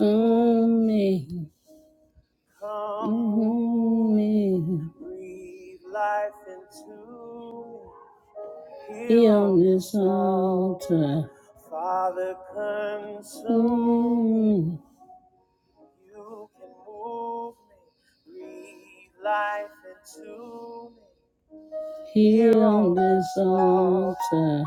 Only, Come, me, on this this altar, altar. me. Only on altar.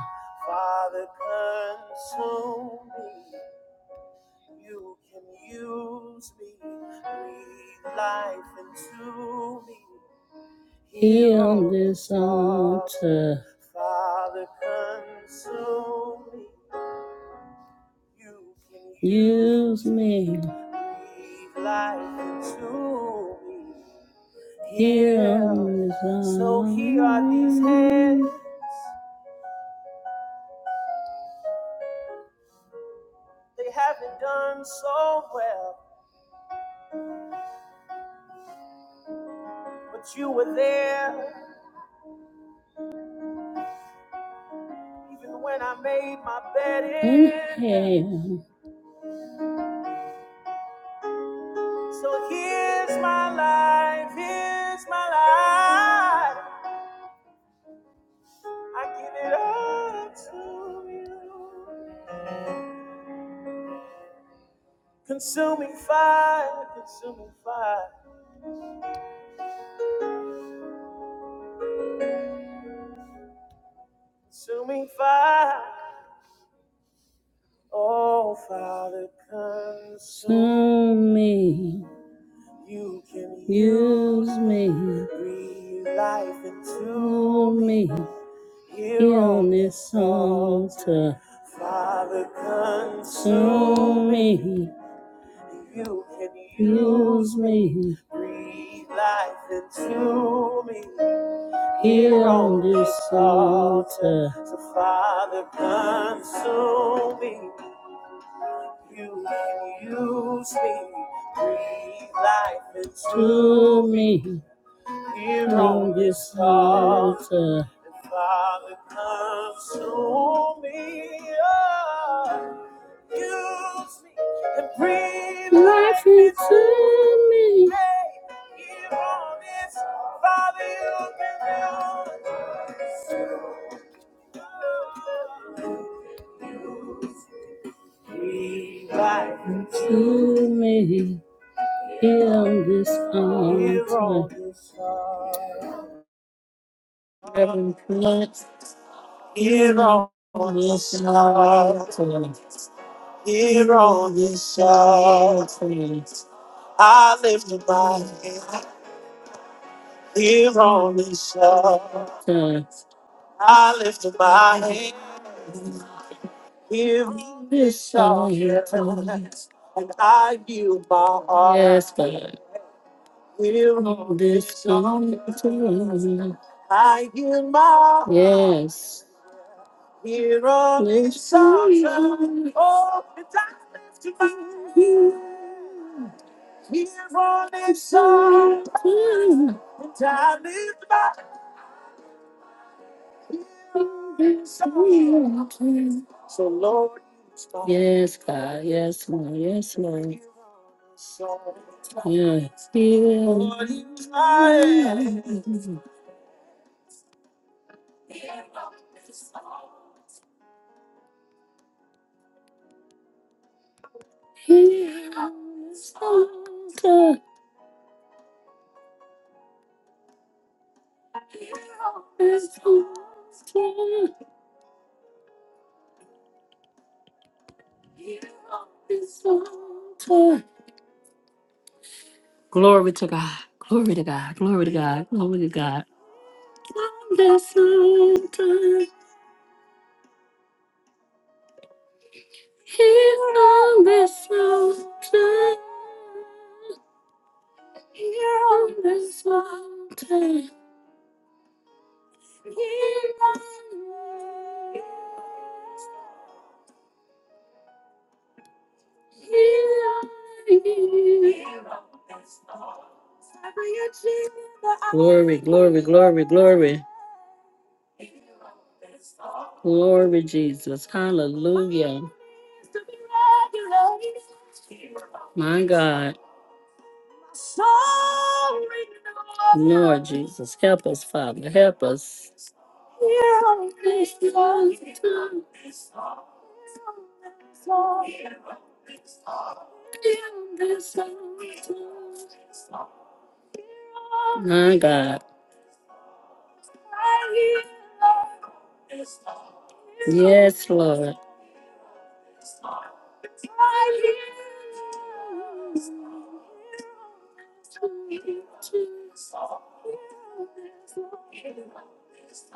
this use me me here on this altar. altar. in. hell. me, me, me. me me. me me. me altar. into me. into me. Here on this Heaven plants Please, uh, And God. to you. yes. Hear yes, God, yes, Lord, yes, Lord. Hear use my- Here on this altar, this altar, this altar. Glory to God. Glory to God. Glory to God. Glory to God. On this altar, here on this altar, here on this altar, here on this altar. Glory, glory, glory, glory, glory, Jesus. Hallelujah. My God. Lord Jesus, help us, Father. Help us. My God. Yes, Lord.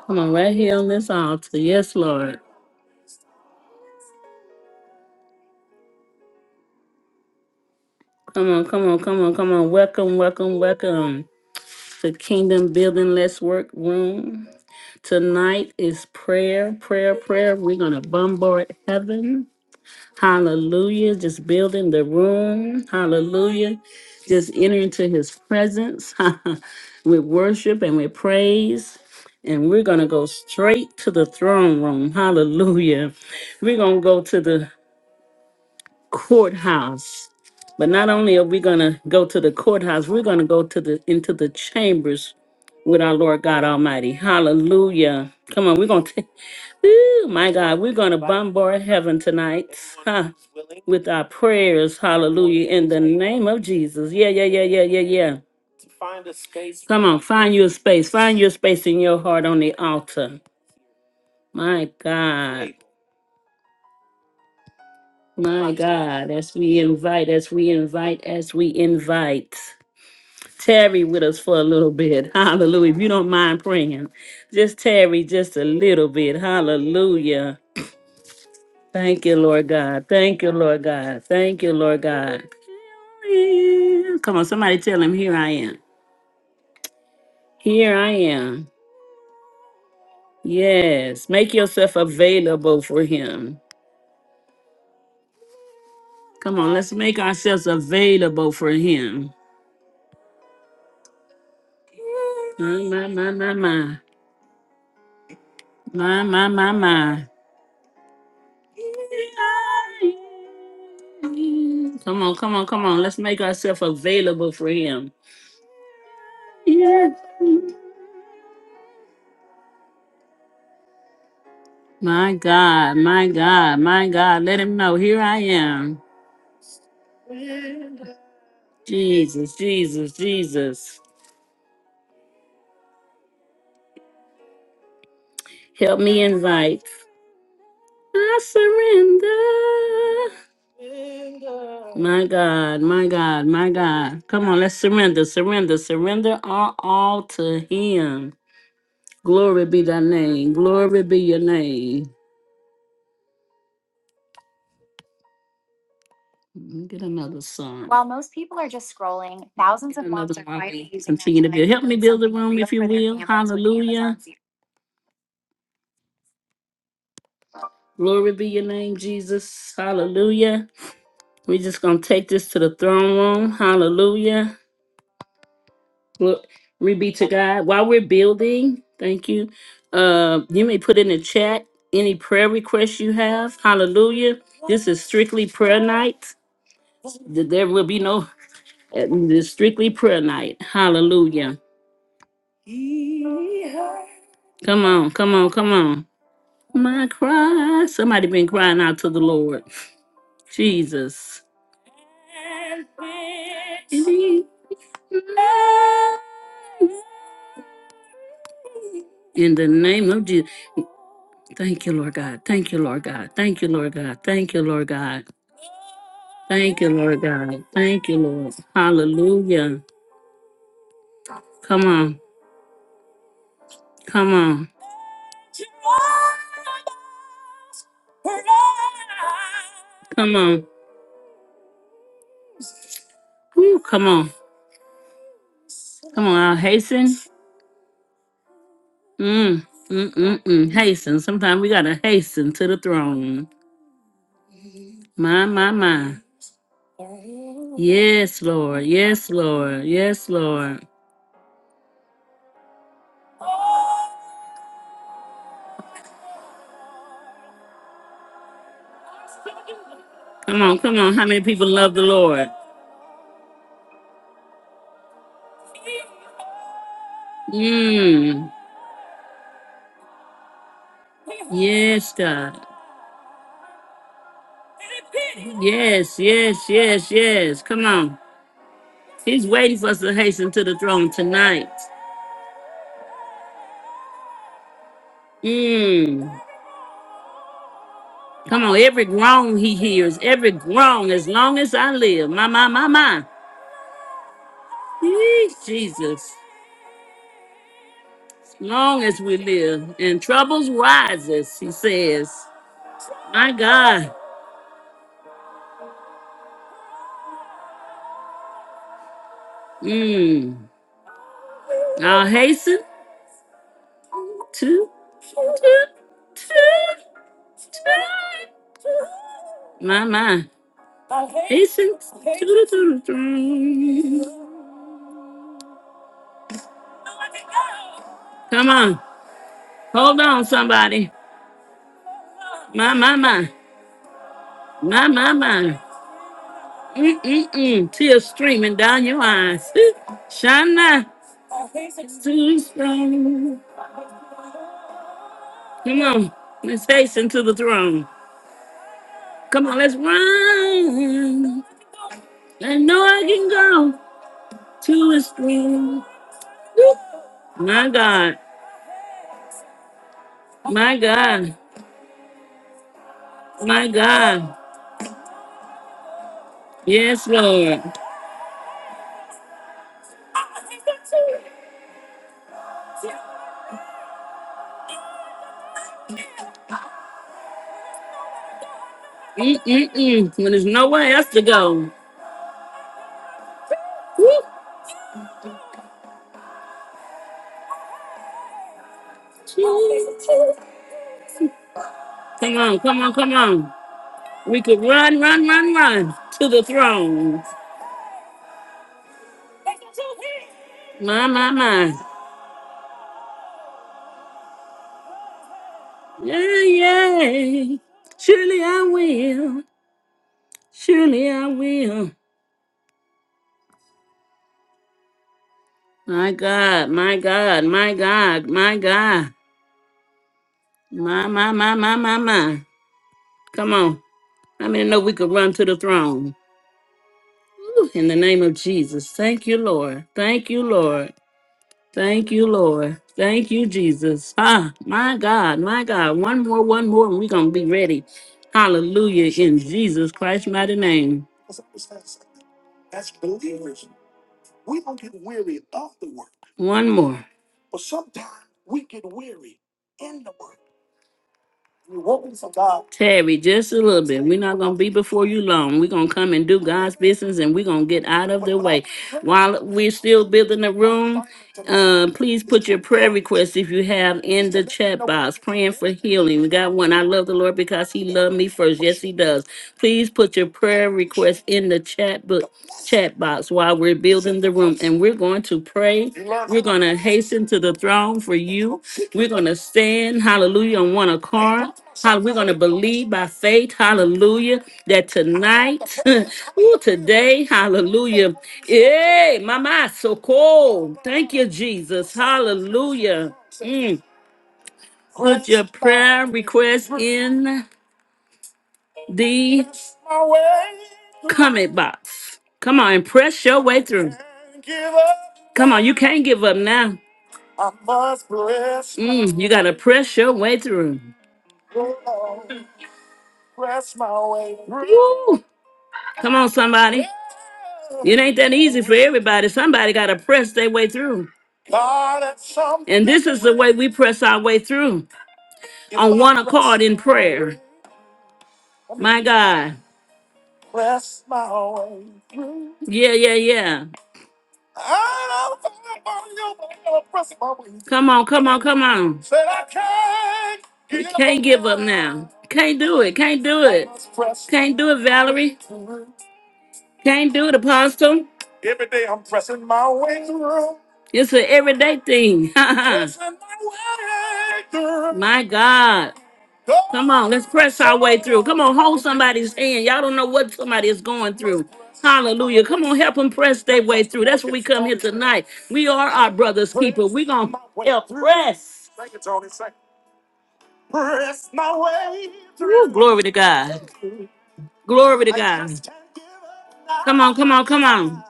Come on, right here on this altar. Yes, Lord. Come on, come on, come on, come on. Welcome, welcome, welcome. For Kingdom Building Let's Work Room. Tonight is prayer, prayer, prayer. We're going to bombard heaven. Hallelujah. Just building the room. Hallelujah. Just enter into his presence with worship and with praise. And we're going to go straight to the throne room. Hallelujah. We're going to go to the courthouse. But not only are we going to go to the courthouse, we're going to go to the into the chambers with our Lord God Almighty. Hallelujah. Come on, we're going to, Ooh, my God, we're going to bombard heaven tonight huh, with our prayers. Hallelujah. In the name of Jesus. Yeah, yeah, yeah, yeah, yeah, yeah. Come on, find your space. Find your space in your heart on the altar. My God. My God. As we invite, as we invite, as we invite. Tarry with us for a little bit. Hallelujah. If you don't mind praying, just tarry just a little bit. Hallelujah. Thank you, Lord God. Thank you, Lord God. Thank you, Lord God. Come on, somebody tell him, Here I am. Here I am. Yes, make yourself available for him. Come on, let's make ourselves available for him. My, my, my, my, my. My, my, my, my. Come on, come on, come on. Let's make ourselves available for him. Yes. My God, my God, my God. Let him know. Here I am. Jesus, Jesus, Jesus. Help me invite. I surrender. My God, my God, my God. Come on, let's surrender, surrender, surrender our all to Him. Glory be thy name. Glory be your name. Let me Get another song. While most people are just scrolling, thousands of moms are quietly using their Continue to time build. Help me build the room, if you will. Hallelujah. Glory be your name, Jesus. Hallelujah. We're just going to take this to the throne room. Hallelujah. Glory be to God. While we're building, thank you. Uh, you may put in the chat any prayer requests you have. Hallelujah. This is strictly prayer night. Th- There will be no, uh, this is strictly prayer night. Hallelujah. Come on, come on, come on. My cry. Somebody been crying out to the Lord. Jesus. In the name of Jesus. Thank you, Lord God. Thank you, Lord God. Thank you, Lord God. Thank you, Lord God. Thank you, Lord God. Thank you, Lord. Hallelujah. Come on. Come on. Come on. Woo, come on. Come on. I'll hasten. Mm, mm, mm, mm. Hasten. Sometimes we got to hasten to the throne. My, my, my. Yes, Lord. Yes, Lord. Yes, Lord. Come on. Come on. How many people love the Lord? Mm. Yes, God. Yes, yes, yes, yes. Come on. He's waiting for us to hasten to the throne tonight. Mm. Come on, every groan he hears, every groan, as long as I live. My, my, my, my. Yee, Jesus. As long as we live and troubles rises, he says. My God. Mm. I'll hasten to, to, to, to. My, my. Hasten to the throne. Come on. Hold on, somebody. My, my, my. My, my, my. Mm-mm-mm. Tears streaming down your eyes. Shana. Too strong. Come on. Let's hasten to the throne. Come on, let's run. I know I can go to his throne. My God. My God. My God. Yes, Lord. Mm-mm-mm. When there's nowhere else to go. Come on, come on, come on. We could run, run, run, run to the throne. My, my, my. Yay, yay. Surely I will. Surely I will. My God, my God, my God, my God. My, my, my, my, my, my. Come on. I mean, know we could run to the throne. Woo, In the name of Jesus. Thank you, Lord. Thank you, Lord. Thank you, Lord. Thank you, Jesus. Ah, my God, my God. One more, one more, and we're going to be ready. Hallelujah. In Jesus Christ's mighty name. One more. Terry, just a little bit. We're not going to be before you long. We're going to come and do God's business and we're going to get out of the way. While we're still building the room, Uh, please put your prayer requests if you have in the chat box. Praying for healing. We got one. I love the Lord because He loved me first. Yes, He does. Please put your prayer requests in the chat book, chat box while we're building the room, and we're going to pray. We're going to hasten to the throne for you. We're going to stand, hallelujah, on one accord. How we're going to believe by faith, hallelujah, that tonight, ooh, today, hallelujah. Hey, mama, so cold. Thank you, Jesus. Hallelujah. Mm. Put your prayer request in the comment box. Come on and press your way through. Come on, you can't give up now. Mm, you gotta press your way through. Woo! Come on, somebody. It ain't that easy for everybody. Somebody gotta press their way through. And this is the way we press our way through on one accord in my way prayer. way, My God. Yeah, yeah, yeah. Come on, come on, come on. You give can't give up now. up. Can't do it. Can't do I it. Can't do it, Valerie. Can't do it, Apostle. It's an everyday thing. My God. Come on, let's press our way through. Come on, hold somebody's hand. Y'all don't know what somebody is going through. Hallelujah. Come on, help them press their way through. That's what we come here tonight. We are our brother's keeper. We're going to help press. Woo, glory to God. Glory to God. Come on, come on, come on.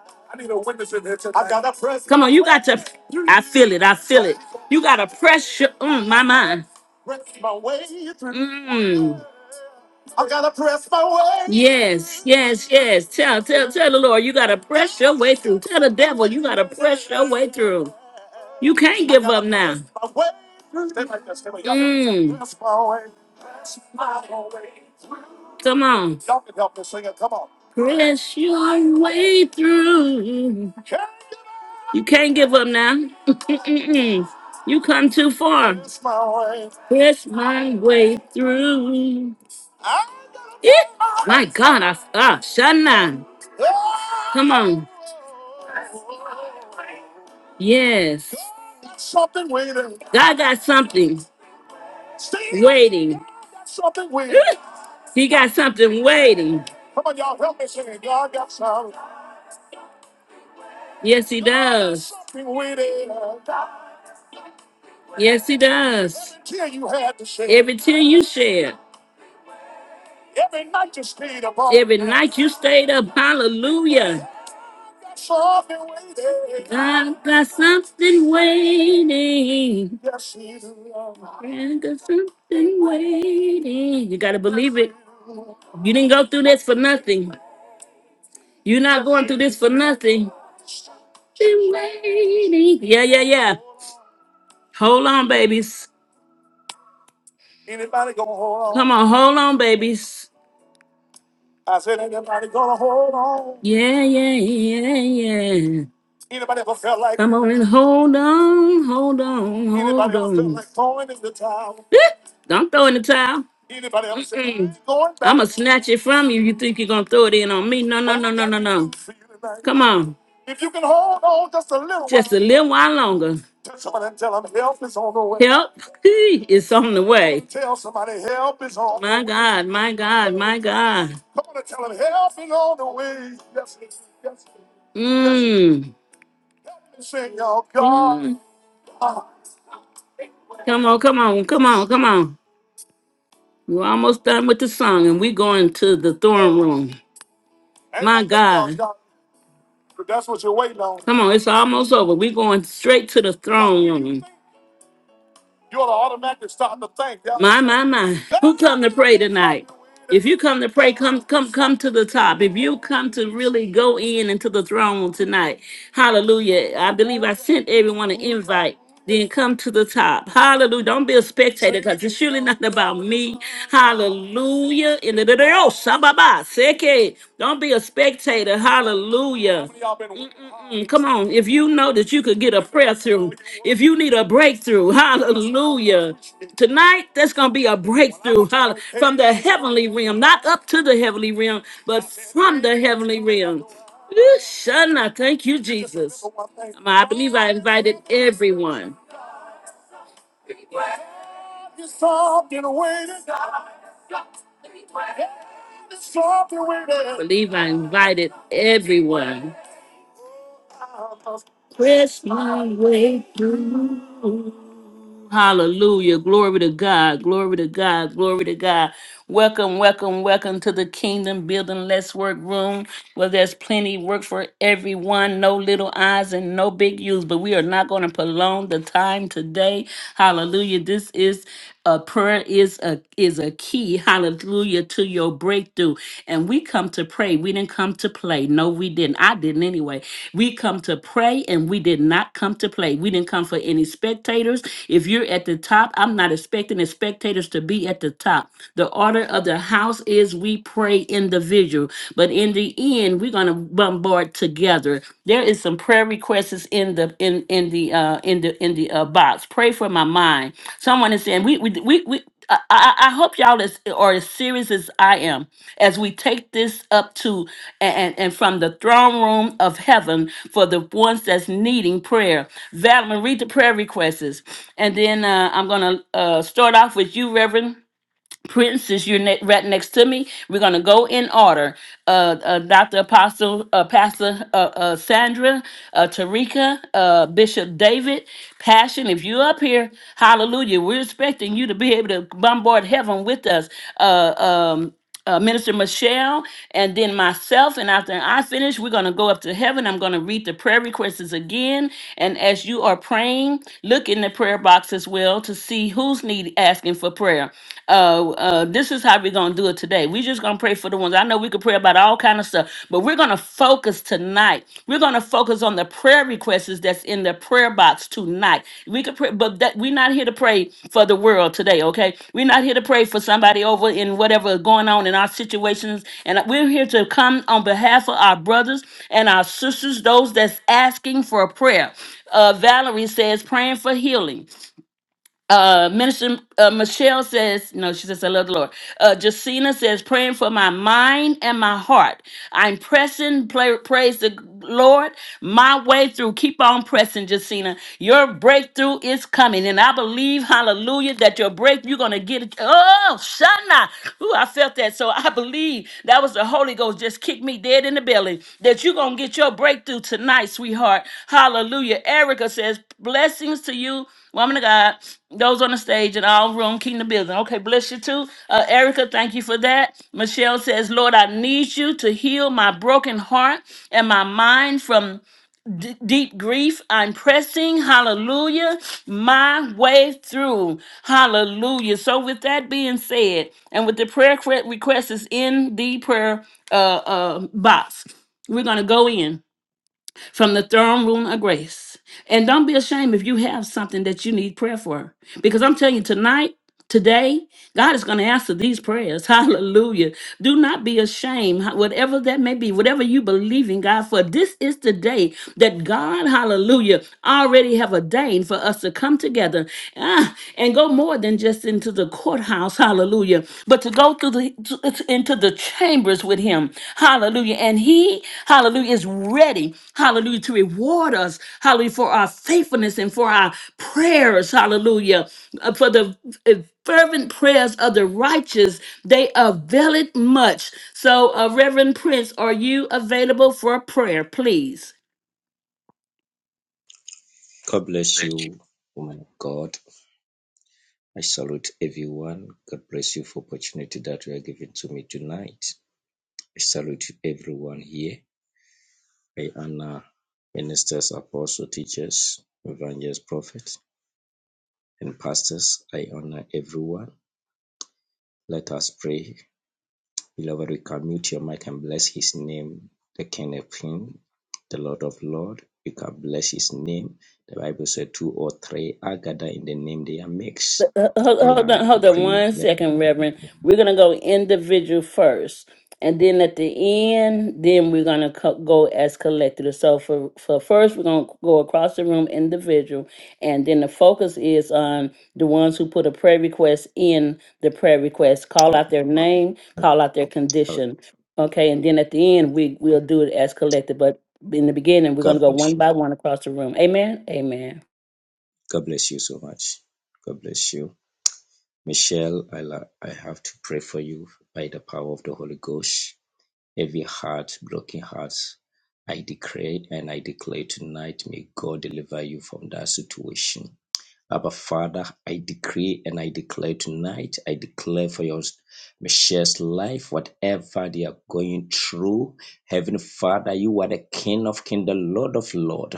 Come on, you got to. I feel it. I feel it. You got to pressure on my mind. Mm. Yes, yes, yes. Tell, tell, tell the Lord, you got to press your way through. Tell the devil, you got to press your way through. You can't give up now. Mm. Come on, press your way through. You can't give up now. Mm-mm-mm. you come too far. It's my way. It's my way through. I'm gonna Yeah. find My God, I ah, Shanna. Come on. Yes. God got something See, waiting. God got Something waiting. He got something waiting. Yes, he does. Something waiting. Yes, he does. Every tear you had to shed. Every tear you shed. Every night night you stayed up, hallelujah. I've got something waiting. I've got something waiting. You gotta believe it. You didn't go through this for nothing. You're not going through this for nothing. Been waiting. Yeah, yeah, yeah. Hold on, babies. Come on, hold on, babies. Yeah, yeah, yeah, yeah. Come on and hold on, hold on, hold on. Eh, Don't throw in the towel. Mm-mm. I'm going to snatch it from you. You think you're going to throw it in on me? No, no, no, no, no, no. Come on. Just a while, a little while longer. Help is on the way. My way. God, my God, my God. Yes, Mmm. Mm. Come on, come on, come on, come on. We're almost done with the song and we're going to the throne room. My God. Come on, it's almost over. We're going straight to the throne room. My, my, my. Who come to pray tonight? If you come to pray, come, come, come to the top. If you come to really go in into the throne room tonight, hallelujah. I believe I sent everyone an invite. Then come to the top. Hallelujah. Don't be a spectator because it's surely not about me. Hallelujah. Hallelujah. In the day, oh, shabba-ba, seke. Don't be a spectator. Hallelujah. Mm-mm-mm. Come on. If you know that you could get a prayer through, if you need a breakthrough, hallelujah. Tonight, there's going to be a breakthrough hall- from the heavenly realm, not up to the heavenly realm, but from the heavenly realm. Ooh, Shana, thank you, Jesus. I believe I invited everyone. I believe I invited everyone. press my way through. Hallelujah. Glory to God. Glory to God. Glory to God. Welcome, welcome, welcome to the Kingdom Building Let's Work Room where there's plenty of work for everyone, no little eyes and no big U's. But we are not going to prolong the time today. Hallelujah. This is a prayer is a is a key, hallelujah, to your breakthrough. And we come to pray. We didn't come to play. No, we didn't. I didn't anyway. We come to pray and we did not come to play. We didn't come for any spectators. If you're at the top, I'm not expecting the spectators to be at the top. The order of the house is we pray individual, but in the end, we're gonna bombard together. There is some prayer requests in the in in the uh in the in the uh, box. Pray for my mind. Someone is saying we we we, we I, I I hope y'all is, are as serious as I am as we take this up to and, and from the throne room of heaven for the ones that's needing prayer. Valerie, read the prayer requests. And then uh, I'm going to uh, start off with you, Reverend. Prince, since you're ne- right next to me, we're gonna go in order. Uh, uh Dr. Apostle, uh, Pastor uh, uh, Sandra, uh, Tarika, uh, Bishop David, Passion. If you're up here, Hallelujah! We're expecting you to be able to bombard heaven with us. Uh, um uh, Minister Michelle, and then myself. And after I finish, we're going to go up to heaven. I'm going to read the prayer requests again. And as you are praying, look in the prayer box as well to see who's need asking for prayer. Uh, uh, this is how we're going to do it today. We're just going to pray for the ones. I know we could pray about all kind of stuff, but we're going to focus tonight. We're going to focus on the prayer requests that's in the prayer box tonight. We could pray, but that we're not here to pray for the world today, okay? We're not here to pray for somebody over in whatever going on in our situations. And we're here to come on behalf of our brothers and our sisters, those that's asking for prayer. Uh, Valerie says, praying for healing. Uh, Minister uh, Michelle says, no, she says, I love the Lord. Uh, Jacina says, praying for my mind and my heart. I'm pressing, play, praise the Lord, my way through. Keep on pressing, Jacina. Your breakthrough is coming. And I believe, hallelujah, that your break, you're going to get it. Oh, Shana. Ooh, I felt that. So I believe that was the Holy Ghost just kicked me dead in the belly that you're going to get your breakthrough tonight, sweetheart. Hallelujah. Erica says, blessings to you. Woman of God, those on the stage and all room, kingdom building. Okay, bless you too. Uh, Erica, thank you for that. Michelle says, Lord, I need you to heal my broken heart and my mind from d- deep grief. I'm pressing, hallelujah, my way through. Hallelujah. So, with that being said, and with the prayer cre- request is in the prayer uh, uh, box, we're going to go in from the throne room of grace. And don't be ashamed if you have something that you need prayer for. Because I'm telling you, tonight, today, God is going to answer these prayers. Hallelujah. Do not be ashamed, ho- whatever that may be, whatever you believe in God for. This is the day that God, hallelujah, already have ordained for us to come together ah, and go more than just into the courthouse house. Hallelujah. But to go through the to- into the chambers with him. Hallelujah. And he, hallelujah, is ready. Hallelujah. To reward us. Hallelujah. For our faithfulness and for our prayers. Hallelujah. Uh, For the uh, fervent prayers of the righteous, they avail it much. So, uh, Reverend Prince, are you available for prayer, please? God bless you, woman of God. I salute everyone. God bless you for opportunity that you are giving to me tonight. I salute everyone here. I honor ministers, apostles, teachers, evangelists, prophets, and pastors. I honor everyone. Let us pray Beloved, we can mute your mic and bless his name, the King of King, the Lord of Lord. You can bless his name. The Bible said two or three are gathered in the name they are mixed. Hold, They hold are on, hold on one created. second, Reverend. We're gonna go individual first, and then at the end, then we're gonna co- go as collective. So for for first, we're gonna go across the room individual, and then the focus is on the ones who put a prayer request in the prayer request. Call out their name, call out their God. condition. Okay, and then at the end, we we'll do it as collective. But in the beginning, we're gonna go one bless you. by one across the room. Amen. Amen. God bless you so much. God bless you. Michelle, I, la- I have to pray for you by the power of the Holy Ghost. Every heart, broken hearts, I decree and I declare tonight, may God deliver you from that situation Abba Father, I decree and I declare tonight, I declare for your Michelle's life, whatever they are going through. Heavenly Father, you are the King of Kings, the Lord of Lord.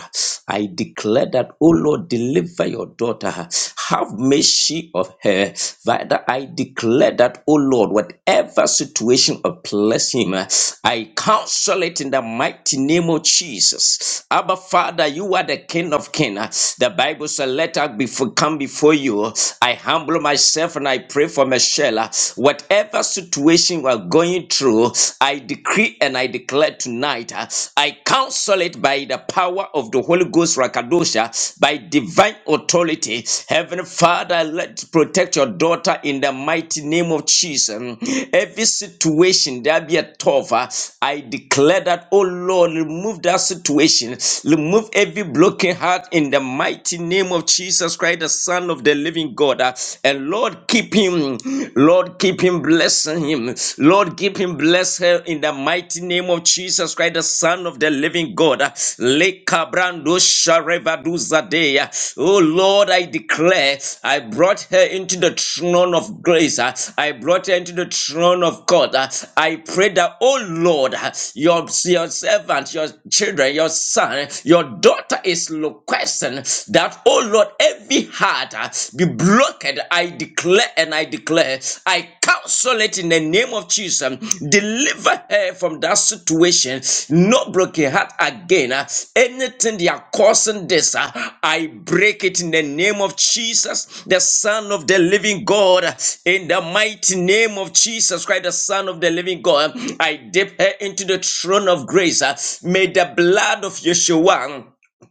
I declare that, O Lord, deliver your daughter. Have mercy of her. Father, I declare that, O Lord, whatever situation oppresses him, I counsel it in the mighty name of Jesus. Abba Father, you are the King of Kings again. The Bible said, Let us before, come before you. I humble myself and I pray for Michelle. Whatever situation we are going through, I decree and I declare tonight, uh, I counsel it by the power of the Holy Ghost, Rakadosha, by divine authority. Heavenly Father, let protect your daughter in the mighty name of Jesus. Every situation there be a tough, uh, I declare that, oh Lord, remove that situation Remove every broken heart in the mighty name of Jesus Christ, the Son of the living God. Uh, And Lord, keep him. Lord, keep him. Bless him. Lord, keep him. Bless her in the mighty name of Jesus Christ, the Son of the living God. Uh, Lekabrando sharevaduzadea. Oh Lord, I declare, I brought her into the throne of grace. Uh, I brought her into the throne of God. Uh, I pray that, oh Lord, uh, your, yourself servant, your children, your son, your daughter is requesting that, oh Lord, every heart uh, be blocked. I declare and I declare, I counsel it in the name of Jesus. Deliver her from that situation. No broken heart again. uh, Anything they are causing this, uh, I break it in the name of Jesus, the Son of the Living God. In the mighty name of Jesus Christ, the Son of the Living God, I dip her into the throne of grace. Uh, May the blood of Yeshua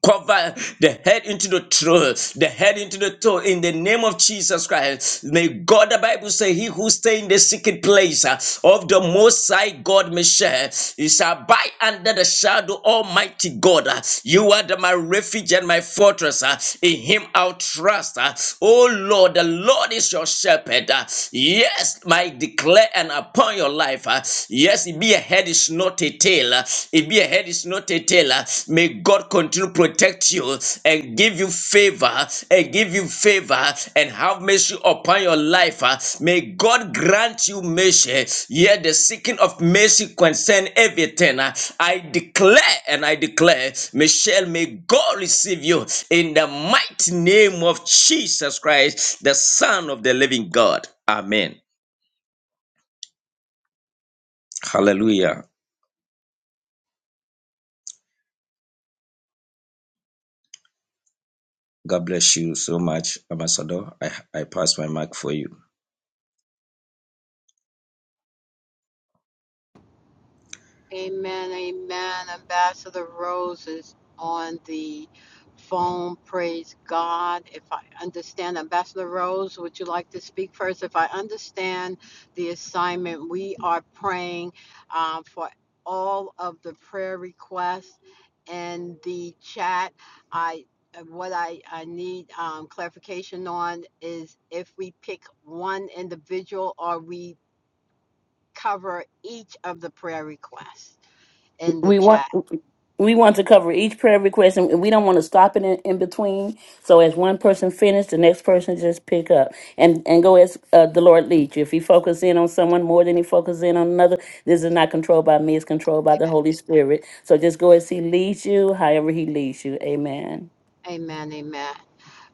cover the head into the throne, the head into the toe in the name of Jesus Christ. May God, the Bible say, he who stay in the secret place uh, of the Most High God, Michelle, he shall abide under the shadow Almighty God. Uh, You are the, my refuge and my fortress. uh, In him I'll trust. uh. Oh Lord, the Lord is your shepherd. uh. Yes, my declare and appoint your life. uh, Yes, it be a head, is not a tail. uh, It be a head, is not a tail. uh, May God continue to protect you and give you favor uh, and give you favor uh, and have mercy upon your life. uh, May God grant you mercy. Yet the seeking of mercy concern everything. uh, I declare and I declare, Michelle, may God receive you in the mighty name of Jesus Christ, the Son of the living God. Amen. Hallelujah. God bless you so much, Ambassador. I, I pass my mark for you. Amen, amen. Ambassador Rose is on the phone. Praise God. If I understand, Ambassador Rose, would you like to speak first? If I understand the assignment, we are praying uh, for all of the prayer requests in the chat. I what I, I need um, clarification on is if we pick one individual or we cover each of the prayer requests in the we want chat. we want to cover each prayer request and we don't want to stop it in, in between so as one person finishes the next person just pick up and and go as uh, the lord leads you if he focuses in on someone more than he focuses in on another this is not controlled by me it's controlled by the Amen. holy spirit so just go as he leads you however he leads you amen Amen. Amen.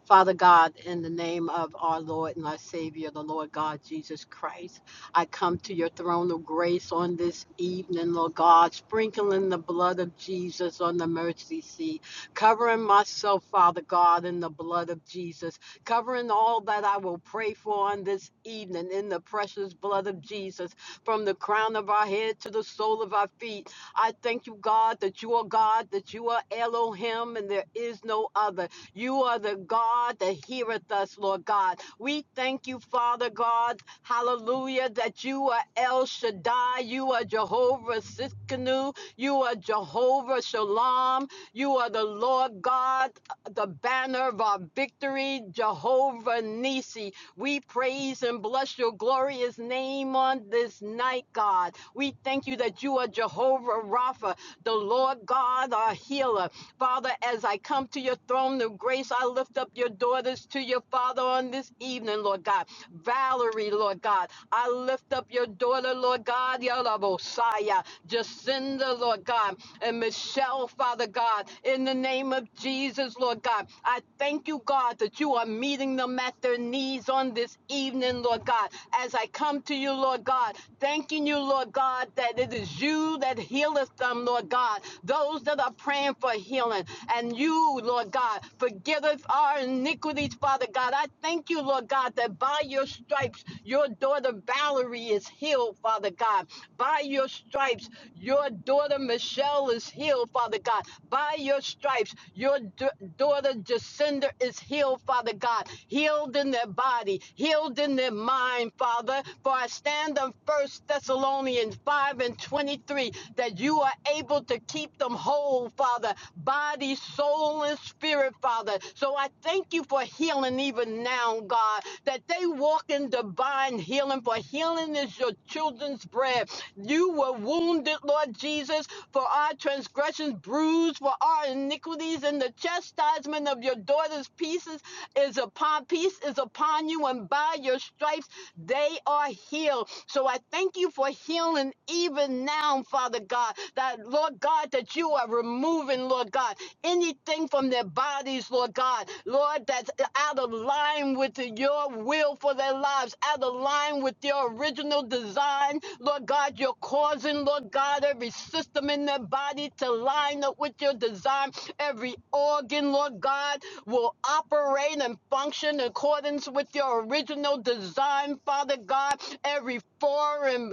Father God, in the name of our Lord and our Savior, the Lord God Jesus Christ, I come to your throne of grace on this evening, Lord God, sprinkling the blood of Jesus on the mercy seat, covering myself, Father God, in the blood of Jesus, covering all that I will pray for on this evening in the precious blood of Jesus, from the crown of our head to the sole of our feet. I thank you, God, that you are God, that you are Elohim, and there is no other. You are the God that heareth us, Lord God. We thank you, Father God, hallelujah, that you are El Shaddai, you are Jehovah Siskanu, you are Jehovah Shalom, you are the Lord God, the banner of our victory, Jehovah Nisi. We praise and bless your glorious name on this night, God. We thank you that you are Jehovah Rapha, the Lord God, our healer. Father, as I come to your throne of grace, I lift up your daughters to your Father on this evening, Lord God. Valerie, Lord God. I lift up your daughter, Lord God, Yalabosaya, Jacinda, Lord God, and Michelle, Father God, in the name of Jesus, Lord God. I thank you, God, that you are meeting them at their knees on this evening, Lord God. As I come to you, Lord God, thanking you, Lord God, that it is you that healeth them, Lord God. Those that are are praying for healing. And you, Lord God, forgive us our iniquities, Father God. I thank you, Lord God, that by your stripes, your daughter Valerie is healed, Father God. By your stripes, your daughter Michelle is healed, Father God. By your stripes, your d- daughter Jacinda is healed, Father God. Healed in their body, healed in their mind, Father. For I stand on First Thessalonians 5 and 23 that you are able to to keep them whole, Father, body, soul, and spirit, Father. So I thank you for healing even now, God, that they walk in divine healing, for healing is your children's bread. You were wounded, Lord Jesus, for our transgressions, bruised for our iniquities, and the chastisement of your daughter's pieces is upon peace is upon you, and by your stripes they are healed. So I thank you for healing even now, Father God that, Lord God, that you are removing, Lord God, anything from their bodies, Lord God, Lord, that's out of line with your will for their lives, out of line with your original design, Lord God, you're causing, Lord God, every system in their body to line up with your design, every organ, Lord God, will operate and function in accordance with your original design, Father God, every foreign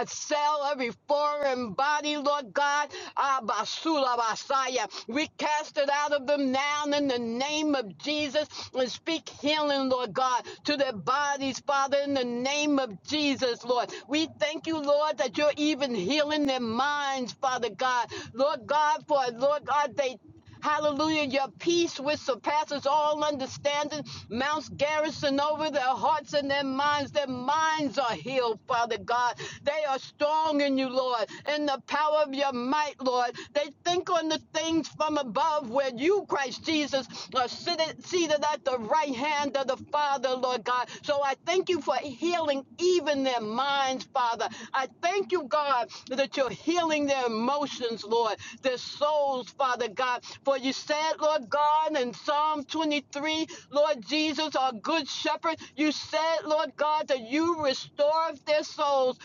uh, cell, every foreign foreign body, Lord God. Abasula Basaya. We cast it out of them now in the name of Jesus and speak healing, Lord God, to their bodies, Father, in the name of Jesus, Lord. We thank you, Lord, that you're even healing their minds, Father God. Lord God, for Lord God, they Hallelujah. Your peace, which surpasses all understanding, mounts garrison over their hearts and their minds. Their minds are healed, Father God. They are strong in you, Lord, in the power of your might, Lord. They think on the things from above where you, Christ Jesus, are seated, seated at the right hand of the Father, Lord God. So I thank you for healing even their minds, Father. I thank you, God, that you're healing their emotions, Lord, their souls, Father God. For you said, Lord God, in Psalm 23, Lord Jesus, our good shepherd, you said, Lord God, that you restore their souls.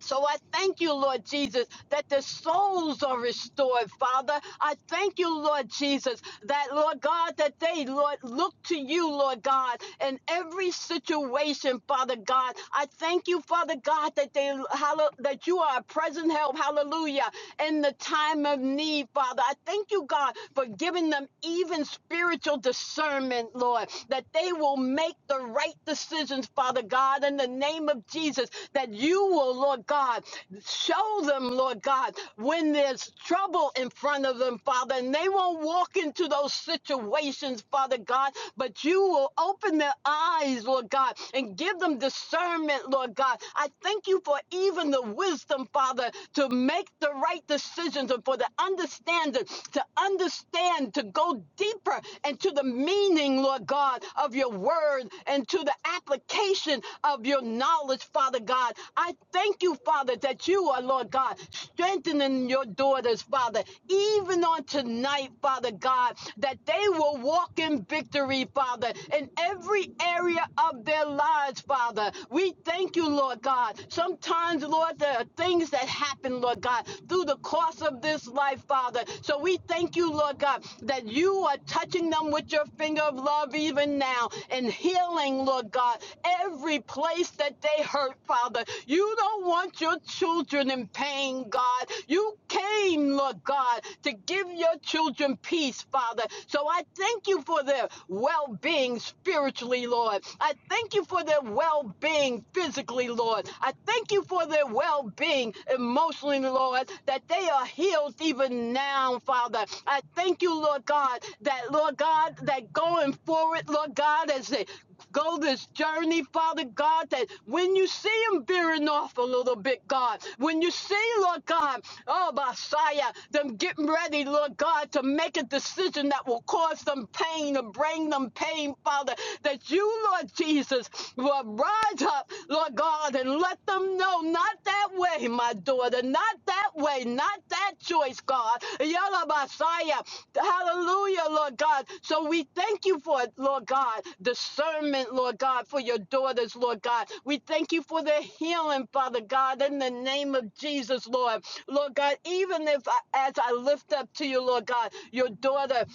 So I thank you, Lord Jesus, that the souls are restored, Father. I thank you, Lord Jesus, that, Lord God, that they, Lord, look to you, Lord God, in every situation, Father God. I thank you, Father God, that they, hallo- that you are a present help, hallelujah, in the time of need, Father. I thank you, God, for giving them even spiritual discernment, Lord, that they will make the right decision decisions, Father God, in the name of Jesus, that you will, Lord God, show them, Lord God, when there's trouble in front of them, Father, and they won't walk into those situations, Father God, but you will open their eyes, Lord God, and give them discernment, Lord God. I thank you for even the wisdom, Father, to make the right decisions and for the understanding to understand, to go deeper deeper and to the meaning, Lord God, of your word and to the application of your knowledge, Father God. I thank you, Father, that you are, Lord God, strengthening your daughters, Father, even on tonight, Father God, that they will walk in victory, Father, in every area of their lives, Father. We thank you, Lord God. Sometimes, Lord, there are things that happen, Lord God, through the course of of this life, Father. So we thank you, Lord God, that you are touching them with your finger of love even now and healing, Lord God, every place that they hurt, Father. You don't want your children in pain, God. You came, Lord God, to give your children peace, Father. So I thank you for their well being spiritually, Lord. I thank you for their well being physically, Lord. I thank Thank you for their well being emotionally, Lord, that they are healed even now, Father. I thank you, Lord God, that, Lord God, that going forward, Lord God, as they go this journey, Father God, that when you see them veering off a little bit, God, when you see, Lord God, oh, Messiah, them getting ready, Lord God, to make a decision that will cause them pain, to bring them pain, Father, that you, you, Lord Jesus, will rise up, Lord God, and let them know not that way, my daughter, not that way, not that choice, God. Yalla Messiah. Hallelujah, Lord God. So we thank you for it, Lord God. Discernment, Lord God, for your daughters, Lord God. We thank you for their healing, Father God, in the name of Jesus, Lord. Lord God, even if I, as I lift up to you, Lord God, your daughter.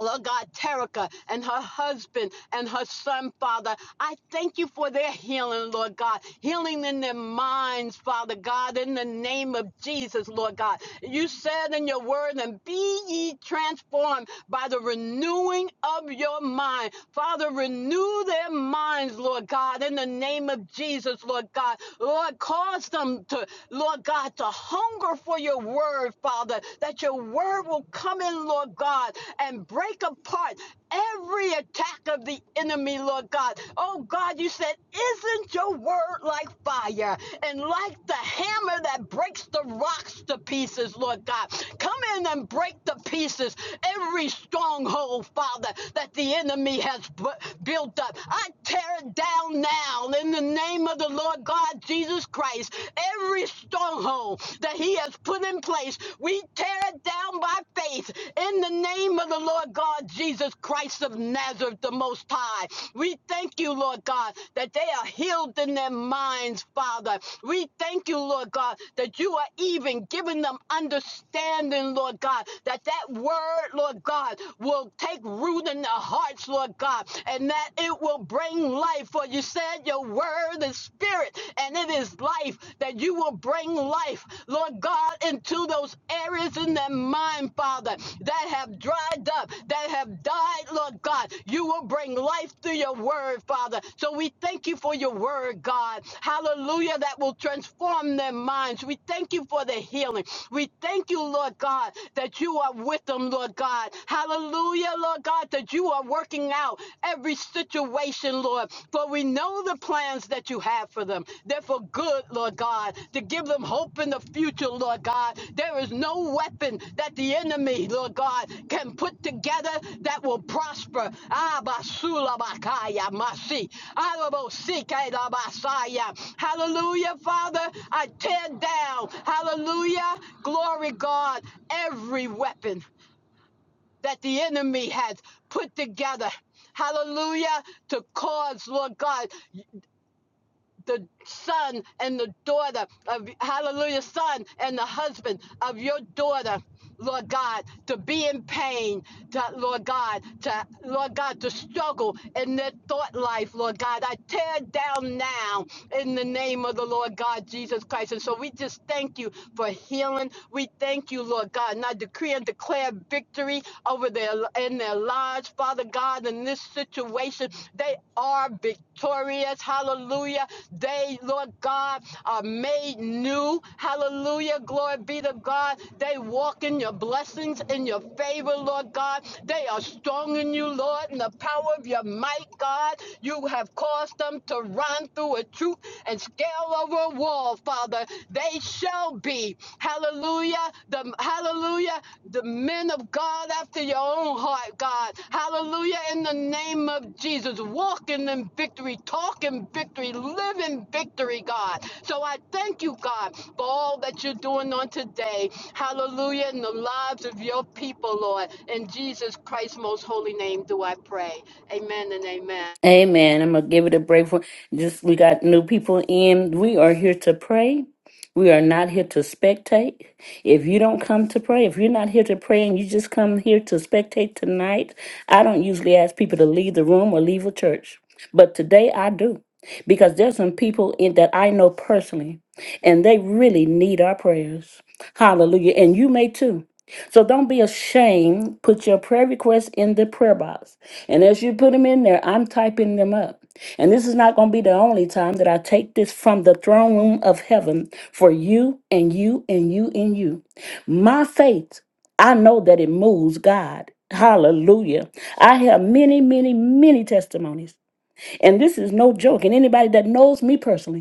Lord God, Terica and her husband and her son, Father. I thank you for their healing, Lord God. Healing in their minds, Father God, in the name of Jesus, Lord God. You said in your word, and be ye transformed by the renewing of your mind. Father, renew their minds, Lord God, in the name of Jesus, Lord God. Lord, cause them to, Lord God, to hunger for your word, Father. Father, that your word will come in, Lord God, and break apart every attack of the enemy, Lord God. Oh God, you said, isn't your word like fire and like the hammer that breaks the rocks to pieces, Lord God? Come in and break the pieces every stronghold, Father, that the enemy has bu- built up. I tear it down now in the name of the Lord God Jesus Christ. Every every stronghold that he has put in place, we tear it down by faith in the name of the Lord God Jesus Christ of Nazareth, the Most High. We thank you, Lord God, that they are healed in their minds, Father. We thank you, Lord God, that you are even giving them understanding, Lord God, that that word, Lord God, will take root in their hearts, Lord God, and that it will bring life. For you said declared your word is spirit and it is life, that you will bring life, Lord God, into those areas in their mind, Father, that have dried up, that have died, Lord God. You will bring life through your word, Father. So we thank you for your word, God. Hallelujah, that will transform their minds. We thank you for the healing. We thank you, Lord God, that you are with them, Lord God. Hallelujah, Lord God, that you are working working out every situation, Lord. For we know the plans that you have for them. They're for good, Lord God, to give them hope in the future, Lord God. There is no weapon that the enemy, Lord God, can put together that will prosper. Ah, basula bakaya masi. Arabo Hallelujah, Father. I tear down, hallelujah, glory God, every weapon that the enemy has put together. Hallelujah. To cause, Lord God, the son and the daughter of, hallelujah, son and the husband of your daughter. Lord God, to be in pain, to, Lord God, to Lord God, to struggle in their thought life, Lord God. I tear down now in the name of the Lord God Jesus Christ. And so we just thank you for healing. We thank you, Lord God. And I decree and declare victory over their in in their lives, Father God, in this situation. They are victorious. Hallelujah. They, Lord God, are made new. Hallelujah. Glory be to God. They walk in your blessings, in your favor, Lord God. They are strong in you, Lord, in the power of your might, God. You have caused them to run through a troop and scale over a wall, Father. They shall be, hallelujah, the hallelujah, the men of God after your own heart, God. Hallelujah, in the name of Jesus. Walking in victory, talking victory, living victory, God. So I thank you, God, for all that you're doing on today. Hallelujah, in the lives of your people, Lord. In Jesus Christ's most holy name do I pray. Amen and amen. Amen. I'm gonna give it a break for just we got new people in. We are here to pray. We are not here to spectate. If you don't come to pray, if you're not here to pray and you just come here to spectate tonight, I don't usually ask people to leave the room or leave a church. But today I do. Because there's some people in that I know personally and they really need our prayers. Hallelujah. And you may too. So don't be ashamed. Put your prayer request in the prayer box. And as you put them in there, I'm typing them up. And this is not going to be the only time that I take this from the throne room of heaven for you and you and you and you. My faith, I know that it moves God. Hallelujah. I have many, many, many testimonies. And this is no joke. And anybody that knows me personally,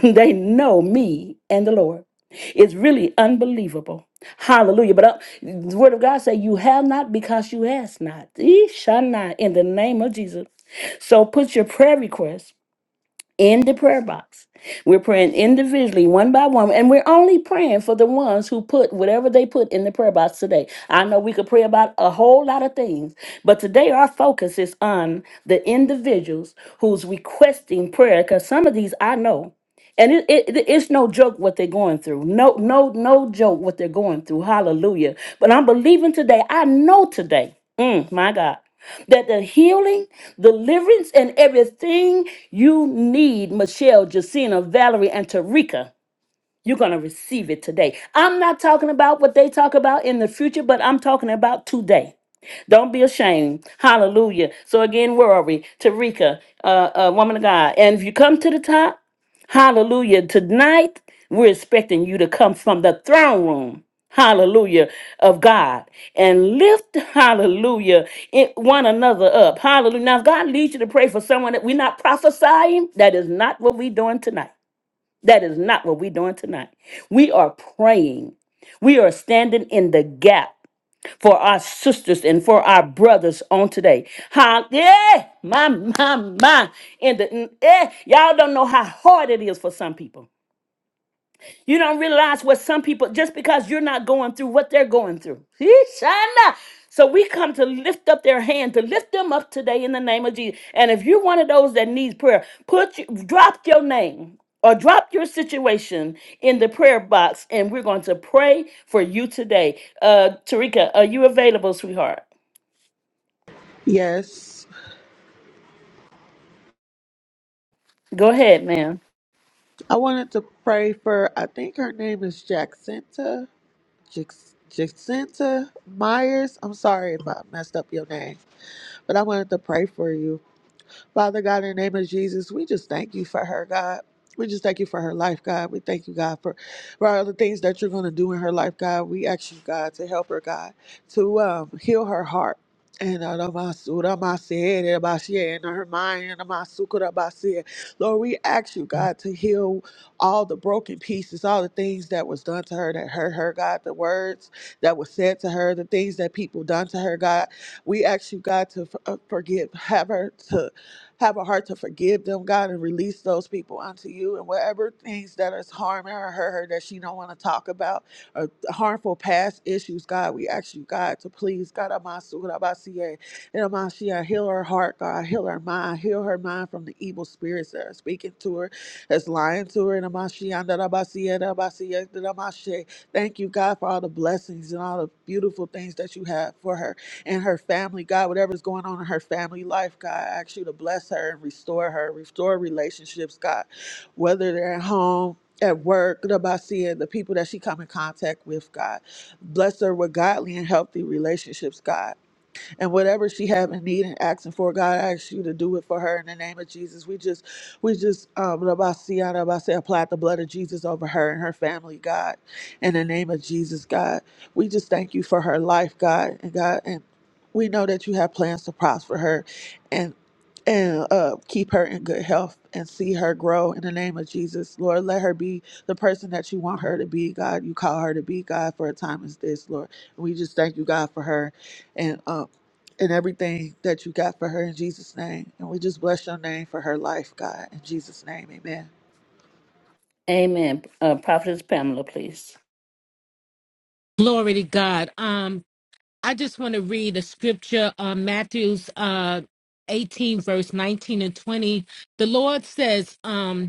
they know me and the Lord. It's really unbelievable. Hallelujah. But uh, the word of God say you have not because you ask not. Ye shall not in the name of Jesus. So put your prayer request in the prayer box. We're praying individually, one by one, and we're only praying for the ones who put whatever they put in the prayer box today. I know we could pray about a whole lot of things, but today our focus is on the individuals who's requesting prayer because some of these I know. And it, it, it- it's no joke what they're going through. No, no, no joke what they're going through. Hallelujah. But I'm believing today. I know today. Mm, my God that the healing, deliverance, and everything you need, Michelle, Jacina, Valerie, and Tarika, you're going to receive it today. I'm not talking about what they talk about in the future, but I'm talking about today. Don't be ashamed. Hallelujah. So again, where are we? Tarika, uh, uh, woman of God. And if you come to the top, hallelujah. Tonight, we're expecting you to come from the throne room. Hallelujah of God and lift hallelujah it, one another up. Hallelujah. Now, if God leads you to pray for someone that we're not prophesying, that is not what we're doing tonight. That is not what we're doing tonight. We are praying. We are standing in the gap for our sisters and for our brothers on today. How, yeah, my, my, my. In the, eh, y'all don't know how hard it is for some people. You don't realize what some people, just because you're not going through what they're going through. Ishana. So we come to lift up their hand, to lift them up today in the name of Jesus. And if you're one of those that needs prayer, put you, drop your name or drop your situation in the prayer box, and we're going to pray for you today. Uh, Tarika, are you available, sweetheart? Yes. Go ahead, ma'am. I wanted to pray for, I think her name is Jacinta. Jac- Jacinta Myers. I'm sorry if I messed up your name, but I wanted to pray for you. Father God, in the name of Jesus, we just thank you for her, God. We just thank you for her life, God. We thank you, God, for, for all the things that you're going to do in her life, God. We ask you, God, to help her, God, to um, heal her heart. And uh, the masu- the masi- the masi- and her mind, and the masu- the masi. Lord, we ask you, God, to heal all the broken pieces, all the things that was done to her that hurt her, God, the words that was said to her, the things that people done to her, God. We ask you, God, to f- uh, forgive, have her to have a heart to forgive them, God, and release those people unto you. And whatever things that is harming her, her that she don't want to talk about, or harmful past issues, God, we ask you, God, to please, God, Amasu, Rabasie, and Amashia, heal her heart, God, heal her mind, heal her mind from the evil spirits that are speaking to her, that's lying to her, and Amashia, Rabasie, Rabasie, Ramashe. Thank you, God, for all the blessings and all the beautiful things that you have for her and her family, God, whatever's going on in her family life, God, I ask you to bless her and restore her, restore relationships, God, whether they're at home, at work, the bossy, and the people that she come in contact with, God. Bless her with godly and healthy relationships, God and whatever she have in need and asking for, God, I ask you to do it for her in the name of Jesus. We just, we just, um, Rabasiya, Rabasi, apply the blood of Jesus over her and her family, God, in the name of Jesus, God. We just thank you for her life, God, and God, and we know that you have plans to prosper her, and and uh, keep her in good health and see her grow in the name of Jesus, Lord. Let her be the person that you want her to be, God. You call her to be, God, for a time as this, Lord. We just thank you, God, for her, and um and everything that you got for her in Jesus' name. And we just bless your name for her life, God. In Jesus' name, amen. Amen. Uh, Prophetess Pamela, please. Glory to God. Um, I just want to read a scripture, uh, Matthew's uh, 18, verse 19 and 20. The Lord says, um.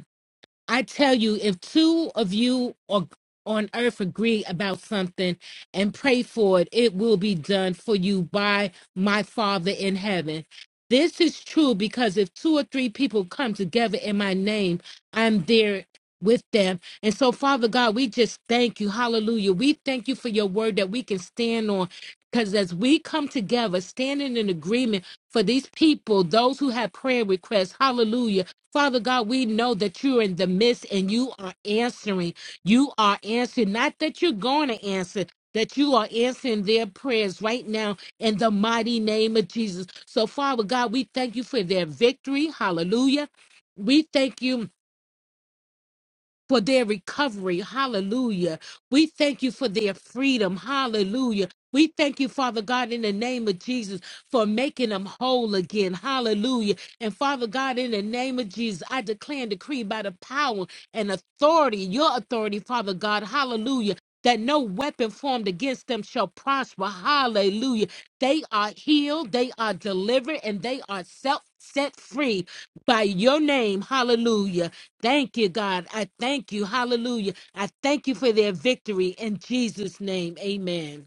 I tell you, if two of you or on earth agree about something and pray for it, it will be done for you by my Father in heaven. This is true because if two or three people come together in my name, I'm there with them. And so, Father God, we just thank you. Hallelujah. We thank you for your word that we can stand on. Because as we come together, standing in agreement for these people, those who have prayer requests, hallelujah Father God, we know that you're in the midst and you are answering. You are answering. Not that you're going to answer, that you are answering their prayers right now in the mighty name of Jesus. So, Father God, we thank you for their victory. Hallelujah. We thank you for their recovery. Hallelujah. We thank you for their freedom. Hallelujah. We thank you, Father God, in the name of Jesus, for making them whole again. Hallelujah. And Father God, in the name of Jesus, I declare and decree by the power and authority, your authority, Father God. Hallelujah. That no weapon formed against them shall prosper. Hallelujah. They are healed, they are delivered, and they are self set free by your name. Hallelujah. Thank you, God. I thank you. Hallelujah. I thank you for their victory in Jesus' name. Amen.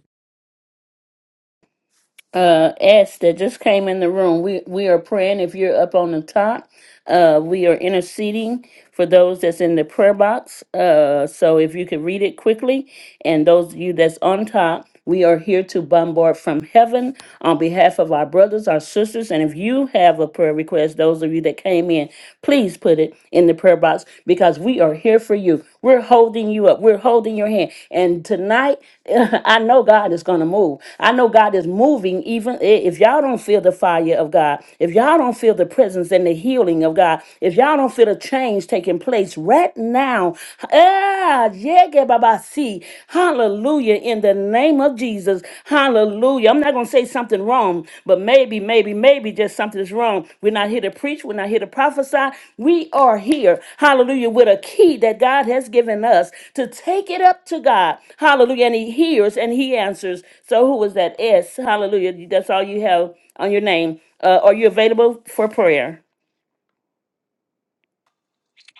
uh S that just came in the room. We we are praying if you're up on the top. Uh we are interceding for those that's in the prayer box. Uh so if you could read it quickly and those of you that's on top, we are here to bombard from heaven on behalf of our brothers, our sisters, and if you have a prayer request, those of you that came in, please put it in the prayer box because we are here for you. We're holding you up. We're holding your hand. And tonight, I know God is going to move. I know God is moving, even i- if y'all don't feel the fire of God, if y'all don't feel the presence and the healing of God, if y'all don't feel the change taking place right now. Ah, yeah, Baba, see. Hallelujah. In the name of Jesus. Hallelujah. I'm not going to say something wrong, but maybe, maybe, maybe just something is wrong. We're not here to preach. We're not here to prophesy. We are here, hallelujah, with a key that God has given us to take it up to God. Hallelujah. And He hears and He answers. So, who was that? S. Hallelujah. That's all you have on your name. Uh, are you available for prayer?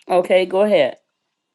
Okay, go ahead.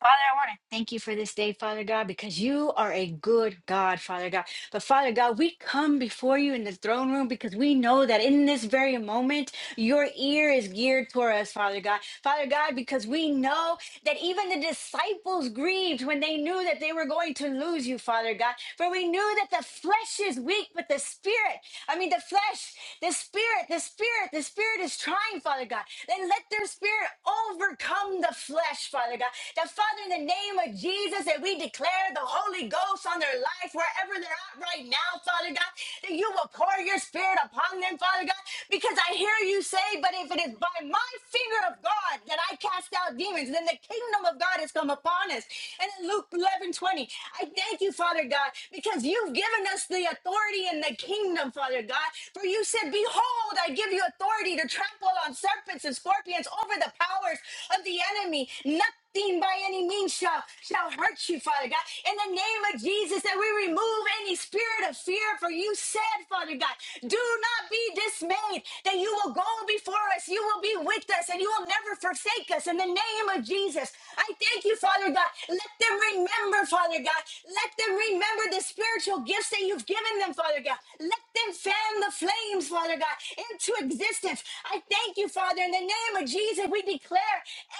Father, I want to thank you for this day, Father God, because you are a good God, Father God. But Father God, we come before you in the throne room because we know that in this very moment, your ear is geared toward us, Father God. Father God, because we know that even the disciples grieved when they knew that they were going to lose you, Father God. For we knew that the flesh is weak, but the spirit, I mean, the flesh, the spirit, the spirit, the spirit is trying, Father God. Then let their spirit overcome the flesh, Father God. That, Father, in the name of Jesus, that we declare the Holy Ghost on their life wherever they're at right now, out, Father God, that you will pour your spirit upon them, Father God, because I hear you say, but if it is by my finger of God that I cast out demons, then the kingdom of God has come upon us. And in Luke 11 20, I thank you, Father God, because you've given us the authority in the kingdom, Father God. For you said, Behold, I give you authority to trample on serpents and scorpions over the powers of the enemy. Nothing nothing by any means shall, shall hurt you, Father God. In the name of Jesus, that we remove any spirit of fear, for you said, Father God, do not be dismayed, that you will go before us, you will be with us, and you will never forsake us. In the name of Jesus, I thank you, Father God. Let them remember, Father God. Let them remember the spiritual gifts that you've given them, Father God. Let them fan the flames, Father God, into existence. I thank you Thank you, Father. In the name of Jesus, we declare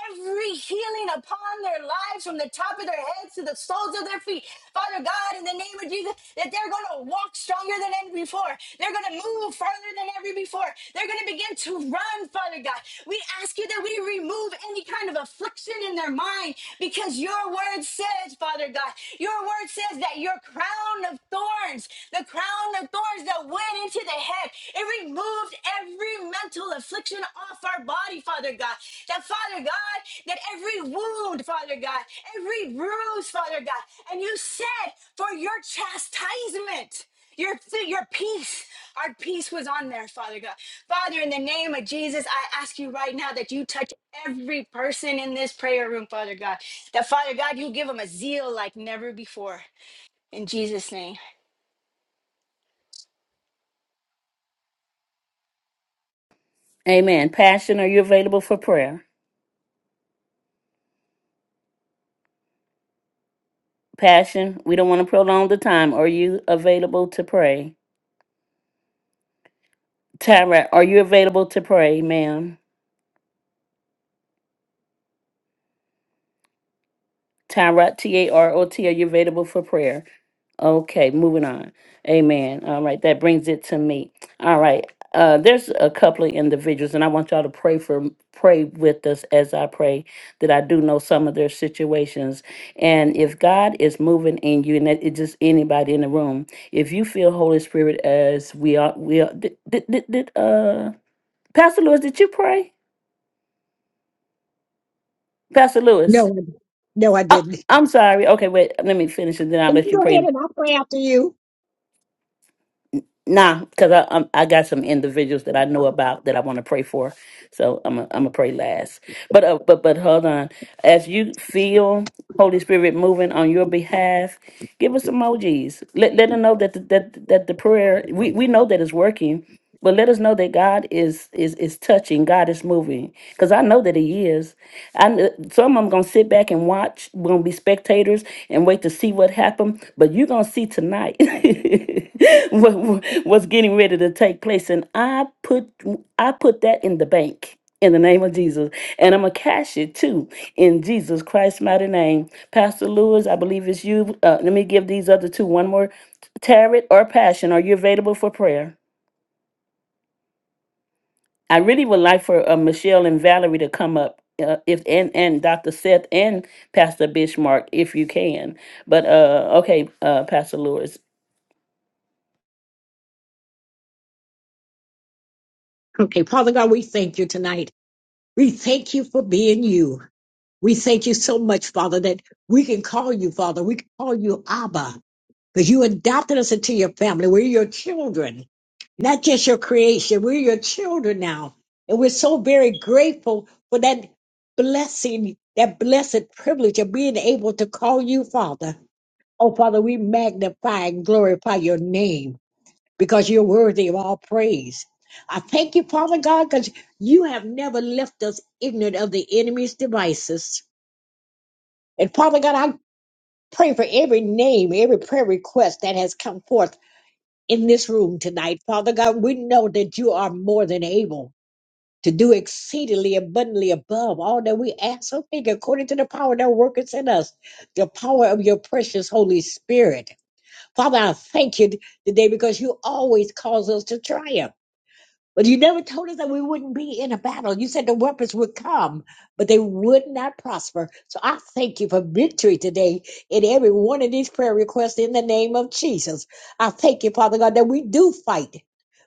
every healing upon their lives from the top of their heads to the soles of their feet. Father God, in the name of Jesus, that they're going to walk stronger than ever before. They're going to move farther than ever before. They're going to begin to run, Father God. We ask you that we remove any kind of affliction in their mind because your word says, Father God, your word says that your crown of thorns, the crown of thorns that went into the head. It removed every mental affliction off our body, Father God. That, Father God, that every wound, Father God, every bruise, Father God. And you said, for your chastisement, your, your peace, our peace was on there, Father God. Father, in the name of Jesus, I ask you right now that you touch every person in this prayer room, Father God. That, Father God, you give them a zeal like never before. In Jesus' name. Amen. Passion, are you available for prayer? Passion, we don't want to prolong the time. Are you available to pray? Tyra, are you available to pray, ma'am? Tyra, T A R O T, are you available for prayer? Okay, moving on. Amen. All right, that brings it to me. All right, uh, there's a couple of individuals, and I want y'all to pray for pray with us as I pray that I do know some of their situations. And if God is moving in you, and that it's just anybody in the room, if you feel Holy Spirit as we are, we are. Did, did, did, did, uh, Pastor Lewis, did you pray? Pastor Lewis. No, I- no, I I, didn't. I'm sorry. Okay, wait. Let me finish and then I'll And you let you go ahead pray. and I'll pray after you. Nah, because I um, I got some individuals that I know about that I want to pray for. So I'm a, I'm gonna pray last. But uh, but but hold on. As you feel Holy Spirit moving on your behalf, give us emojis. Let let them know that the, that that the prayer we we know that it's working. But let us know that God is is is touching. God is moving, because I know that He is. I kn- some of them gonna sit back and watch. We're Gonna be spectators, and wait to see what happened. But you're going to see tonight what, what- what's getting ready to take place. And I put, I put that in the bank. In the name of Jesus. And I'm going to cash it too in Jesus Christ's mighty name. Pastor Lewis, I believe it's you. Uh, let me give these other two one more. Tarot or passion, are you available for prayer? I really would like for uh, Michelle and Valerie to come up, uh, if and and Dr. Seth and Pastor Bishmark, if you can. But uh, okay, uh, Pastor Lewis. Okay, Father God, we thank you tonight. We thank you for being you. We thank you so much, Father, that we can call you, Father. We can call you Abba, because you adopted us into your family. We're your children, not just your creation. We're your children now. And we're so very grateful for that blessing, that blessed privilege of being able to call you, Father. Oh, Father, we magnify and glorify your name. because you're worthy of all praise. I thank you, Father God, because you have never left us ignorant of the enemy's devices. And Father God, I pray for every name, every prayer request that has come forth in this room tonight. Father God, we know that you are more than able to do exceedingly abundantly above all that we ask or think according to the power that worketh in us, the power of your precious Holy Spirit. Father, I thank you today because you always cause us to triumph. But you never told us that we wouldn't be in a battle. You said the weapons would come, but they would not prosper. So I thank you for victory today in every one of these prayer requests in the name of Jesus. I thank you, Father God, that we do fight,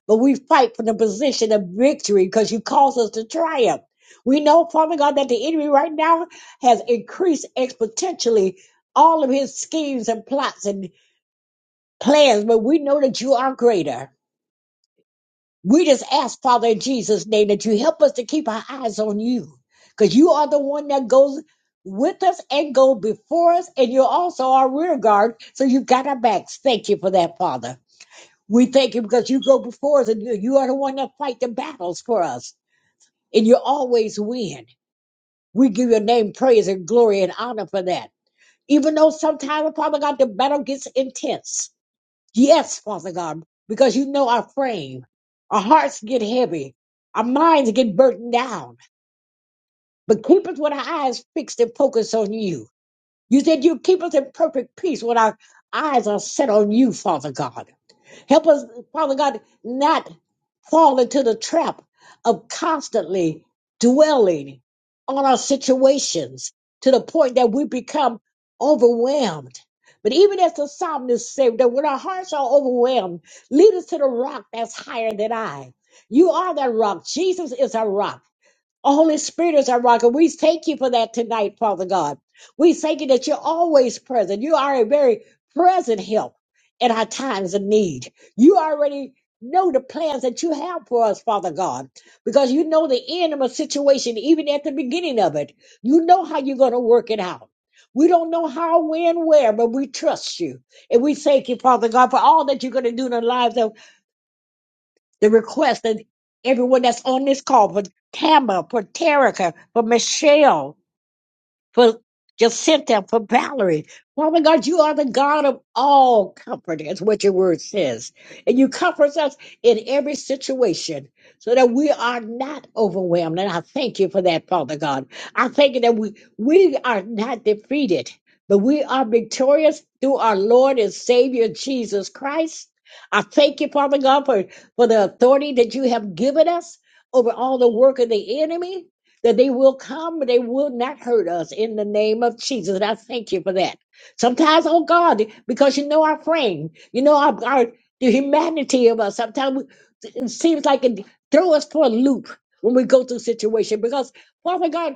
but we fight from the position of victory because you cause us to triumph. We know, Father God, that the enemy right now has increased exponentially all of his schemes and plots and plans, but we know that you are greater. We just ask, Father, in Jesus' name, that you help us to keep our eyes on you. Because you are the one that goes with us and go before us, and you're also our rear guard. So you got our backs. Thank you for that, Father. We thank you because you go before us and you you are the one that fight the battles for us. And you always win. We give your name praise and glory and honor for that. Even though sometimes, Father God, the battle gets intense. Yes, Father God, because you know our frame. Our hearts get heavy. Our minds get burdened down. But keep us with our eyes fixed and focused on you. You said you keep us in perfect peace when our eyes are set on you, Father God. Help us, Father God, not fall into the trap of constantly dwelling on our situations to the point that we become overwhelmed. But even as the psalmist said, that when our hearts are overwhelmed, lead us to the rock that's higher than I. You are that rock. Jesus is our rock. The Holy Spirit is our rock, and we thank you for that tonight, Father God. We thank you that you're always present. You are a very present help in our times of need. You already know the plans that you have for us, Father God, because you know the end of a situation, even at the beginning of it. You know how you're going to work it out. We don't know how, when, where, but we trust you. And we thank you, Father God, for all that you're going to do in the lives. of the request that everyone that's on this call for Tama, for Terica, for Michelle, for Jacinta, for Valerie. Father God, you are the God of all comfort. That's what your word says. And you comfort us in every situation so that we are not overwhelmed. And I thank you for that, Father God. I thank you that we, we are not defeated, but we are victorious through our Lord and Savior Jesus Christ. I thank you, Father God, for, for the authority that you have given us over all the work of the enemy that they will come, but they will not hurt us in the name of Jesus. And I thank you for that. Sometimes, oh God, because you know our frame, you know our, our the humanity of us. Sometimes we, it seems like it throw us for a loop when we go through situation because Father God,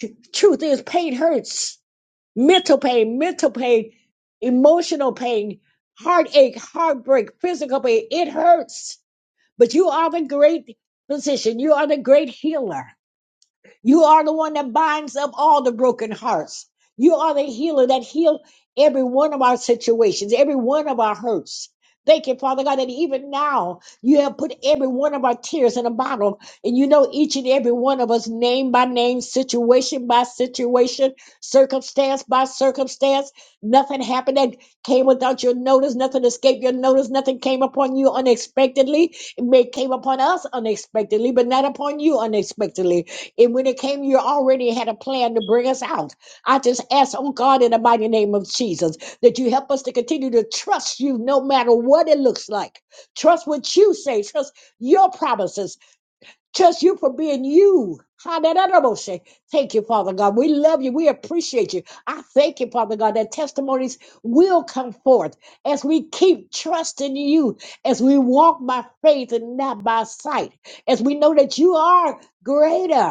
t- truth is pain hurts, mental pain, mental pain, emotional pain, heartache, heartbreak, physical pain. It hurts, but you are the great physician. You are the great healer you are the one that binds up all the broken hearts. You are the healer that heal every one of our situations, every one of our hurts. Thank you, Father God, that even now you have put every one of our tears in a bottle and you know each and every one of us name by name, situation by situation, circumstance by circumstance. Nothing happened that came without your notice. Nothing escaped your notice. Nothing came upon you unexpectedly. It may came upon us unexpectedly, but not upon you unexpectedly. And when it came, you already had a plan to bring us out. I just ask, oh God, in the mighty name of Jesus, that you help us to continue to trust you no matter what it looks like. Trust what you say, trust your promises, trust you for being you. Hallelujah. Thank you, Father God. We love you. We appreciate you. I thank you, Father God, that testimonies will come forth as we keep trusting you, as we walk by faith and not by sight, as we know that you are greater.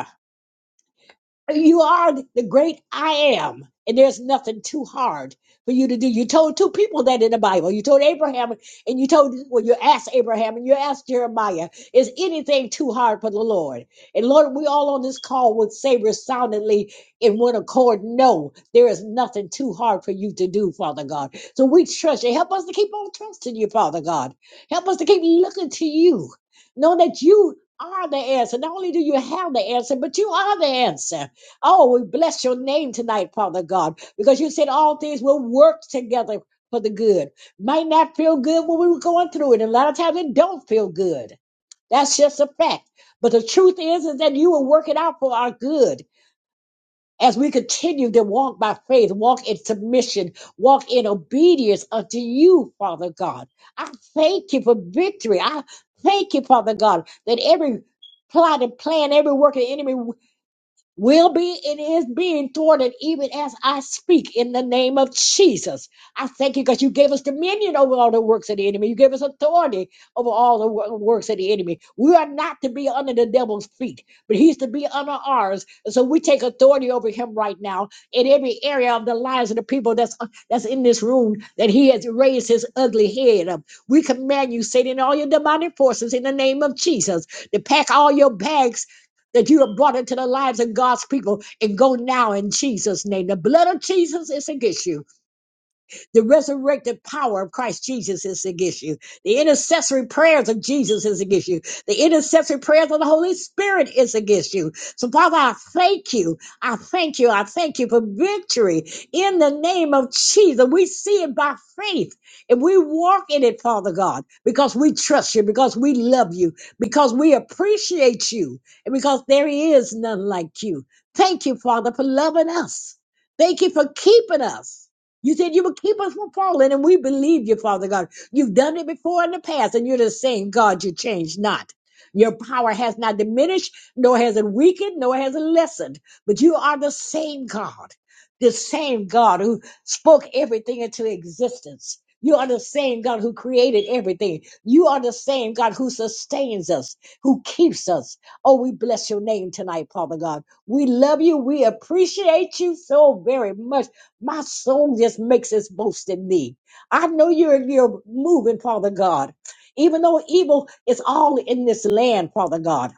You are the great I am, and there's nothing too hard for you to do. You told two people that in the Bible. You told Abraham, and you told, well, you asked Abraham and you asked Jeremiah, is anything too hard for the Lord? And Lord, we all on this call would say resoundingly in one accord, no, there is nothing too hard for you to do, Father God. So we trust you. Help us to keep on trusting you, Father God. Help us to keep looking to you, knowing that you are the answer. Not only do you have the answer, but you are the answer. Oh, we bless your name tonight, Father God, because you said all things will work together for the good. Might not feel good when we were going through it. And a lot of times it don't feel good. That's just a fact. But the truth is, is that you will work it out for our good as we continue to walk by faith, walk in submission, walk in obedience unto you, Father God. I thank you for victory. I thank you, Father God, that every plot and plan, every work of the enemy will be and is being thwarted even as I speak in the name of Jesus. I thank you because you gave us dominion over all the works of the enemy. You gave us authority over all the wo- works of the enemy. We are not to be under the devil's feet, but he's to be under ours. And so we take authority over him right now in every area of the lives of the people that's that's in this room that he has raised his ugly head up. We command you, Satan, all your demonic forces in the name of Jesus to pack all your bags that you have brought into the lives of God's people. And go now in Jesus' name. The blood of Jesus is against you. The resurrected power of Christ Jesus is against you. The intercessory prayers of Jesus is against you. The intercessory prayers of the Holy Spirit is against you. So, Father, I thank you. I thank you. I thank you for victory in the name of Jesus. We see it by faith and we walk in it, Father God, because we trust you, because we love you, because we appreciate you, and because there is none like you. Thank you, Father, for loving us. Thank you for keeping us. You said you would keep us from falling, and we believe you, Father God. You've done it before in the past, and you're the same God. You change not. Your power has not diminished, nor has it weakened, nor has it lessened. But you are the same God, the same God who spoke everything into existence. You are the same God who created everything. You are the same God who sustains us, who keeps us. Oh, we bless your name tonight, Father God. We love you. We appreciate you so very much. My soul just makes its boast in thee. I know you're, you're moving, Father God. Even though evil is all in this land, Father God.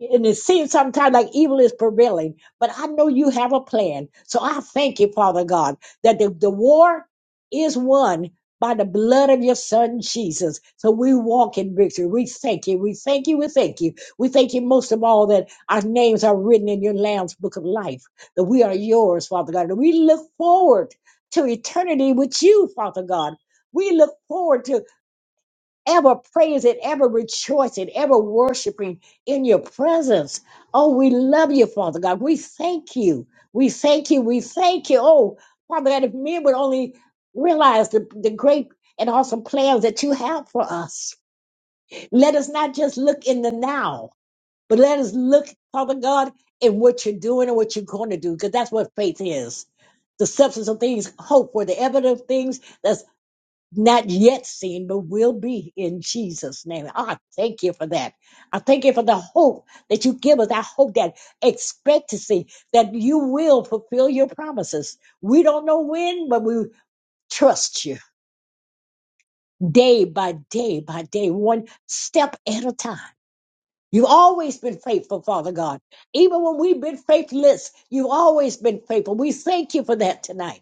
And it seems sometimes like evil is prevailing, but I know you have a plan. So I thank you, Father God, that the, the war is won by the blood of your son Jesus. So we walk in victory. We thank you. We thank you. We thank you. We thank you most of all that our names are written in your Lamb's book of life that we are yours, Father God. And we look forward to eternity with you, Father God. We look forward to ever praising, ever rejoicing, ever worshiping in your presence. Oh, we love you, Father God. We thank you. We thank you. We thank you. Oh, Father God, if men would only realize the, the great and awesome plans that you have for us. Let us not just look in the now, but let us look, Father God, at what you're doing and what you're going to do, because that's what faith is. The substance of things, hope for the evidence of things that's not yet seen, but will be in Jesus' name. I thank you for that. I thank you for the hope that you give us, that hope, that expectancy that you will fulfill your promises. We don't know when, but we trust you day by day by day, one step at a time. You've always been faithful, Father God. Even when we've been faithless, you've always been faithful. We thank you for that tonight.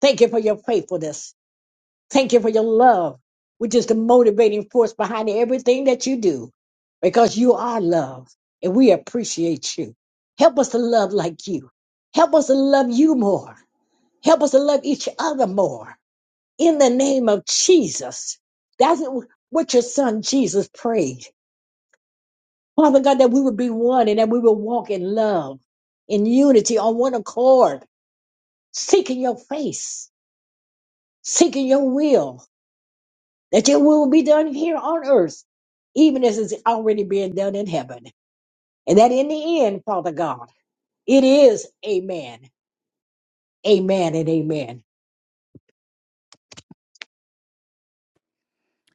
Thank you for your faithfulness. Thank you for your love, which is the motivating force behind everything that you do, because you are love and we appreciate you. Help us to love like you. Help us to love you more. Help us to love each other more. In the name of Jesus. That's what your son Jesus prayed. Father God, that we would be one and that we will walk in love, in unity, on one accord, seeking your face, seeking your will, that your will be done here on earth, even as it's already being done in heaven. And that in the end, Father God, it is amen, amen, and amen.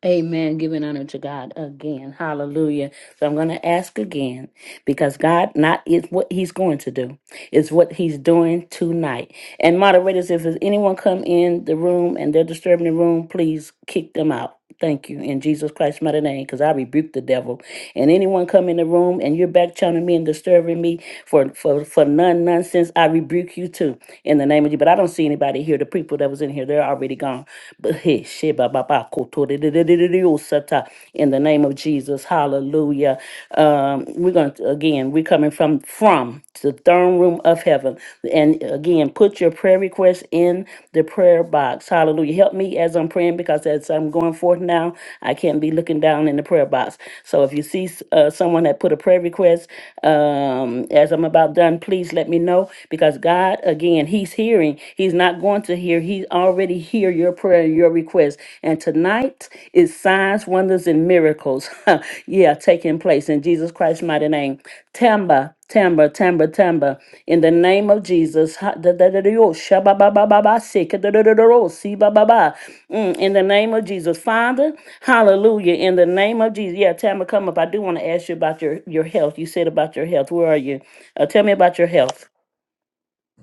Amen. Giving honor to God again. Hallelujah. So I'm going to ask again because God not is what He's going to do. It's what He's doing tonight. And moderators, if there's anyone come in the room and they're disturbing the room, please kick them out. Thank you in Jesus Christ's mighty name, because I rebuke the devil. And anyone come in the room and you're back channeling me and disturbing me, for for for none nonsense. I rebuke you too in the name of you. But I don't see anybody here. The people that was in here, they're already gone. But hey, shit, ba ba ba, koto de de de de de de, oh, sata, in the name of Jesus, Hallelujah. Um, we're gonna again, we're coming from from the throne room of heaven, and again, put your prayer request in the prayer box. Hallelujah. Help me as as I'm praying because as I'm going forth now, I can't be looking down in the prayer box. So if you see uh, someone that put a prayer request um, as I'm about done, please let me know because God, again, He's hearing. He's not going to hear. He already hear your prayer and your request. And tonight is signs, wonders, and miracles. yeah, taking place in Jesus Christ's mighty name. Tamba, Tamba, Tamba, Tamba. In the name of Jesus. Ha- da- da- da- da- yo, sha- ba- ba- ba- ba- ba- si- ka- da- da- da- da- ro, si- ba- ba- ba. Mm, In the name of Jesus. Father, hallelujah. In the name of Jesus. Yeah, Tamba, come up. I do want to ask you about your, your health. You said about your health. Where are you? Uh, tell me about your health.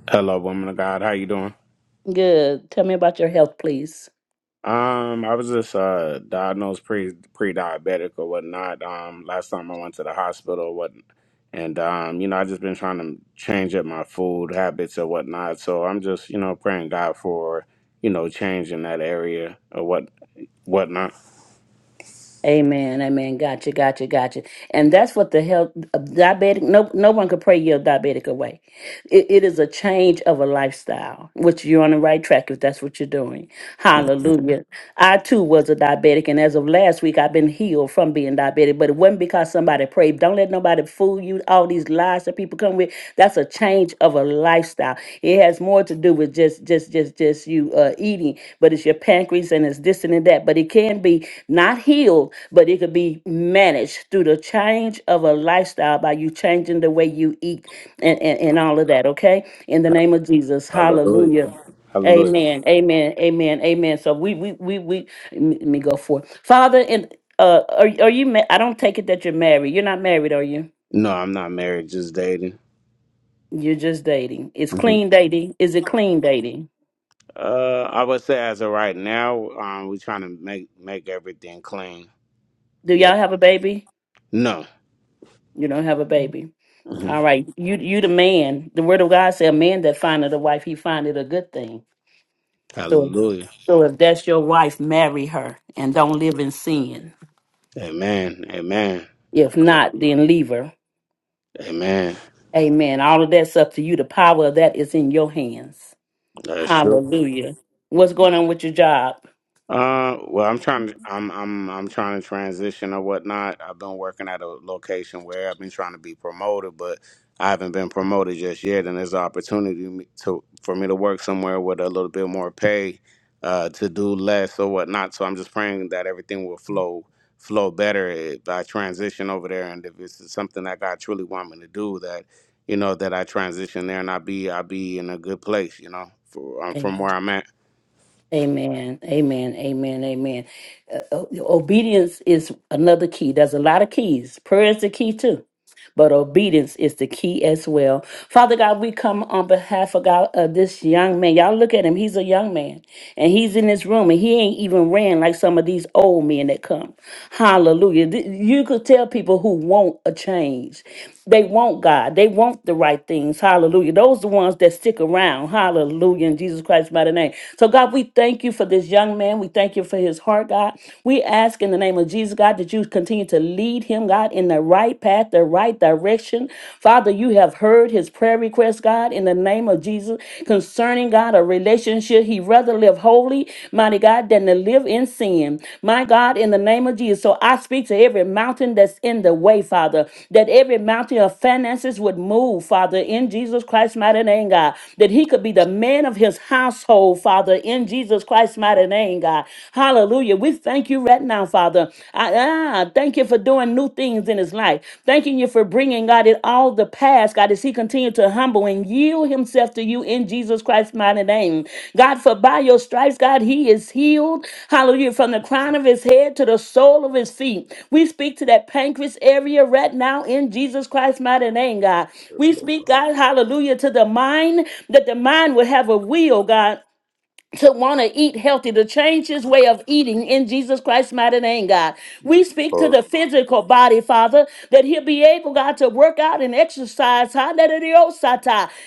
Hello, woman of God. How you doing? Good. Tell me about your health, please. Um, I was just uh diagnosed pre pre diabetic or whatnot. Um, last time I went to the hospital or what, and um, you know, I just been trying to change up my food habits or whatnot. So I'm just you know praying God for you know change in that area or what whatnot. Amen, amen. Gotcha, gotcha, gotcha. And that's what the health of diabetic. No, no one could pray your diabetic away. It, it is a change of a lifestyle, which you're on the right track if that's what you're doing. Yeah. Hallelujah. I too was a diabetic, and as of last week, I've been healed from being diabetic. But it wasn't because somebody prayed. Don't let nobody fool you. All these lies that people come with. That's a change of a lifestyle. It has more to do with just, just, just, just you uh, eating, but it's your pancreas and it's this and that. But it can be not healed, but it could be managed through the change of a lifestyle by you changing the way you eat and, and, and all of that, okay? In the name of Jesus, Hallelujah. hallelujah. Hallelujah. Amen. Amen. Amen. Amen. So we we we we let me let me go forth, Father and uh are are you ma- I don't take it that you're married. You're not married, are you? No, I'm not married. Just dating. You're just dating. It's Mhm. clean dating. Is it clean dating? Uh, I would say as of right now, um, we're trying to make make everything clean. Do Yeah. y'all have a baby? No. You don't have a baby. All right. You you the man. The word of God said a man that findeth a wife, he findeth a good thing. So Hallelujah. so if that's your wife, marry her and don't live in sin. Amen. Amen. If not, then leave her. Amen. Amen. All of that's up to you. The power of that is in your hands. That's true. Hallelujah. What's going on with your job? Uh, well, I'm trying to, I'm, I'm, I'm trying to transition or whatnot. I've been working at a location where I've been trying to be promoted, but I haven't been promoted just yet. And there's an opportunity to, for me to work somewhere with a little bit more pay, uh, to do less or whatnot. So I'm just praying that everything will flow, flow better if I transition over there. And if it's something that God truly want me to do that, you know, that I transition there and I be, I be in a good place, you know, for, um, from where I'm at. Amen. Amen. Amen. Amen. Uh, o- obedience is another key. There's a lot of keys. Prayer is the key too. But obedience is the key as well. Father God, we come on behalf of God of this young man. Y'all look at him. He's a young man and he's in this room and he ain't even ran like some of these old men that come. Hallelujah. Th- You could tell people who want a change. They want God. They want the right things. Hallelujah. Those are the ones that stick around. Hallelujah. In Jesus Christ's mighty name. So God, we thank you for this young man. We thank you for his heart, God. We ask in the name of Jesus, God, that you continue to lead him, God, in the right path, the right direction. Father, you have heard heard his prayer request, God, in the name of Jesus, concerning God a relationship. He rather live holy, mighty God, than to live in sin. My God, in the name of Jesus. So I speak to every mountain that's in the way, Father, that every mountain of finances would move, Father, in Jesus Christ's mighty name, God, that he could be the man of his household, Father, in Jesus Christ's mighty name, God. Hallelujah. We thank you right now, Father. I, ah, thank you for doing new things in his life. Thanking you for bringing God in all the past, God, as he continued to humble and yield himself to you in Jesus Christ's mighty name. God, for by your stripes, God, he is healed. Hallelujah. From the crown of his head to the sole of his feet. We speak to that pancreas area right now in Jesus Christ's mighty name, God. We speak, God, hallelujah, to the mind, that the mind would have a will, God to want to eat healthy, to change his way of eating in Jesus Christ's mighty name, God. We speak to Or, the physical body, Father, that he'll be able, God, to work out and exercise. Hallelujah.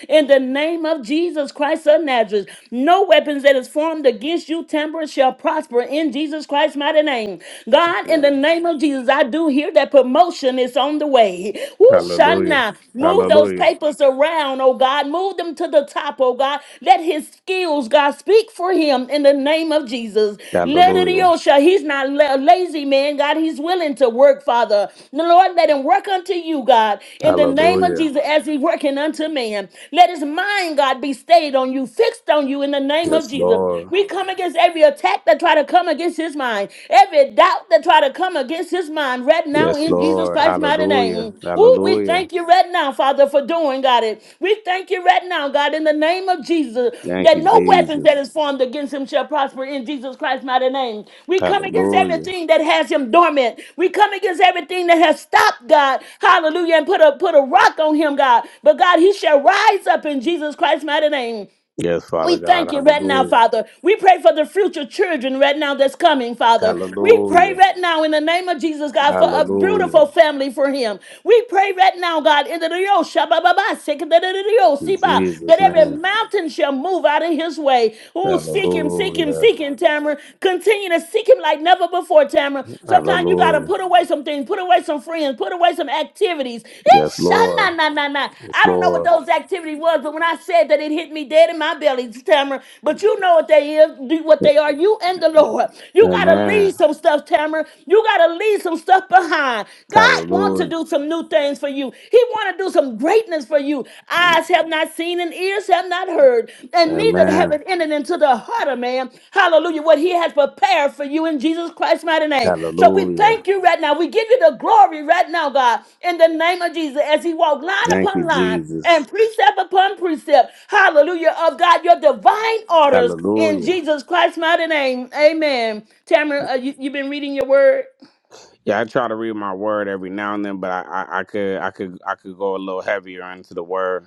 In the name of Jesus Christ of Nazareth, no weapons that is formed against you, temperate, shall prosper in Jesus Christ's mighty name. God, in yeah. the name of Jesus, I do hear that promotion is on the way. Woo, Hallelujah. Shana. Move those Hallelujah. papers around, oh God. Move them to the top, oh God. Let his skills, God, speak for him in the name of Jesus. Let it Hallelujah. Yosha. He's not la- lazy, man. God, he's willing to work, Father. The Lord, let him work unto you, God, in the name of Hallelujah. Jesus, as he working unto man. Let his mind, God, be stayed on you, fixed on you in the name of Yes, Jesus. Lord. We come against every attack that try to come against his mind. Every Every doubt that try to come against his mind right now Yes, in Jesus Lord. Christ's mighty Hallelujah. name. Ooh, we Hallelujah. thank you right now, Father, for doing, God, it. We thank you right now, God, in the name of Jesus, Thank that you, no weapons that Jesus. is formed against him shall prosper in Jesus Christ's mighty name. We come against Hallelujah. everything that has him dormant. We come against everything that has stopped God. Hallelujah. And put a put a rock on him, God. But God, he shall rise up in Jesus Christ's mighty name. Yes, We Father God. thank you right now, Hallelujah. Father. We pray for the future children right now that's coming, Father. We pray Hallelujah. right now in the name of Jesus, God, for a beautiful Hallelujah. family for him. We pray right now, God, in the Rio Shabba Baba, Sika da da da Rio In Siba, that Jesus' every name. mountain shall move out of his way. Oh, seek him, seek him, Hallelujah. seek him, Tamara. Continue to seek him like never before, Tamara. Sometimes you got to Hallelujah. put away some away some things, put away some friends, put away some activities. It Yes, shall Lord. not, not, not, not. Yes, I don't know what Lord. those activities was, but when I said that, it hit me dead in my belly, Tamara. But you know what they is, do- what they are. You and the Lord. You gotta Amen. leave some stuff, Tamara. You gotta leave some stuff behind. God wants to Hallelujah. do some new things for you. He want to do some greatness for you. Eyes have not seen and ears have not not heard, and neither have Amen. it entered into the heart of man. Hallelujah. What he has prepared for you in Jesus Christ's mighty name. So we Hallelujah. thank you right now. We give you the glory right now, God, in the name of Jesus, as he walked line Thank you, upon line Jesus. and precept upon precept. Hallelujah. Of God, your divine orders in Hallelujah. Jesus Christ's mighty name. Amen. Tamara, uh, you, you've been reading your word? Yeah, I try to read my word every now and then, but I, I, I could I could I could go a little heavier into the word.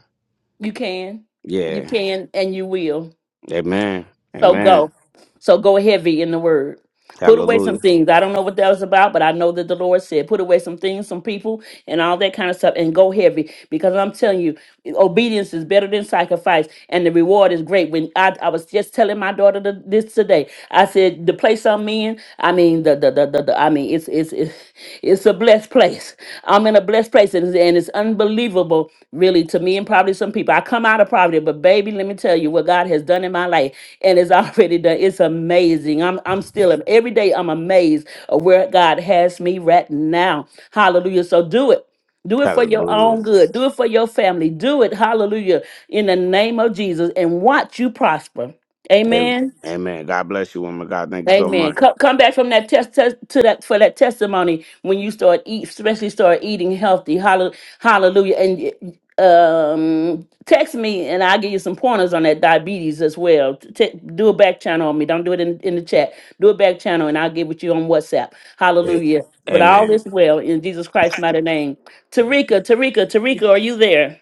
You can. You Yeah. can and you will. Amen. So Amen. go. So go heavy in the word. Put away some Hallelujah. things. I don't know what that was about, but I know that the Lord said, put away some things, some people, and all that kind of stuff, and go heavy. Because I'm telling you, obedience is better than sacrifice, and the reward is great. When I, I was just telling my daughter th- this today, I said, the place I'm in, I mean, the, the, the, the, the I mean, it's, it's, it's, it's a blessed place. I'm in a blessed place, and it's, and it's unbelievable, really, to me and probably some people. I come out of poverty, but baby, let me tell you what God has done in my life and it's already done. It's amazing. I'm I'm still every day I'm amazed of where God has me right now. Hallelujah. So do it. Do it for your Hallelujah. own good. Do it for your family. Do it. Hallelujah. In the name of Jesus. And watch you prosper. Hey, Amen. Amen. God bless you, woman. of God, thank you so Amen. much. Come, come back from that test, test to that for that testimony when you start eat, especially start eating healthy. Hallel- Hallelujah. And um, text me and I'll give you some pointers on that diabetes as well. T- do a back channel on me. Don't do it in, in the chat. Do a back channel and I'll get with you on WhatsApp. Yeah. Hallelujah. But all Amen. is well in Jesus Christ's mighty name. Tarika, Tarika, Tarika, are you there?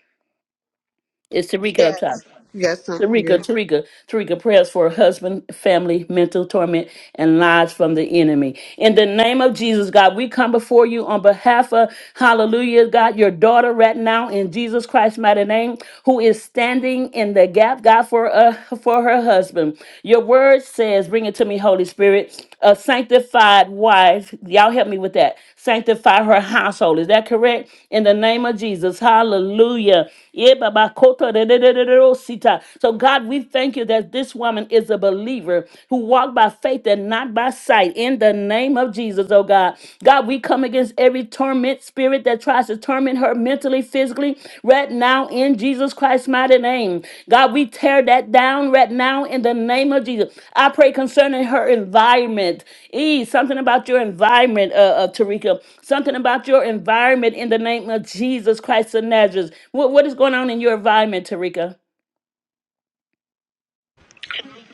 It's Tarika up top. Yes. Yes, I'm Tarika, here. Tarika, Tarika prayers for her husband, family, mental torment, and lies from the enemy. In the name of Jesus, God, we come before you on behalf of, hallelujah, God, your daughter right now in Jesus Christ's mighty name, who is standing in the gap, God, for, uh, for her husband. Your word says, bring it to me, Holy Spirit, a sanctified wife. Y'all help me with that. Sanctify her household. Is that correct? In the name of Jesus, hallelujah. Yeah, Baba Koto de de de de de sita. So God, we thank you that this woman is a believer who walked by faith and not by sight. In the name of Jesus, oh God. God, we come against every torment spirit that tries to torment her mentally, physically, right now in Jesus Christ. Christ's mighty name. God, we tear that down right now in the name of Jesus. I pray concerning her environment. E, something about your environment, uh, uh, Tarika. Something about your environment in the name of Jesus Christ of Nazareth. What, what is going on in your environment, Tarika?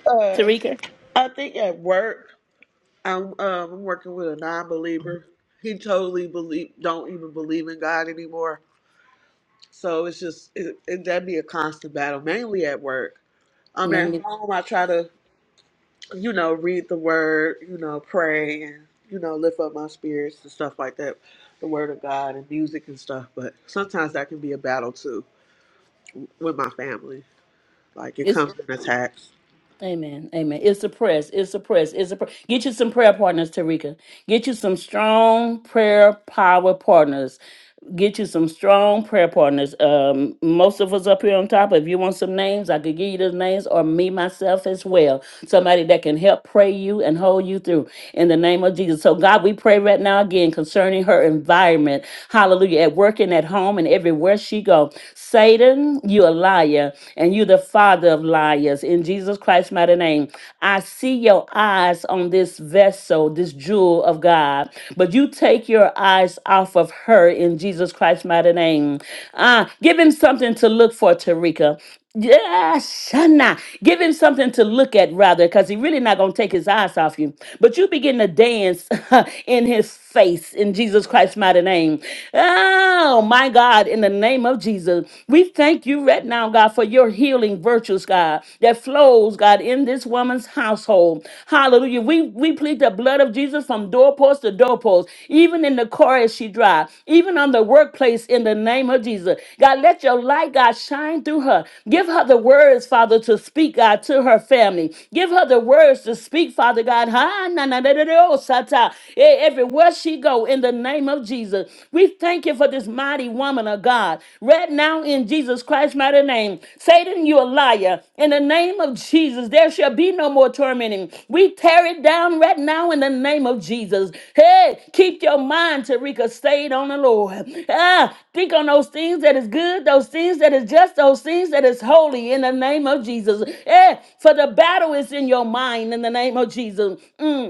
Uh, Tarika? I think at work, I'm, um, I'm working with a non-believer. He totally believe don't even believe in God anymore. So it's just it, it, that'd be a constant battle, mainly at work. I'm at Amen. home. I try to you know, read the word, you know, pray and, you know, lift up my spirits and stuff like that, the word of God and music and stuff. But sometimes that can be a battle too with my family. Like it It's, comes in attacks. amen. Amen. It's suppressed. It's suppressed. It's suppressed. Get you some prayer partners, Tarika. Get you some strong prayer power partners. get you some strong prayer partners. Um, most of us up here on top, if you want some names, I could give you those names or me myself as well. Somebody that can help pray you and hold you through in the name of Jesus. So, God, we pray right now again concerning her environment. Hallelujah. At work and at home and everywhere she go. Satan, you a liar and you the father of liars. In Jesus Christ's mighty name, I see your eyes on this vessel, this jewel of God, but you take your eyes off of her in Jesus Christ's mighty name. Ah, give him something to look for, Tarika. Yeah, Shana. Give him something to look at, rather, because he really not gonna take his eyes off you. But you begin to dance in his face in Jesus Christ's mighty name. Oh my God, in the name of Jesus, we thank you right now, God, for your healing virtues, God, that flows, God, in this woman's household. Hallelujah. We we plead the blood of Jesus from from doorpost to doorpost, even in the car as she drives, even on the workplace in the name of Jesus. God, let your light, God, shine through her. Give her the words, Father, to speak, God, to her family. Give her the words to speak, Father God. Ha, na, na, da, da, da, oh, sata. E- Everywhere she go, in the name of Jesus. We thank you for this mighty woman of God. Right now, in Jesus. Christ. Jesus Christ's mighty name. Satan, you a liar. In the name of Jesus, there shall be no more tormenting. We tear it down right now in the name of Jesus. Hey, keep your mind, Tarika, stayed on the Lord. Ah, think on those things that is good, those things that is just, those things that is holy in the name of Jesus. Eh, for the battle is in your mind in the name of Jesus. Mm.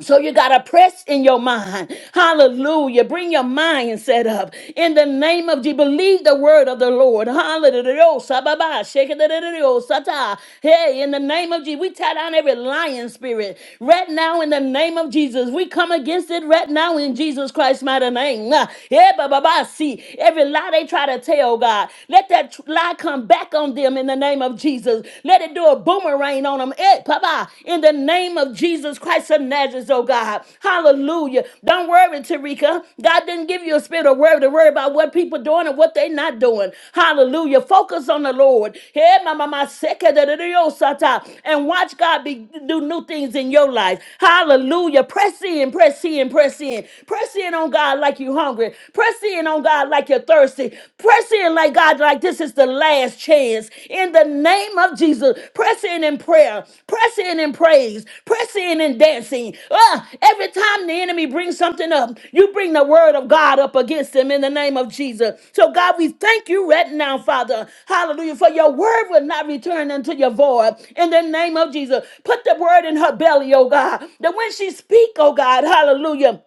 So you got to press in your mind. Hallelujah. Bring your mind set up. In the name of Jesus, believe the word of the Lord. Hallelujah. Sababa, shekadadadadada, sata. Hey, in the name of Jesus, we tie down every lying spirit. Right now, in the name of Jesus, we come against it right now in Jesus Christ's mighty name. Ah, yeah, ba, ba, ba, See, every lie they try to tell, God, let that tr- lie come back on them in the name of Jesus. Let it let it do a boomerang on them. Hey, Papa, in the name of Jesus Christ of Nazareth, oh God. Hallelujah. Don't worry, Tarika. God didn't give you a spirit of worry to worry about what people doing and what they not doing. Hallelujah. Focus on the Lord. Hey, mama, my second and watch God be, do new things in your life. Hallelujah. Press in, press in, press in. Press in on God like you're hungry. Press in on God like you're thirsty. Press in like God, like this is the last chance. In the name of Jesus, press in in prayer, press in in praise, press in in dancing. Ah, every time the enemy brings something up, you bring the word of God up against them in the name of Jesus. So, God, we thank you right now, Father. Hallelujah. For your word will not return unto your void. In the name of Jesus, put the word in her belly, oh God, that when she speak, oh God, hallelujah.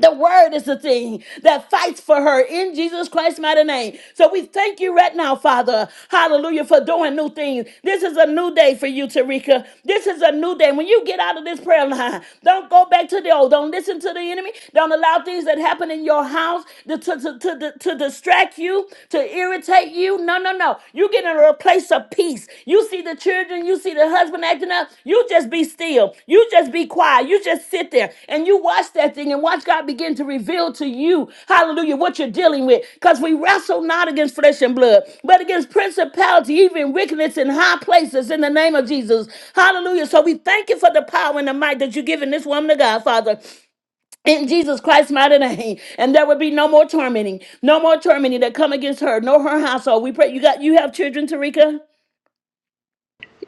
The word is the thing that fights for her in Jesus Christ's mighty name. So we thank you right now, Father. Hallelujah, for doing new things. This is a new day for you, Tarika. This is a new day. When you get out of this prayer line, don't go back to the old. Don't listen to the enemy. Don't allow things that happen in your house to, to, to, to, to distract you, to irritate you. No, no, no. You get in a place place of peace. You see the children, you see the husband acting up, you just be still. You just be quiet. You just sit there and you watch that thing and watch God begin to reveal to you, hallelujah, what you're dealing with. Because we wrestle not against flesh and blood, but against principality, even wickedness in high places in the name of Jesus. Hallelujah. So we thank you for the power and the might that you've given this woman of God, Father, in Jesus Christ's mighty name. And there will be no more tormenting, no more tormenting that come against her, nor her household. We pray you got you have children, Tarika?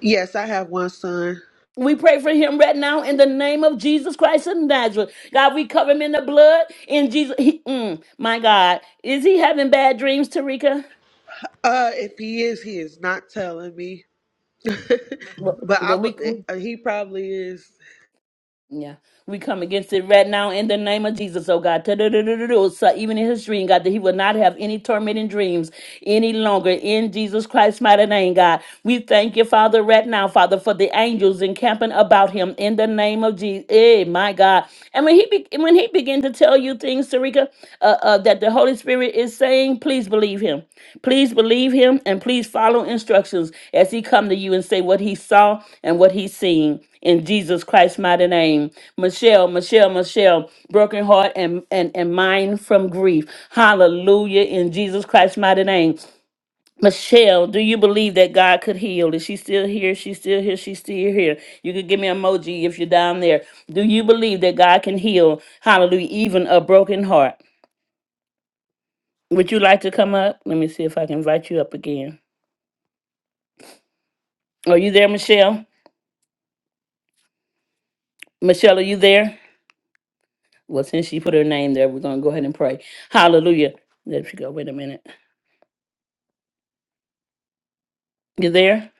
Yes, I have one son. We pray for him right now in the name of Jesus Christ of Nazareth. God, we cover him in the blood in Jesus. He, mm, my God, is he having bad dreams, Tarika? Uh, if he is, he is not telling me. Well, but I, well, we, be- uh, he probably is Yeah, we come against it right now in the name of Jesus, oh God. Ta-da-da-da-da-da. So even in his dream, God, that he will not have any tormenting dreams any longer in Jesus Christ's mighty name, God. We thank you, Father, right now, Father, for the angels encamping about him in the name of Jesus. Hey, my God. And when he be- when he began to tell you things, Sarika, uh, uh, that the Holy Spirit is saying, please believe him. Please believe him and please follow instructions as he come to you and say what he saw and what he's seen in Jesus Christ's mighty name. Michelle, Michelle, Michelle, broken heart and, and, and mind from grief. Hallelujah in Jesus Christ's mighty name. Michelle, do you believe that God could heal? Is she still here? She's still here. She's still here. You could give me an emoji if you're down there. Do you believe that God can heal? Hallelujah, even a broken heart. Would you like to come up? Let me see if I can invite you up again. Are you there, Michelle? Michelle, are you there? Well, since she put her name there, we're gonna go ahead and pray. Hallelujah. There she go. Wait a minute. You there?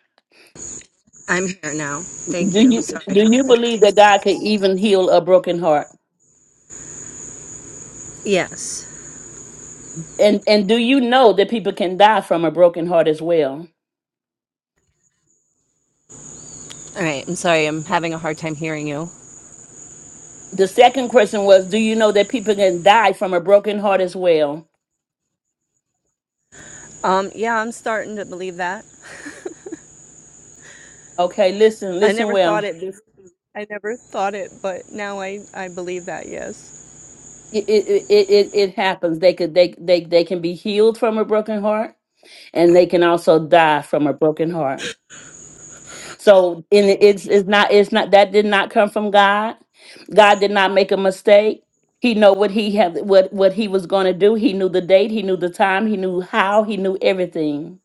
I'm here now. Thank Do you. you Sorry. do you believe that God can even heal a broken heart? Yes. And and do you know that people can die from a broken heart as well? All right. I'm sorry. I'm having a hard time hearing you. The second question was, do you know that people can die from a broken heart as well? Um. Yeah. I'm starting to believe that. Okay, listen, I listen never thought well. it. bef- I never thought it, but now I I believe that. Yes. It it it it, it happens. They could they they they can be healed from a broken heart, and they can also die from a broken heart. So and it's it's not it's not that did not come from God. God did not make a mistake. He know what he had what what he was going to do. He knew the date, he knew the time, he knew how, he knew everything.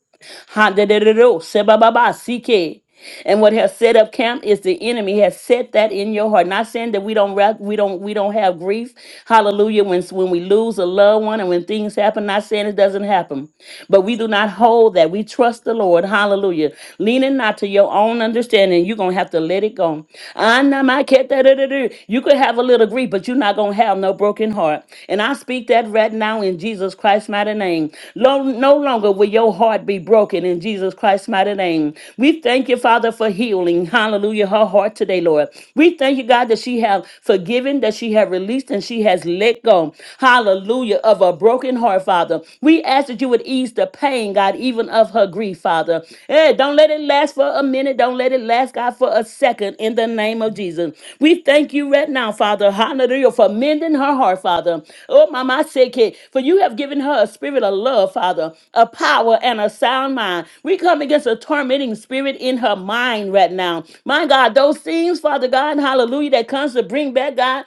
Ha, da, da, da, do, se, ba, ba, ba, si, ke. And what has set up camp is the enemy has set that in your heart. Not saying that we don't ra- we don't we don't have grief. Hallelujah. When when we lose a loved one and when things happen, not saying it doesn't happen, but we do not hold that. We trust the Lord. Hallelujah leaning not to your own understanding. You're gonna have to let it go. Anamaketadadadu. You could have a little grief, but you're not gonna have no broken heart. And I speak that right now in Jesus Christ's mighty name. Lo- No longer will your heart be broken in Jesus Christ's mighty name. We thank you, Father, for healing. Hallelujah, her heart today, Lord. We thank you, God, that she have forgiven, that she have released, and she has let go. Hallelujah, of a broken heart, Father. Father. We ask that you would ease the pain, God, even of her grief, Father. Hey, don't let it last for a minute. Don't let it last, God, for a second in the name of Jesus. We thank you right now, Father. Hallelujah, for mending her heart, Father. Oh, Mama, I say, for you have given her a spirit of love, Father, a power and a sound mind. We come against a tormenting spirit in her mind right now. My God, those things, Father God, hallelujah, that comes to bring back, God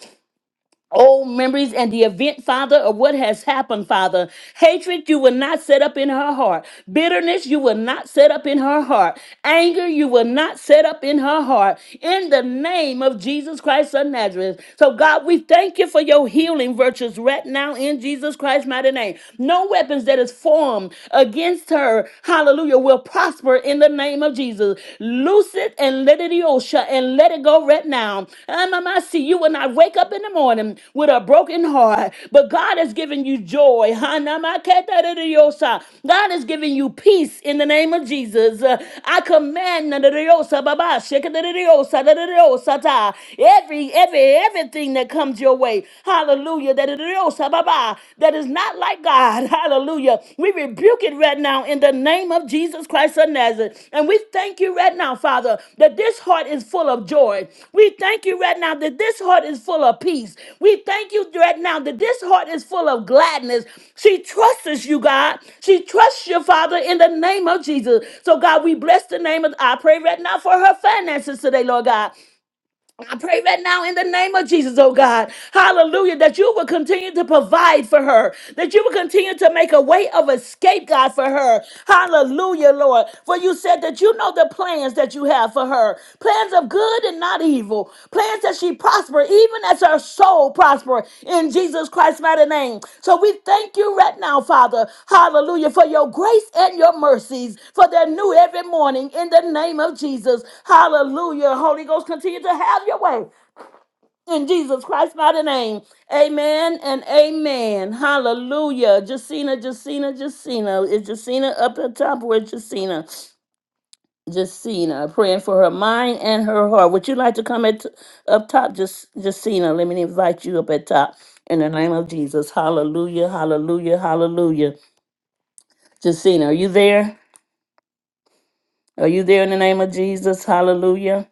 old memories and the event, Father, of what has happened, Father. Hatred you will not set up in her heart. Bitterness you will not set up in her heart. Anger you will not set up in her heart. In the name of Jesus Christ of Nazareth. So, God, we thank you for your healing virtues right now in Jesus Christ's mighty name. No weapons that is formed against her, hallelujah, will prosper in the name of Jesus. Jesus. Loose it and let it Yosha and let it go right now. Um, I see you and I wake up in the morning with a broken heart, but God has given you joy. Hanamaketariyosha. God has given you peace in the name of Jesus. Uh, I command nadariyosha, baba, shekadariyosha, nadariyosha ta. every every everything that comes your way. Hallelujah. That is not like God. Hallelujah. We rebuke it right now in the name of Jesus Christ of Nazareth. And we thank you right now, Father, that this heart is full of joy. We thank you right now that this heart is full of peace. We thank you right now that this heart is full of gladness. She trusts you, God. She trusts you, Father, in the name of Jesus. So, God, we bless the name of, I pray right now for her finances today, Lord God. I pray right now in the name of Jesus, oh God, hallelujah, that you will continue to provide for her, that you will continue to make a way of escape, God, for her. Hallelujah, Lord. For you said that you know the plans that you have for her plans of good and not evil, plans that she prosper, even as her soul prosper in Jesus Christ's mighty name. So we thank you right now, Father. Hallelujah, for your grace and your mercies, for they're new every morning in the name of Jesus. Hallelujah. Holy Ghost, continue to have your way in Jesus Christ's mighty name. Amen and amen. Hallelujah. Jacina, Jacina, Jacina. Is Jacina up at top? Where's Jacina? Jacina, praying for her mind and her heart. Would you like to come at, up top, Just Jacina? Let me invite you up at top in the name of Jesus. Hallelujah, hallelujah, hallelujah. Jacina, are you there? Are you there in the name of Jesus? Hallelujah.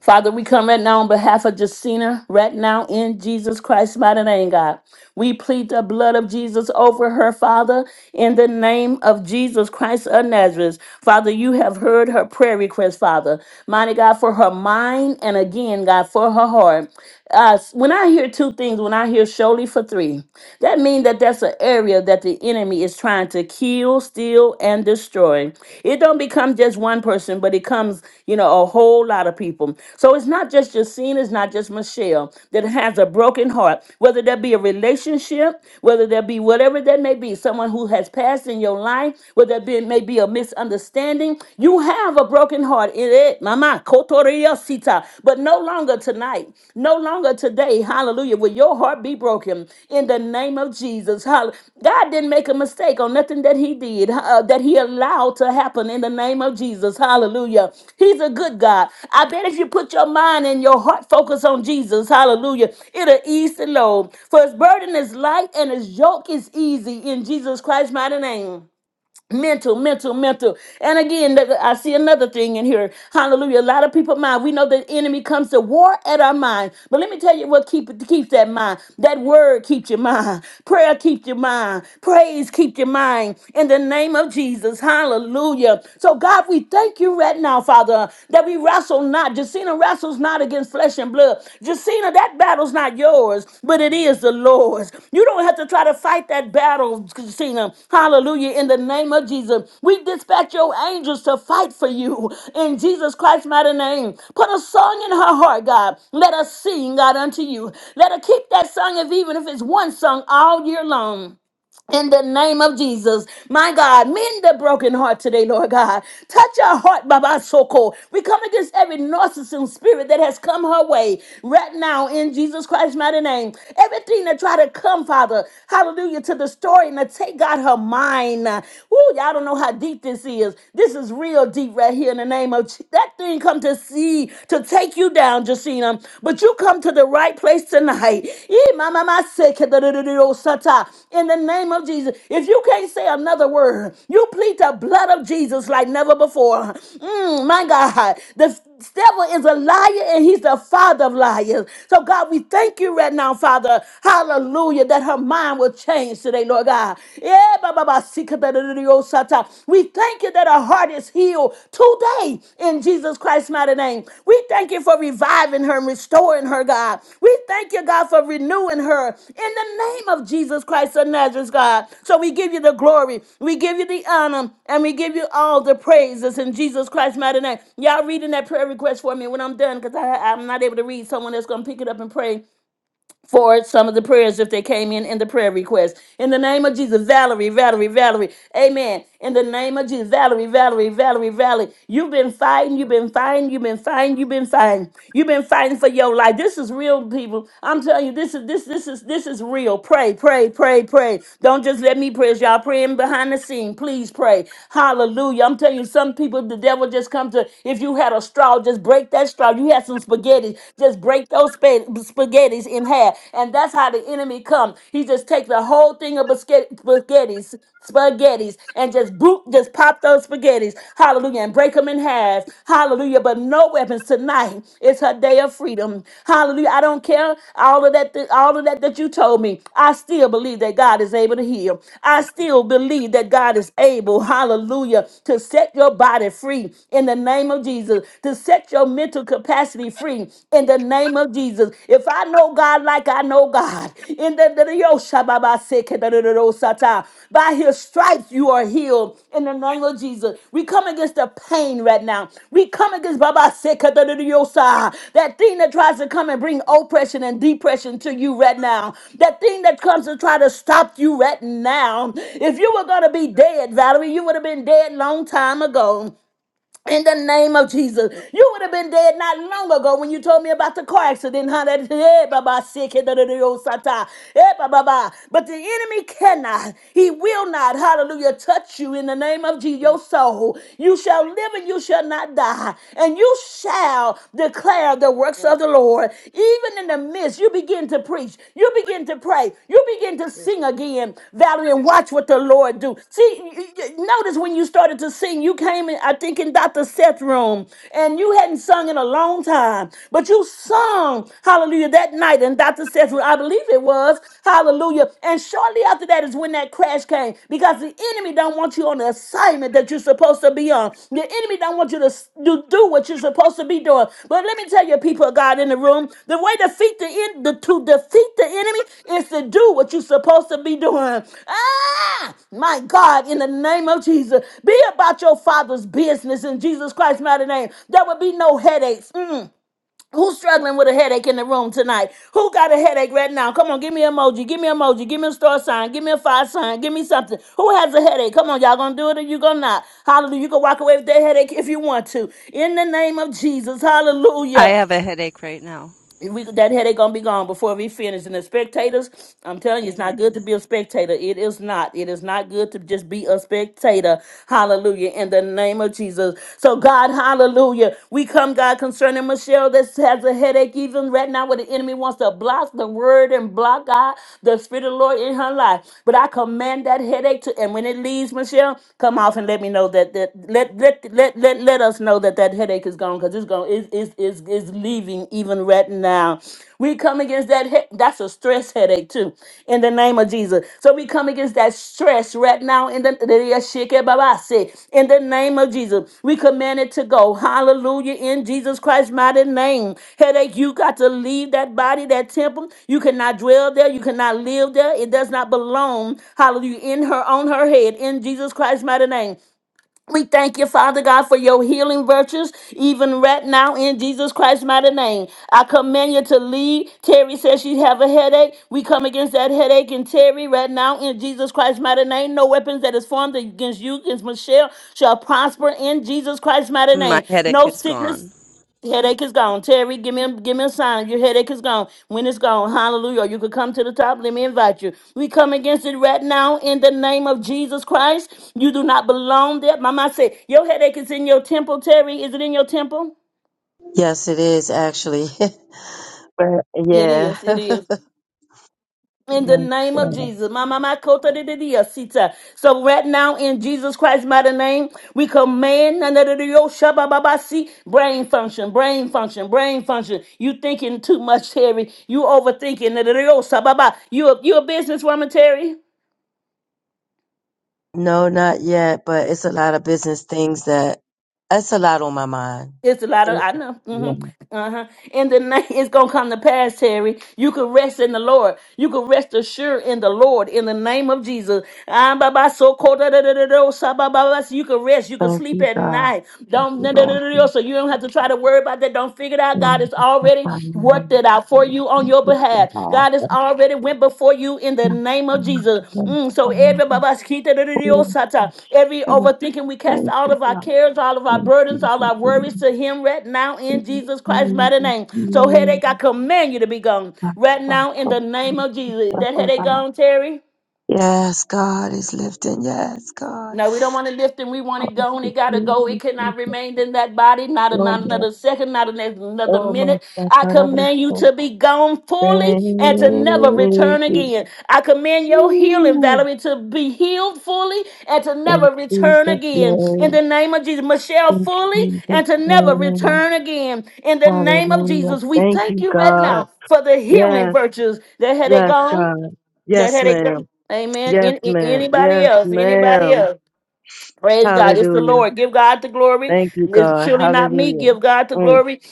Father, we come right now on behalf of Justina, right now in Jesus Christ's mighty name, God. We plead the blood of Jesus over her, Father, in the name of Jesus Christ of Nazareth. Father, you have heard her prayer request, Father. Mighty God, for her mind and again, God, for her heart. Uh, when I hear two things, when I hear surely for three, that means that that's an area that the enemy is trying to kill, steal, and destroy. It don't be it comes just one person, but it comes, you know, a whole lot of people. So it's not just Justine, it's not just Michelle that has a broken heart, whether that be a relationship, whether that be whatever that may be, someone who has passed in your life, whether that be, may be a misunderstanding. You have a broken heart in it, mama, kotoria sita, but no longer tonight, no longer tonight today. Hallelujah. Will your heart be broken in the name of Jesus? Hall- God didn't make a mistake on nothing that He did, uh, that He allowed to happen in the name of Jesus. Hallelujah. He's a good God. I bet if you put your mind and your heart focus on Jesus, hallelujah, it'll ease the load. For His burden is light and His yoke is easy in Jesus Christ's mighty name mental, mental, mental. And again, th- I see another thing in here. Hallelujah. A lot of people mind. We know the enemy comes to war at our mind. But let me tell you what keep, keeps that mind. That word keeps your mind. Prayer keeps your mind. Praise keeps your mind. In the name of Jesus. Hallelujah. So God, we thank you right now, Father, that we wrestle not. Justina wrestles not not against flesh and blood. Justina, that battle's not yours, but it is the Lord's. You don't have to try to fight that battle, Justina. Hallelujah. In the name of Jesus, we dispatch your angels to fight for you in Jesus Christ's mighty name. Put a song in her heart, God. Let us sing, God, unto you. Let her keep that song, if even if it's one song, all year long in the name of Jesus. My God, mend the broken heart today, Lord God. Touch our heart, Baba Soko. We come against every narcissism spirit that has come her way right now in Jesus Christ's mighty name. Everything that try to come, Father, hallelujah, to the story and to take God her mind. Ooh, y'all don't know how deep this is. This is real deep right here in the name of Je- that thing come to see, to take you down down, Jacina. But you come to the right place tonight. Yee, ma, ma, ma, se, ke, da, da, da, da, oh, sata. In the name of Jesus. If you can't say another word, you plead the blood of Jesus like never before. Mm, my God. The devil is a liar and he's the father of liars. So, God, we thank you right now, Father. Hallelujah. That her mind will change today, Lord God. Yeah, ba, ba, ba, se, ke, da, da, da, da, oh, we thank you that our heart is healed today in Jesus Christ's mighty name. We thank you for reviving her and restoring her, God. We thank you, God, for renewing her in the name of Jesus Christ of Nazareth, God. So we give you the glory, we give you the honor, and we give you all the praises in Jesus Christ's mighty name. Y'all reading that prayer request for me when I'm done because I'm not able to read. Someone that's going to pick it up and pray for some of the prayers if they came in in the prayer request. In the name of Jesus, Valerie, Valerie, Valerie. Amen. In the name of Jesus, Valerie, Valerie, Valerie, Valerie. You've been fighting, you've been fighting, you've been fighting, you've been fighting. You've been fighting for your life. This is real people. I'm telling you, this is this this is this is real. Pray, pray, pray, pray. Don't just let me pray. As Y'all praying behind the scene. Please pray. Hallelujah. I'm telling you, some people the devil just come to if you had a straw, just break that straw. You had some spaghetti just break those spa- spaghettis in half. And that's how the enemy come. He just take the whole thing of basket- spaghettis, spaghettis, and just boop, just pop those spaghettis. Hallelujah. And break them in half. Hallelujah. But no weapons tonight. It's her day of freedom. Hallelujah. I don't care all of that, th- all of that that you told me. I still believe that God is able to heal. I still believe that God is able. Hallelujah. To set your body free in the name of Jesus. To set set your mental capacity free in the name of Jesus. If I know God like I know God, in the the- the- yo, shababa, seke, da- da- da- do, sata. by his stripes you are healed in the name of Jesus. We come against the pain right now. We come against Baba seke, da- da- da- yo, sa. that thing that tries to come and bring Thank oppression and depression to you right now. That thing that comes to try to stop you right now. If you were going to be you, dead, Valerie, you would have been dead long time ago in the name of Jesus. thank You would have been dead not long ago when you told me about the car accident, huh? That, eh, baba, sick, eh, da, da, da, yo, sata, eh, ba, ba, ba. But the enemy cannot, he will not, hallelujah, touch you in the name of Jesus, you, thank your you, soul. You shall live and you shall not die, and you shall declare the works of Lord. the Lord. Even in the midst, you begin begin to preach. You begin to pray. You begin to Yes. sing again, Valerie, and watch what the Lord do. See, y- y- notice when you started to sing, you came in, I think, in Dr. Seth's room, and you hadn't sung in a long time, but you sung, hallelujah, that night in Dr. Seth's room. I believe it was, hallelujah. And shortly after that is when that crash came, because the enemy don't want don't want you on the assignment that you're supposed to be on. The enemy don't want you to s- do, do what you're supposed to be doing. But let me tell you, people of God in the room, the way to defeat the, en- the to defeat the enemy is to do what you're supposed to be doing. Ah, my God, in the name of Jesus, be about your father's business in Jesus Christ's mighty name. There will be no headaches. Mm. Who's struggling with a headache in the room tonight? Who got a headache right now? Come on, give me an emoji. Give me an emoji. Give me a star sign. Give me a five sign. Give me something. Who has a headache? Come on, y'all gonna do it or you gonna not? Hallelujah. You can walk away with that headache if you want to. In the name of Jesus. Hallelujah I have a headache right now. we that headache gonna be gone before we finish. And the spectators, I'm telling you, it's Amen. not good to be a spectator. It is not. It is not good to just be a spectator. Hallelujah. In the name of Jesus. So God, hallelujah. We come, God, concerning Michelle that has a headache even right now where the enemy wants to block the word and block God, the spirit of the Lord in her life. But I command that headache to and when it leaves, Michelle, come off and let me know that that let let let let, let us know that that headache mistake is gone because it's gone. it's, it's, it's, it's leaving even right now. We come against that he- that's a stress headache too in the name of Jesus. So we come against that stress right now in the in the name of Jesus. We command it to go. Hallelujah in Jesus Christ's mighty name. Headache, you got to leave that body, that temple. You cannot dwell there. You cannot live there. It does not belong. Hallelujah in her on her head in Jesus Christ's mighty name. We thank you, Father God, for your healing virtues, even right now in Jesus Christ's mighty name. I command you to leave. Terry says she have a headache. We come against that headache and Terry right now in Jesus Christ's mighty name. No weapons that is formed against you, against Michelle, shall prosper in Jesus Christ's mighty My name. headache No is sickness gone. Headache is gone. Terry, give me a, give me a sign. Your headache is gone. When it's gone, hallelujah. You could come to the top. Let me invite you. We come against it right now in the name of Jesus Christ. You do not belong there. Mama said, Your headache is in your temple, Terry. Is it in your temple? Yes, it is actually. But It yeah. is. It is. In the name of Jesus. Ma, my ma, kota de de dia, sita. So right now, in Jesus Christ's mighty name, we command na, na, de, de, yo, shaba, ba, ba, si. brain function, brain function, brain function. You thinking too much, Terry. You overthinking. na, de, de, yo, sa, ba, ba. You a, you a businesswoman, Terry? No, not yet, but it's a lot of business things that that's a lot on my mind. It's a lot of It- I know. hmm yeah. Uh-huh. In the night, it's gonna come to pass, Terry. You can rest in the Lord. You can rest assured in the Lord in the name of Jesus. Ah, ba, ba, so, ko, da, da, da, da, do, sa, ba, ba, ba. So You can rest. You can Thank sleep you, at God. night. Thank Don't you, da, da, da, Lord. da, Thank da, so you don't have to try to worry about that. Don't figure it out. you, God Lord. Thank has you, already Lord. worked it out for you before you on your Thank you, behalf. God has God. already went before you in the name of Thank you, Jesus. God. Mm, so every babaskita da da da yo sata, every Thank you, God. Thank you. God. Thank you. God. overthinking, we cast Thank all of our cares, all of our burdens, all our worries to Him right now you. in God. Jesus Christ's mighty Thank name. So you, God. headache, I command you to be gone right now in the name of Jesus. That headache gone, Terry? Yes, God is lifting. Yes, God. No, we don't want to lift him. We want it gone. It got to go. It cannot remain in that body, not, a, Oh, not yes. another second, not an- another Oh, my minute. I command you God. to be gone fully and to never Thank return you. again. I command your healing, Ooh. Valerie, to be healed fully and to never In return Jesus' again. In the name. name of Jesus, Michelle, In fully Jesus' and to never name. return again. In the name of Hallelujah. Jesus, we Thank thank you, you right God. now for the healing Yes, virtues that had they yes, gone, God. that Yes, had they gone. ma'am. Amen. Yes, An- ma'am. anybody Yes, else? Anybody ma'am. else? Praise God. It's the Hallelujah. Lord. Give God the glory. Thank you, It's God. surely not me. Hallelujah. Give God the Mm. glory.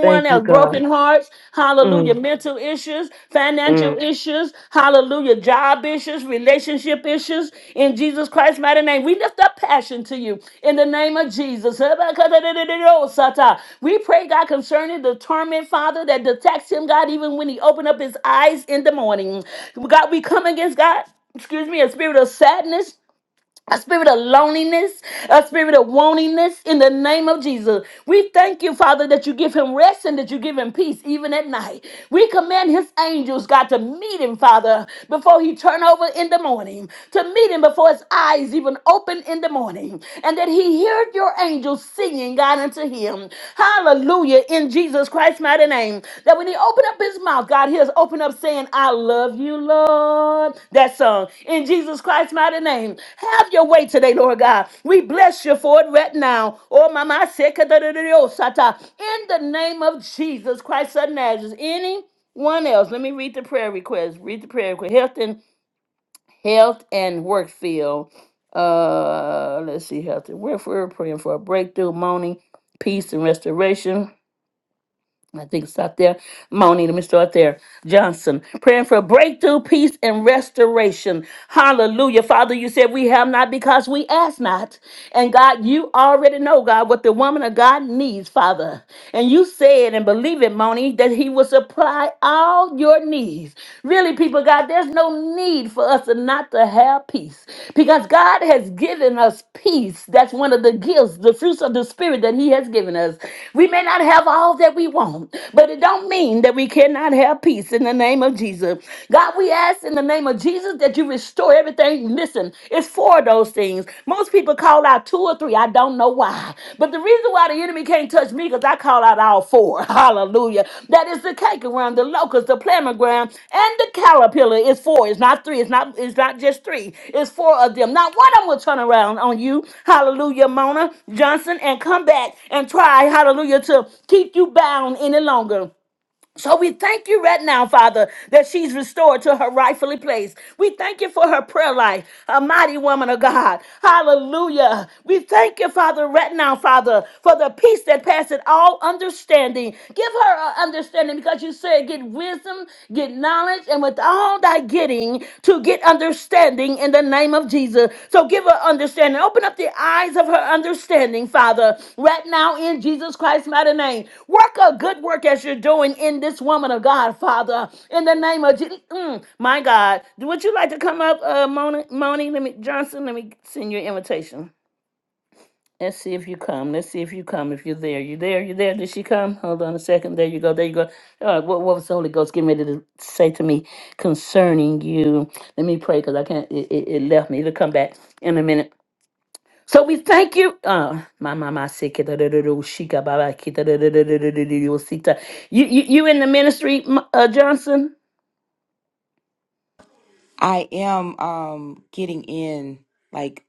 Thank you, else, God. broken hearts, hallelujah, Mm, mental issues, financial mm. issues, hallelujah, job issues, relationship issues, in Jesus Christ's mighty name. We lift up passion to you in the name of Jesus. We pray, God, concerning the torment, Father, that detects him, God, even when he opened up his eyes in the morning. God, we come against God, excuse me, a spirit of sadness a spirit of loneliness, a spirit of wantingness in the name of Jesus. We thank you, Father, that you give him rest and that you give him peace even at night. We command his angels, God, to meet him, Father, before he turn over in the morning, to meet him before his eyes even open in the morning, and that he heard your angels singing, God, unto him to him. Hallelujah. In Jesus Christ's mighty name. That when he opened up his mouth, God hears open up saying, I love you, Lord. That song. In Jesus Christ's mighty name. Have your way today, Lord God. We bless you for it right now. Oh, mama, I in the name of Jesus Christ of Nazareth. anyone else. Let me read the prayer request. Read the prayer request. Health health and work field. Uh, let's see, health and work field. Praying for a breakthrough, moaning, peace and restoration. I think it's out there. Moaning, let me start there. Johnson, praying for breakthrough, peace, and restoration. Hallelujah. Father, you said we have not because we ask not. And God, you already know, God, what the woman of God needs, Father. And you said and believe it, Moni, that he will supply all your needs. Really, people, God, there's no need for us to not to have peace because God has given us peace. That's one of the gifts, the fruits of the spirit that he has given us. We may not have all that we want, but it don't mean that we cannot have peace in the name of Jesus. God, we ask in the name of Jesus that you restore everything. Listen, Listen, it's four of those things. Most people call out two or three. I don't know why. But the reason why the enemy can't touch me because I call out all four. Hallelujah. That is the cake around, the locust, the plamagram, and the caterpillar. It's four. It's not three. It's not it's not just three. It's four of them. Not one of them will turn around on you. Hallelujah, Mona Johnson, and come back and try, hallelujah, to keep you bound any longer. So we thank you right now, Father, that she's restored to her rightfully place. We thank you for her prayer life, a mighty woman of God. Hallelujah. We thank you, Father, right now, Father, for the peace that passeth all understanding. Give her an understanding because you said, get wisdom, get knowledge, and with all thy getting, to get understanding in the name of Jesus. So give her understanding. Open up the eyes of her understanding, Father, right now in Jesus Christ's mighty name. Work a good work as you're doing in this woman of God, Father, in the name of Jesus. my God. Would you like to come up, uh, Moni, Moni? Let me, Johnson, let me send you an invitation. Let's see if you come. Let's see if you come. If you're there, you there, you there. Did she come? Hold on a second. There you go. There you go. All right. What, what was the Holy Ghost getting ready to say to me concerning you? Let me pray because I can't. It, it, it left me. It'll come back in a minute. So we thank you. Uh, my mama said, "Kita da da da, shika ba kita da da da da da da da, osita." You you you in the ministry, M- uh, Johnson? I am um getting in like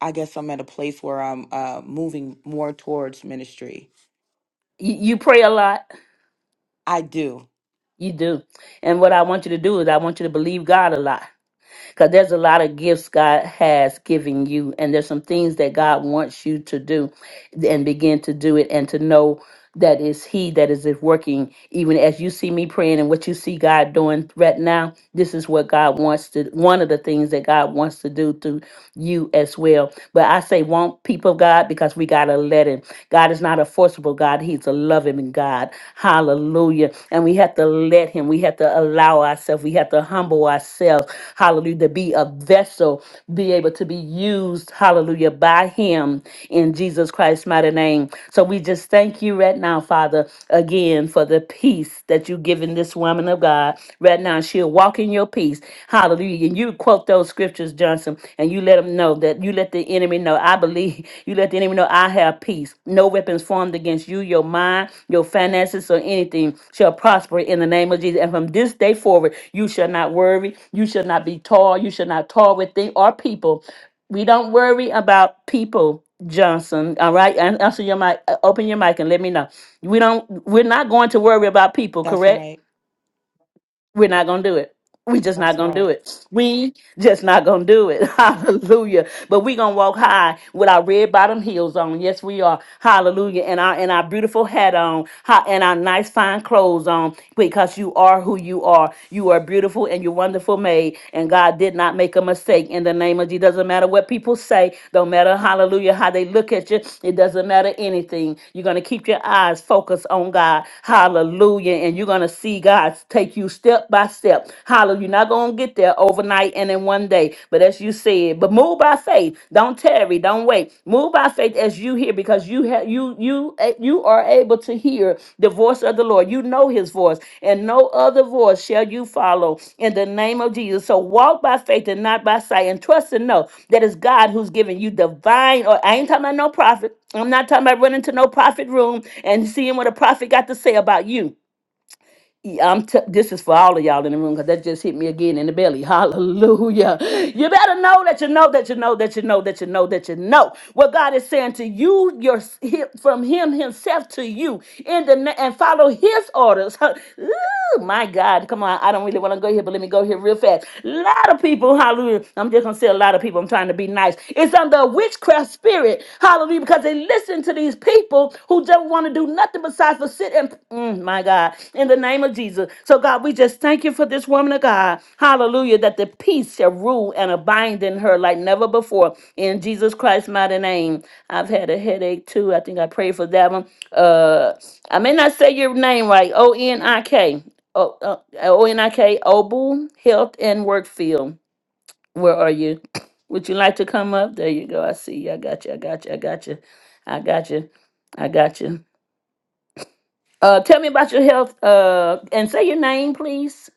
I guess I'm at a place where I'm uh moving more towards ministry. You, you pray a lot. I do. You do. And what I want you to do is I want you to believe God a lot. because there's a lot of gifts God has given you, and there's some things that God wants you to do and begin to do it and to know that is he that is working even as you see me praying and what you see god doing right now this is what god wants to one of the things that god wants to do through you as well but i say won't people of god because we gotta let him god is not a forcible god he's a loving god hallelujah Hallelujah. And we have to let Him, we have to allow ourselves, we have to humble ourselves. Hallelujah. To be a vessel, be able to be used. Hallelujah. By Him in Jesus Christ's mighty name. So we just thank you right now, Father, again for the peace that you've given this woman of God. Right now, she'll walk in your peace Hallelujah. And you quote those scriptures, Johnson, and you let them know that you let the enemy know. I believe you let the enemy know I have peace. No weapons formed against you, your mind, your finances, or anything shall prosper in the name of Jesus. And from this day forward, you shall not worry. You shall not be tall. You shall not tall with things or people. We don't worry about people. Johnson, all right, and answer your mic. uh, Open your mic and let me know. We don't. We're not going to worry about people, That's correct? right. We're not gonna do it. We just That's not gonna right. do it. We just not gonna do it. Hallelujah. But we gonna walk high with our red bottom heels on. Yes, we are. Hallelujah. And our and our beautiful hat on. Ha- And our nice fine clothes on because you are who you are. You are beautiful and you're wonderful made. And God did not make a mistake in the name of Jesus. Doesn't matter what people say, don't matter hallelujah how they look at you. It doesn't matter anything. You're gonna keep your eyes focused on God. Hallelujah. And you're gonna see God take you step by step. Hallelujah. You're not gonna get there overnight and in one day. But as you said, but move by faith faith. Don't tarry. Don't wait. Move by faith as you hear, because you have you you eh, you are able to hear the voice of the Lord. You know His voice, and no other voice shall you follow. In the name of Jesus, so walk by faith and not by sight, and trust and know that it's God who's giving you divine. Or I ain't talking about no prophet. I'm not talking about running to no prophet room and seeing what a prophet got to say about you. Yeah, I'm t- this is for all of y'all in the room because that just hit me again in the belly. Hallelujah. You better know that you know that you know that you know that you know that you know what God is saying to you, your, from Him Himself to you, in the na- and follow His orders. Woo, my God, come on. I don't really want to go here, but let me go here real fast. A lot of people, hallelujah. I'm just going to say a lot of people. I'm trying to be nice. It's under a witchcraft spirit, hallelujah, because they listen to these people who don't want to do nothing besides for sit and, mm, my God, in the name of Jesus. So, God, we just thank you for this woman of God, hallelujah, that the peace shall rule and abide in her like never before. In Jesus Christ's mighty name. I've had a headache too. I think I prayed for that one. Uh, I may not say your name right. O N I K. O uh, O N I K Obu Health and Workfield. Where are you? Would you like to come up? There you go. I see you. I got you. I got you. I got you. I got you. I got you. Uh, tell me about your health. Uh, and say your name, please.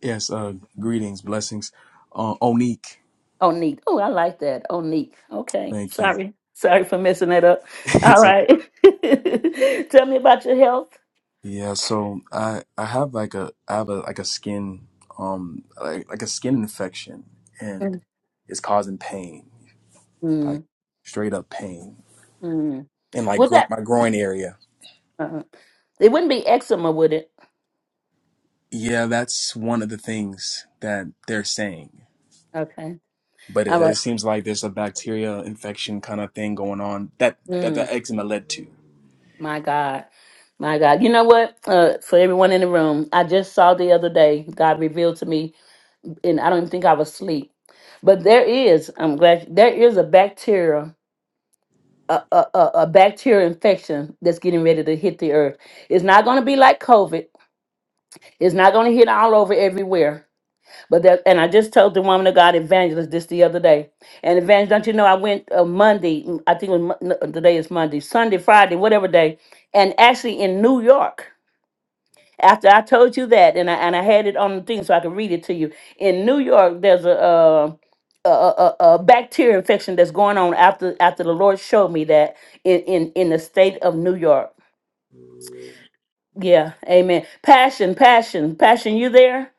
Yes, uh, greetings, blessings. Uh, Onique, Onique. Oh, I like that. Onique. Okay. thank you. Sorry. Sorry for messing that up. All It's okay. right. tell me about your health. Yeah, so I I have like a I have a like a skin um like like a skin infection and Mm, it's causing pain, like mm, straight up pain mm. in like Was gro- that? my groin area. uh It wouldn't be eczema, would it? Yeah, that's one of the things that they're saying. Okay. But it, All right. it seems like there's a bacteria infection kind of thing going on that that Mm. the eczema led to. My God. My God. You know what? Uh, for everyone in the room, I just saw the other day, God revealed to me, and I don't even think I was asleep. But there is, I'm glad, there is a bacteria, a, a, a a bacterial infection that's getting ready to hit the earth. It's not going to be like COVID, it's not going to hit all over everywhere. But that, and I just told the woman of God evangelist this the other day. And evangelist, don't you know, I went uh, Monday, I think it was, Mon- no, today is Monday, Sunday, Friday, whatever day, and actually in New York. After I told you that, and I and I had it on the thing so I could read it to you. In New York, there's a uh, a, a, a a bacteria infection that's going on after after the Lord showed me that in in in the state of New York. Yeah, Amen. Passion, passion, passion. You there?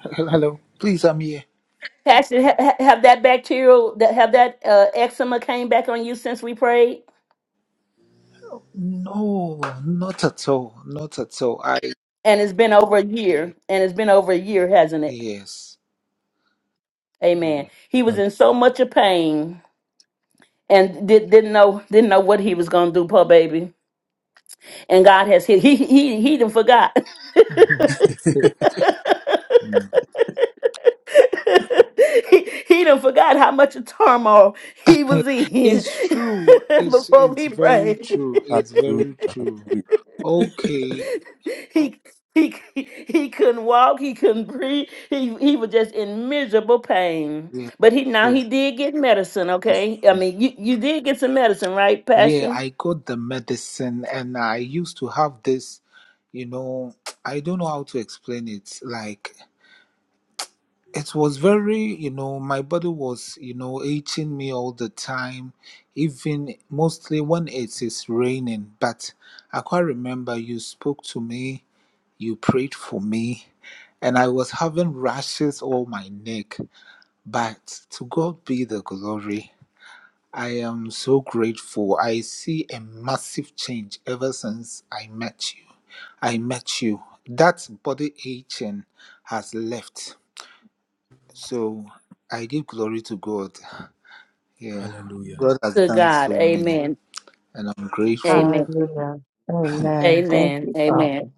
Hel- Hello, please, I'm here. Passion. Ha- ha- have that bacterial that have that uh, eczema came back on you since we prayed, No, not at all. Not at all. I, and it's been over a year, and it's been over a year, hasn't it? yes. I Amen. He was in so much of pain and did, didn't know didn't know what he was gonna do, poor baby. And God has he he he, he done forgot. know. Mm. he, he done forgot how much of turmoil he was in it's true. It's, before it's we very prayed. true. It's Hallelujah, very true. hallelujah, Okay. he he he couldn't walk, he couldn't breathe, he he was just in miserable pain. Yeah, But he now true. he did get medicine, It's okay? I true. mean you, you did get some medicine, right? Yeah, Passion I got the medicine and I used to have this, you know, I don't know how to explain it. Like, it was very you know my body was you know itching me all the time even mostly when it is raining but i quite remember you spoke to me you prayed for me and i was having rashes all my neck but to god be the glory i am so grateful i see a massive change ever since i met you i met you that body itching has left so I give glory to God. Yeah. hallelujah. God has to done God. so many, Amen. and I'm grateful. Hallelujah. Amen. Thank Amen. you, Father, Amen.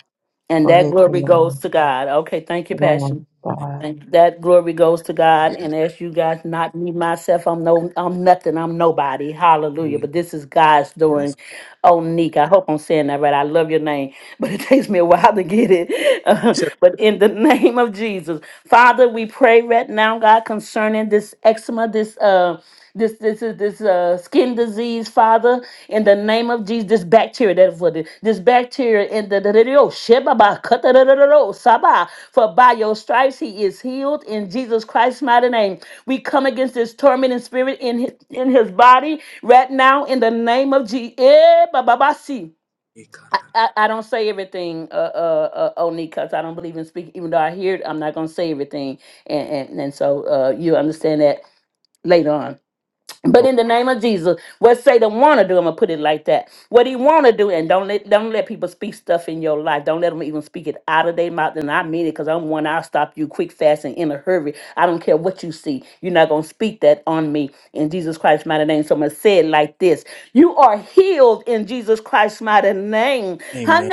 And for that his glory goes healing. to God. Okay, thank you, Yes, Passion. God. Thank that glory goes to God. Yeah. And as you guys, not me myself, I'm no, I'm nothing. I'm nobody. Hallelujah. But this is God's doing. Oh, Nick, I hope I'm saying that right. I love your name, but it takes me a while to get You it. said but in the name of Jesus, Father, we pray right now, God, concerning this eczema, this uh this this is this uh skin disease father in the name of jesus this bacteria that for the, this bacteria in the, the, the, the oh, shebaba, kata, da, da, da, da, Oh, saba. for by your stripes he is healed in jesus christ's mighty name we come against this tormenting spirit in his in his body right now in the name of jesus I, I, I don't say everything, uh, uh, uh, only because I don't believe in speaking. Even though I hear it, I'm not gonna say everything, and and, and so uh, you understand that later on. But Oh, in the name of Jesus, what Satan wanna do, I'm gonna put it like that. What he wanna do, and don't let don't let people speak stuff in your life. Don't let them even speak it out of their mouth. And I mean it, cause I'm one. I'll stop you quick, fast, and in a hurry. I don't care what you see. You're not gonna speak that on me in Jesus Christ's mighty name. So I'm gonna say it like this: You are healed in Jesus Christ's mighty name. amen.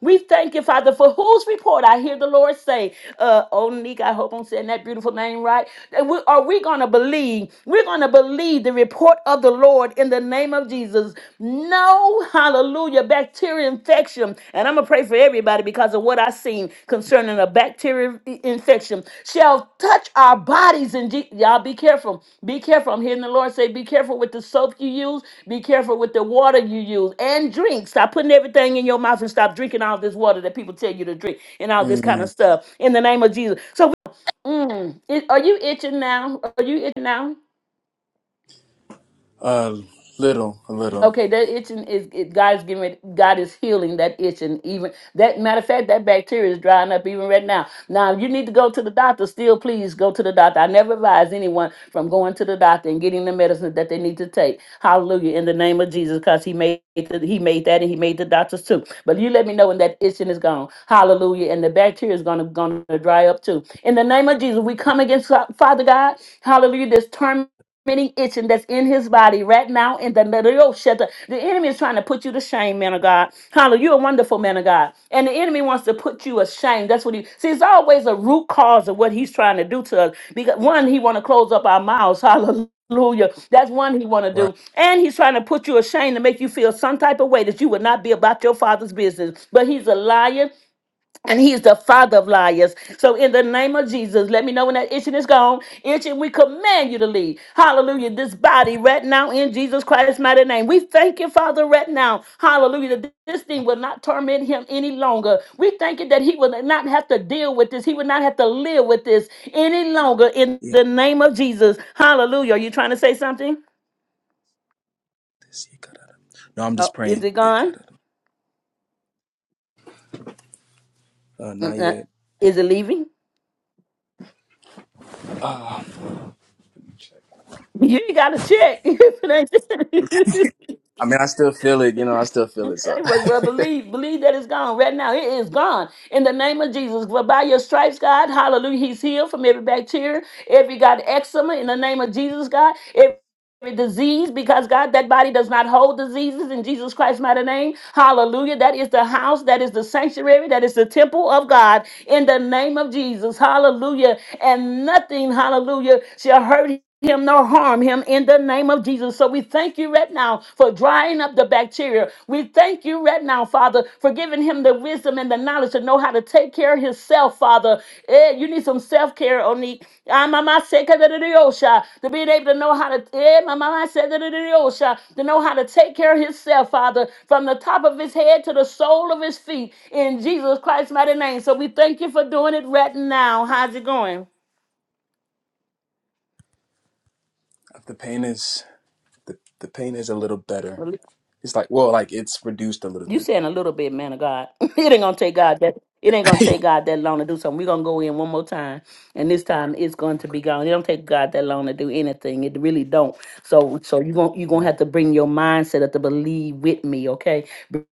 We thank you, Father, for whose report I hear the Lord say. Uh, oh, Nick, I hope I'm saying that beautiful name right. And we, Are we? we're going to believe. We're going to believe the report of the Lord in the name of Jesus. No, hallelujah, bacteria infection. And I'm going to pray for everybody because of what I've seen concerning a bacteria i- infection shall touch our bodies. And y'all be careful. Be careful. I'm hearing the Lord say, be careful with the soap you use. Be careful with the water you use and drink. Stop putting everything in your mouth and stop drinking all this water that people tell you to drink and all this kind of Mm, stuff in the name of Jesus. So Mm. It, are you itching now? Are you itching now? a little, a little. Okay, that itching is it, God's giving it, God is healing that itching. Even that matter of fact, that bacteria is drying up even right now. Now if you need to go to the doctor. Still, please go to the doctor. I never advise anyone from going to the doctor and getting the medicine that they need to take. Hallelujah! In the name of Jesus, because He made the, He made that and He made the doctors too. But you let me know when that itching is gone. Hallelujah! And the bacteria is gonna gonna dry up too. In the name of Jesus, we come against Father God. Hallelujah! This term tormenting itching that's in his body right now in the middle shelter. The enemy is trying to put you to shame, man of God. Hallelujah. You're a wonderful man of God. And the enemy wants to put you ashamed. That's what he see, it's always a root cause of what he's trying to do to us. Because one, he want to close up our mouths. Hallelujah. Hallelujah. That's one he want to Right. do. And he's trying to put you ashamed to make you feel some type of way that you would not be about your father's business. But he's a liar. And he's the father of liars. So in the name of Jesus, let me know when that itching is gone. Itching, we command you to leave. Hallelujah. This body right now in Jesus Christ's mighty name. We thank you, Father, right now. Hallelujah. That this thing will not torment him any longer. We thank you that he will not have to deal with this. He will not have to live with this any longer in the name of Jesus. Hallelujah. Are you trying to say something? No, I'm Oh, just is praying. it gone? Uh, Uh, not uh, yet. Is it leaving? Uh, You got to check. I mean, I still feel it. You know, I still feel it. So Okay, well, well, believe, believe that it's gone right now. It is gone in the name of Jesus. For by your stripes, God, hallelujah, He's healed from every bacteria, every God eczema in the name of Jesus, God every disease because God, that body does not hold diseases in Jesus Christ's mighty name. Hallelujah. That is the house, that is the sanctuary, that is the temple of God in the name of Jesus. Hallelujah. And nothing, hallelujah, shall hurt him nor harm him in the name of Jesus. So we thank you right now for drying up the bacteria. We thank you right now, Father, for giving him the wisdom and the knowledge to know how to take care of himself, Father. Eh, you need some self care, Oni. Ah, mama said, "Kada da da yosha," To being able to know how to, eh, my mama said, "Da da da yosha," to know how to take care of himself, Father, from the top of his head to the sole of his feet, in Jesus Christ's mighty name. So we thank you for doing it right now. How's it going? the pain is the, the pain is a little better. It's like well, like it's reduced a little You bit. saying a little bit, man of God. it ain't gonna take God that it ain't gonna take God that long to do something. We're gonna go in one more time and this time it's going to be okay. gone. It don't take God that long to do anything. It really don't. So so you're gonna you're gonna Amen. have to bring your mindset up to believe with me, okay?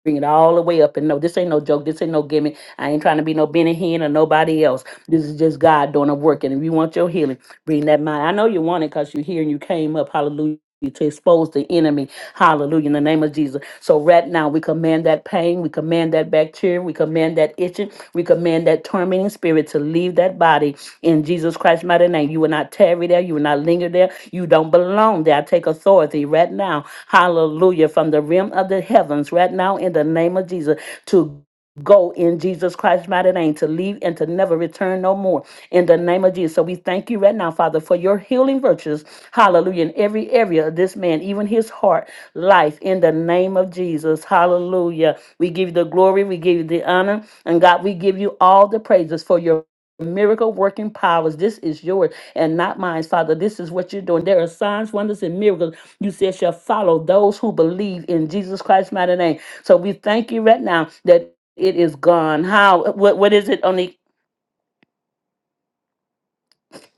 Bring it all the way up and no, this ain't no joke, this ain't no gimmick. I ain't trying to be no Benny Hinn or nobody else. This is just God doing a work. And if you want your healing, bring that mind. I know you want it because you're here and you came up, hallelujah, to expose the enemy Hallelujah. In the name of Jesus. So right now we command that pain, we command that bacteria, we command that itching, we command that tormenting spirit to leave that body in Jesus Christ's mighty name. You will not tarry there, you will not linger there, you don't belong there. I take authority right now. Hallelujah. From the rim of the heavens, right now, in the name of Jesus, to go in Jesus Christ's mighty name to leave and to never return no more in the name of Jesus. So we thank you right now, Father, for your healing virtues. Hallelujah. In every area of this man, even his heart life in the name of Jesus. Hallelujah. We give you the glory, we give you the honor, and God, we give you all the praises for your miracle working powers. This is yours and not mine, Father. This is what you're doing. There are signs, wonders, and miracles you said shall follow those who believe in Jesus Christ's mighty name. So we thank you right now that it is gone. How what what is it, Onique?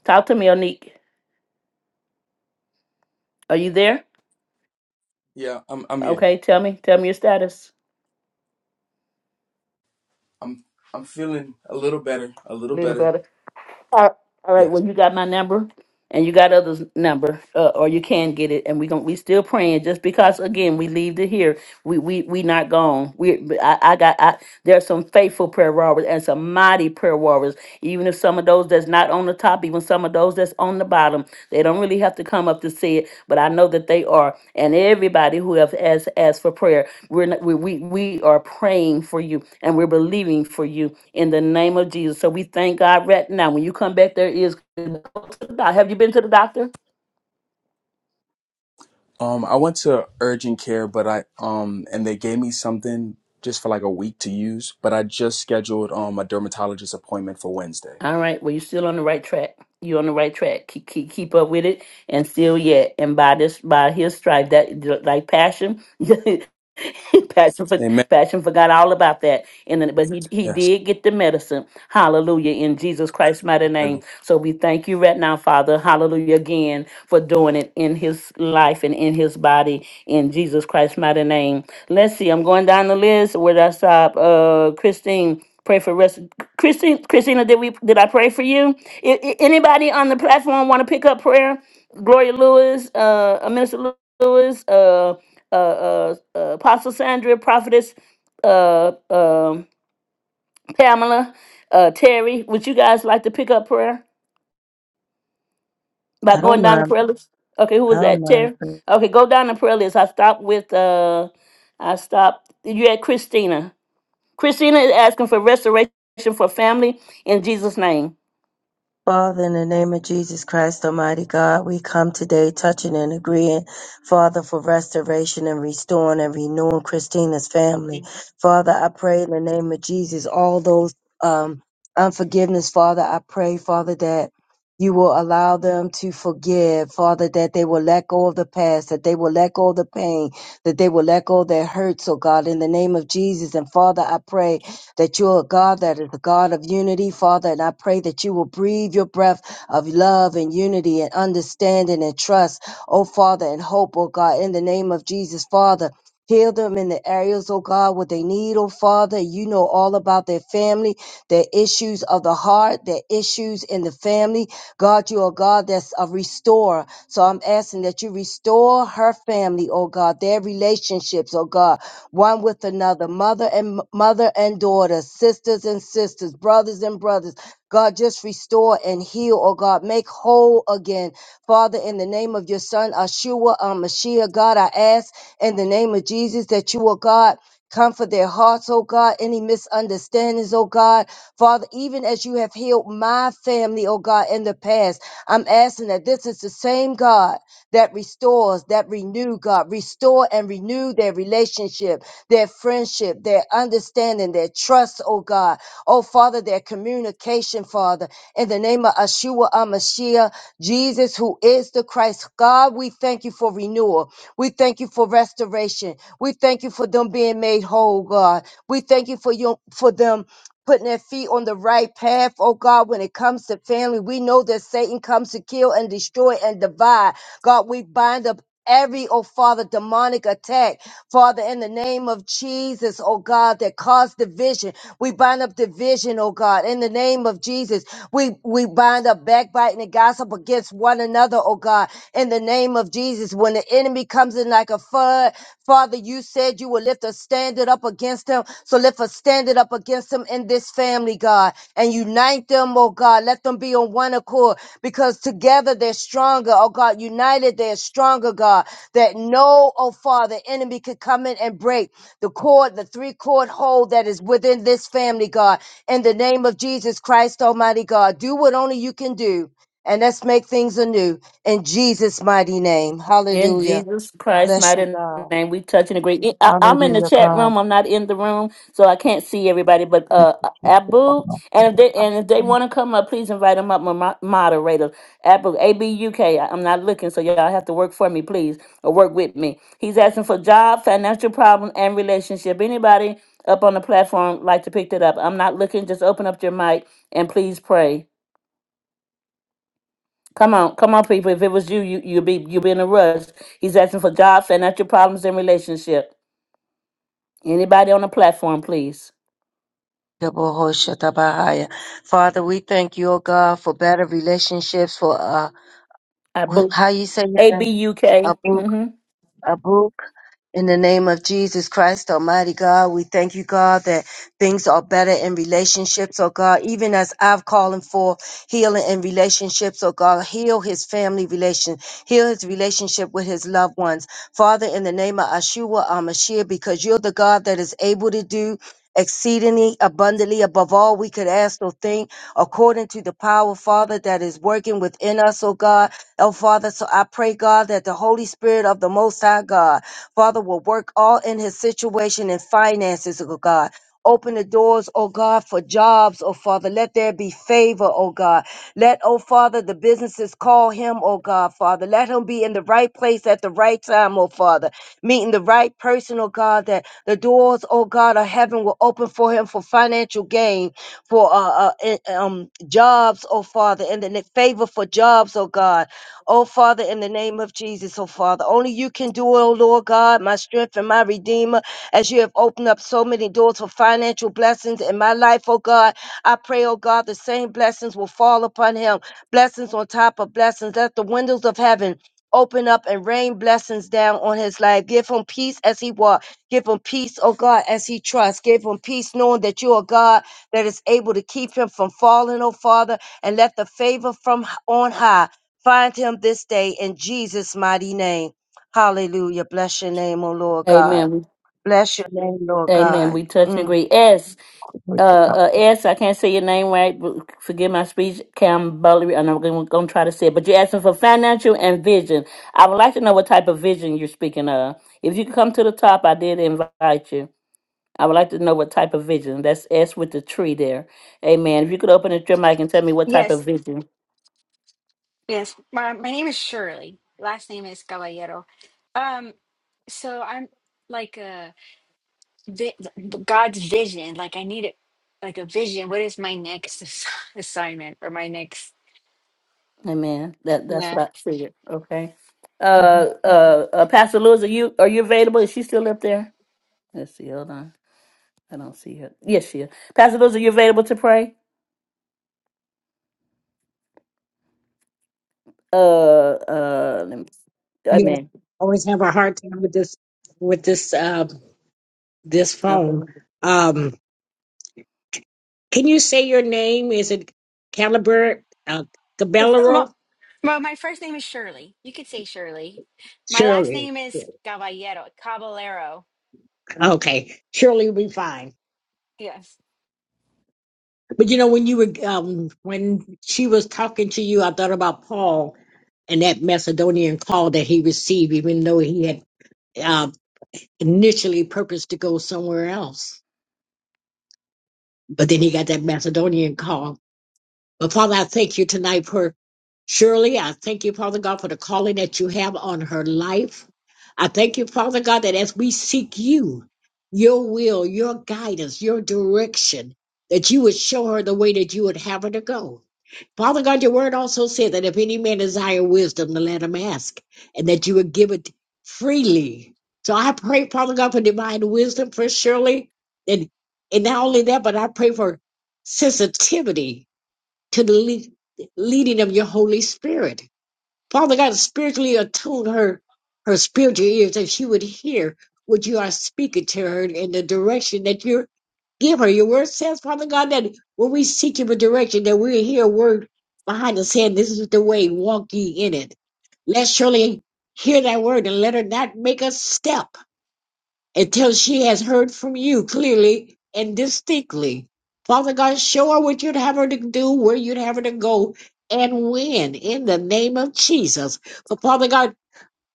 Talk to me, Onique. Are you there? Yeah, I'm I'm here. Okay, tell me. Tell me your status. I'm I'm feeling a little better. A little Little better. better. All all right. Yes. Well, you got my number, and you got others' number, uh, or you can get it. And we gon' we still praying. Just because again we leave to here, we we we not gone. We but I, I got I, there's some faithful prayer warriors and some mighty prayer warriors. Even if some of those that's not on the top, even some of those that's on the bottom, they don't really have to come up to see it. But I know that they are. And everybody who have asked asked for prayer, we're not, we we we are praying for you, and we're believing for you in the name of Jesus. So we thank God right now. When you come back, there is go to the doc- Have you been to the doctor? Um, I went to urgent care, but I um, and they gave me something just for like a week to use. But I just scheduled um a dermatologist appointment for Wednesday. All right. Well, you're still on the right track. You're on the right track. Keep keep, keep up with it, and still yet. And by this, by His stripe, that like passion, passion for Amen. passion forgot all about that. And then, but he he Yes. did get the medicine. Hallelujah! In Jesus Christ's mighty name. So we thank you right now, Father. Hallelujah again for doing it in His life and in His body. In Jesus Christ's mighty name. Let's see. I'm going down the list. Where did I stop? Uh, Christine. Pray for restoration. Christine, Christina, did we did I pray for you? I- I- anybody on the platform want to pick up prayer? Gloria Lewis, uh, uh, Minister Lew- Lewis, uh, uh, uh, uh, Apostle Sandra, Prophetess uh, um Pamela, uh, Terry. Would you guys like to pick up prayer by I going don't down the mind. prayer list? Okay, who I was don't that? Terry. mind. Okay, go down the prayer list. I stopped with uh, I stopped. You had Christina. Christina is asking for restoration for family in Jesus' name. Father, in the name of Jesus Christ, Almighty God, we come today touching and agreeing, Father, for restoration and restoring and renewing Christina's family. Father, I pray in the name of Jesus, all those um, unforgiveness, Father, I pray, Father, that you will allow them to forgive, Father, that they will let go of the past, that they will let go of the pain, that they will let go of their hurts, oh God, in the name of Jesus. And Father, I pray that you're a God that is a God of unity, Father. And I pray that you will breathe your breath of love and unity and understanding and trust, oh Father, and hope, oh God, in the name of Jesus, Father. Heal them in the areas, oh God, what they need, oh Father. You know all about their family, their issues of the heart, their issues in the family. God, you are God that's a restorer. So I'm asking that you restore her family, oh God, their relationships, oh God one with another, mother and mother and daughter, sisters and sisters, brothers and brothers. God, just restore and heal, oh God, make whole again. Father, in the name of your son, Ashua, uh, Mashiach, God, I ask in the name of Jesus that you, oh God, comfort their hearts, oh God, any misunderstandings, oh God. Father, even as you have healed my family, oh God, in the past, I'm asking that this is the same God that restores, that renew, God, restore and renew their relationship their friendship, their understanding, their trust, oh God. Oh Father, their communication, Father. In the name of Ashua Amashiach, Jesus, who is the Christ. God, we thank you for renewal. We thank you for restoration. We thank you for them being made whole, God. We thank you for you for them putting their feet on the right path, oh God, when it comes to family. We know that Satan comes to kill and destroy and divide. God, we bind up every, oh Father, demonic attack. Father, in the name of Jesus, oh God, that caused division. We bind up division, oh God, in the name of Jesus. Jesus. We we bind up backbiting and gossip against one another, oh God, in the name of Jesus. When the enemy comes in like a flood, Father, you said you would lift a standard up against him. So lift a standard up against him in this family, God, and unite them, oh God. Let them be on one accord because together they're stronger, oh God. United, they're stronger, God. That no, oh Father, enemy could come in and break the cord, the three cord hold that is within this family, God in the name of Jesus Christ, Almighty God. Do what only you can do, and let's make things anew in Jesus' mighty name. In Hallelujah. Jesus Christ's Bless you, mighty God. name, we touch and agree. I, I'm in the Hallelujah, chat God. room. I'm not in the room, so I can't see everybody. But uh, Abu, and if they and if they want to come up, please invite them up, my mo- moderator. Abu, A B U K. I- I'm not looking, so y'all have to work for me, please, or work with me. He's asking for job, financial problem, and relationship. Anybody up on the platform like to pick that up? I'm not looking. Just open up your mic and please pray. Come on, come on, people. If it was you, you you'd be you'd be in a rush. He's asking for job, financial problems, and relationship. Anybody on the platform, please. Yebohoshatabahaya. Father, we thank you, O God, for better relationships, for uh, I wh- boo how you say A B your U K. name, Mm-hmm. Abu, In the name of Jesus Christ, Almighty God, we thank you, God, that things are better in relationships, oh God. Even as I've calling for healing in relationships, oh God, heal his family relation, heal his relationship with his loved ones. Father, in the name of Ashua Amashia, because you're the God that is able to do exceedingly abundantly above all we could ask or think according to the power father that is working within us oh god oh father so i pray god that the holy spirit of the most high god Father, will work all in his situation and finances, oh God. Open the doors, oh God, for jobs, oh Father. Let there be favor, oh God. Let, oh Father, the businesses call him, oh God, Father. Let him be in the right place at the right time, oh Father. Meeting the right person, oh God, that the doors, oh God, of heaven will open for him for financial gain, for uh, uh eh, um jobs, oh Father, and then the favor for jobs, oh God Oh, Father, in the name of Jesus, oh, Father, only you can do it, oh, Lord God, my strength and my redeemer, as you have opened up so many doors for financial blessings in my life, oh, God. I pray, oh, God, the same blessings will fall upon him, blessings on top of blessings. Let the windows of heaven open up and rain blessings down on his life. Give him peace as he walks. Give him peace, oh God, as he trusts. Give him peace knowing that you are God that is able to keep him from falling, oh Father, and let the favor from h- on high Find him this day in Jesus' mighty name. Hallelujah. Bless your name, O Lord God. Amen. Bless your name, Lord Amen. God. We touch and Mm. agree. S. Uh, Glory to God. uh, S. I can't say your name right. but Forgive my speech. Cam Butler. And I'm going to try to say it. But you're asking for financial and vision. I would like to know what type of vision you're speaking of. If you could come to the top, I did invite you. I would like to know what type of vision. That's S with the tree there. Amen. If you could open up your mic and tell me what type Yes. of vision. Yes, my, my name is Shirley. Last name is Caballero. Um, so I'm like a vi- God's vision. Like I need it, like a vision. What is my next ass- assignment or my next? Amen. That that's Yeah. what I figured. Okay. Mhm. Uh, uh, uh, Pastor Lewis, are you are you available? Is she still up there? Let's see. Hold on. I don't see her. Yes, she is. Pastor Lewis, are you available to pray? Uh, uh. Let me, Yes, amen. I always have a hard time with this, with this, uh, this Okay. phone. Um, can you say your name? Is it Caliber, uh, Caballero? Well, well, my first name is Shirley. You could say Shirley. My last Shirley. name is Caballero. Caballero. Okay, surely we'll be fine. Yes. But you know, when you were um, when she was talking to you, I thought about Paul and that Macedonian call that he received, even though he had uh, initially purposed to go somewhere else, but then he got that Macedonian call. But Father, I thank you tonight for Shirley. I thank you, Father God, for the calling that you have on her life. I thank you, Father God, that as we seek you, your will, your guidance, your direction, that you would show her the way that you would have her to go. Father God, your word also said that if any man desire wisdom, to let him ask, and that you would give it freely. So I pray, Father God, for divine wisdom for Shirley, and and not only that, but I pray for sensitivity to the lead, leading of your Holy Spirit. Father God, spiritually attune her, her spiritual ears that she would hear what you are speaking to her in the direction that you give her. Your word says, Father God, that when we seek you for direction, that we hear a word behind us saying, This is the way, walk ye in it. Let Shirley hear that word and let her not make a step until she has heard from you clearly and distinctly. Father God, show her what you'd have her to do, where you'd have her to go, and when, in the name of Jesus. But Father God,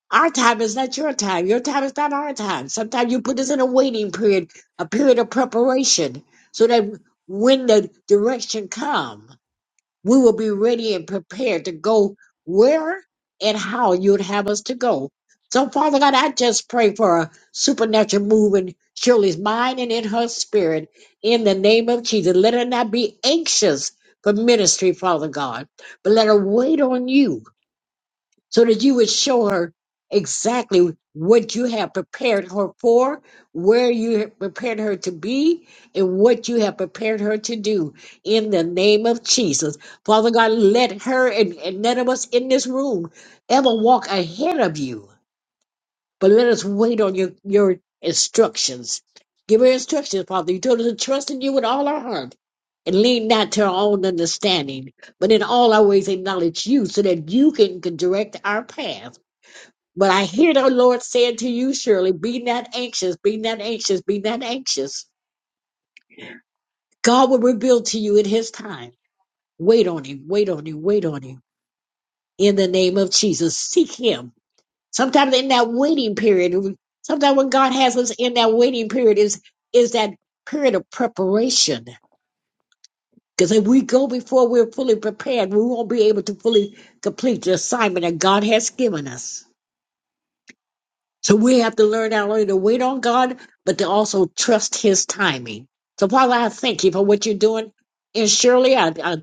our time is not your time. Your time is not our time. Sometimes you put us in a waiting period, a period of preparation, so that when the direction comes, we will be ready and prepared to go where and how you'd have us to go. So, Father God, I just pray for a supernatural move in Shirley's mind and in her spirit in the name of Jesus. Let her not be anxious for ministry, Father God, but let her wait on you so that you would show her exactly what you have prepared her for, where you have prepared her to be, and what you have prepared her to do in the name of Jesus. Father God, let her and, and none of us in this room ever walk ahead of you, but let us wait on your, your instructions. Give her instructions, Father. You told us to trust in you with all our heart and lean not to our own understanding, but in all our ways acknowledge you so that you can can direct our path. But I hear the Lord saying to you, Shirley, be not anxious, be not anxious, be not anxious. God will reveal to you in his time. Wait on him, wait on him, wait on him. In the name of Jesus, seek him. Sometimes in that waiting period, sometimes when God has us in that waiting period is is that period of preparation. Because if we go before we're fully prepared, we won't be able to fully complete the assignment that God has given us. So we have to learn not only to wait on God, but to also trust His timing. So, Father, I thank you for what you're doing. And surely, I, I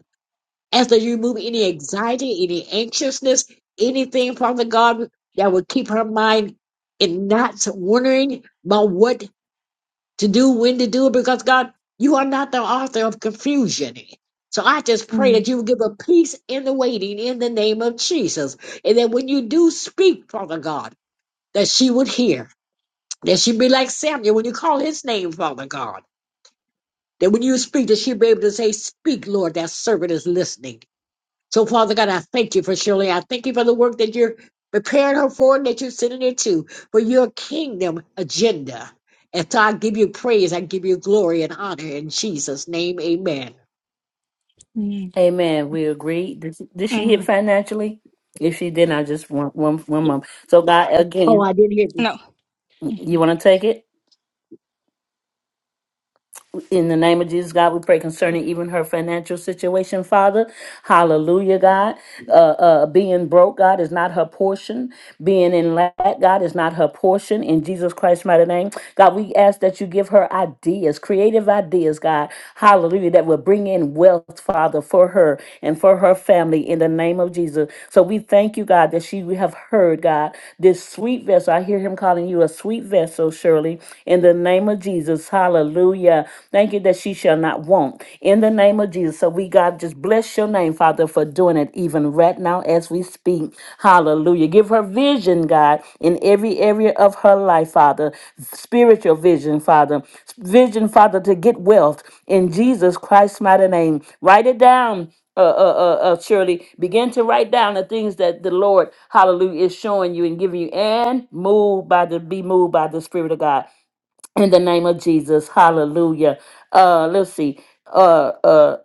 ask that you remove any anxiety, any anxiousness, anything, Father God, that would keep her mind in not wondering about what to do, when to do it, because God, you are not the author of confusion. So I just pray that Mm, you will give a peace in the waiting in the name of Jesus. And that when you do speak, Father God, that she would hear that she be like Samuel when you call his name, Father God. That when you speak, that she be able to say, Speak, Lord, that servant is listening. So, Father God, I thank you for Shirley. I thank you for the work that you're preparing her for and that you're sending her to for your kingdom agenda. And so I give you praise, I give you glory and honor in Jesus' name, amen. mm, Amen. We agree. Did she, did she hit mm. financially? If she didn't, I just want one one month. So God, Oh, again, I didn't hear you. No. you want to take it? In the name of Jesus, God, we pray concerning even her financial situation, Father. Hallelujah, God. Uh, uh, being broke, God, is not her portion. Being in lack, God, is not her portion. In Jesus Christ's mighty name, God, we ask that you give her ideas, creative ideas, God. Hallelujah, that will bring in wealth, Father, for her and for her family in the name of Jesus. So we thank you, God, that she we have heard, God, this sweet vessel. I hear him calling you a sweet vessel, Shirley, in the name of Jesus. Hallelujah. Hallelujah. Thank you that she shall not want. In the name of Jesus. So we, God, just bless your name, Father, for doing it even right now as we speak. Hallelujah. Give her vision, God, in every area of her life, Father. Spiritual vision, Father. Vision, Father, to get wealth in Jesus Christ's mighty name. Write it down uh, uh, uh, uh, Shirley, begin to write down the things that the Lord, hallelujah, is showing you and giving you, and move by the be moved by the Spirit of God in the name of Jesus. Hallelujah. Uh let's see. Uh uh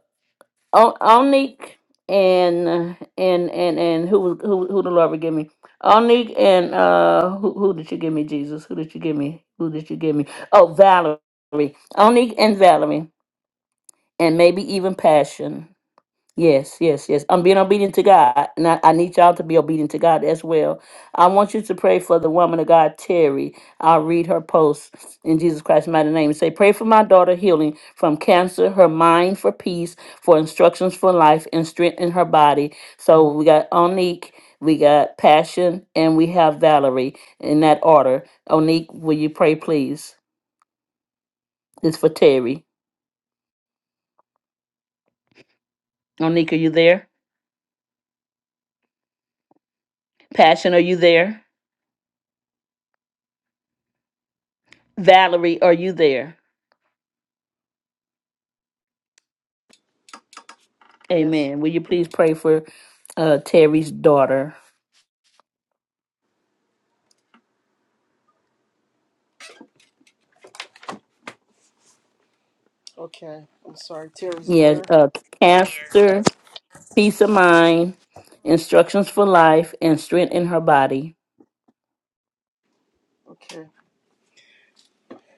O- Onique and uh, and and and who was who who the Lord would give me? Onique and uh who who did you give me, Jesus? Who did you give me? Who did you give me? Oh Valerie. Onique and Valerie and maybe even Passion. Yes, yes, yes. I'm being obedient to God, and I, I need y'all to be obedient to God as well. I want you to pray for the woman of God, Terry. I'll read her post in Jesus Christ's mighty name. Say, pray for my daughter healing from cancer, her mind for peace, for instructions for life, and strength in her body. So we got Onique, we got Passion, and we have Valerie in that order. Onique, will you pray, please? It's for Terry. Onique, are you there? Passion, are you there? Valerie, are you there? Yes. Amen. Will you please pray for uh, Terry's daughter? Okay. I'm sorry. Terry's Yes, daughter. uh, cancer, peace of mind, instructions for life, and strength in her body. Okay.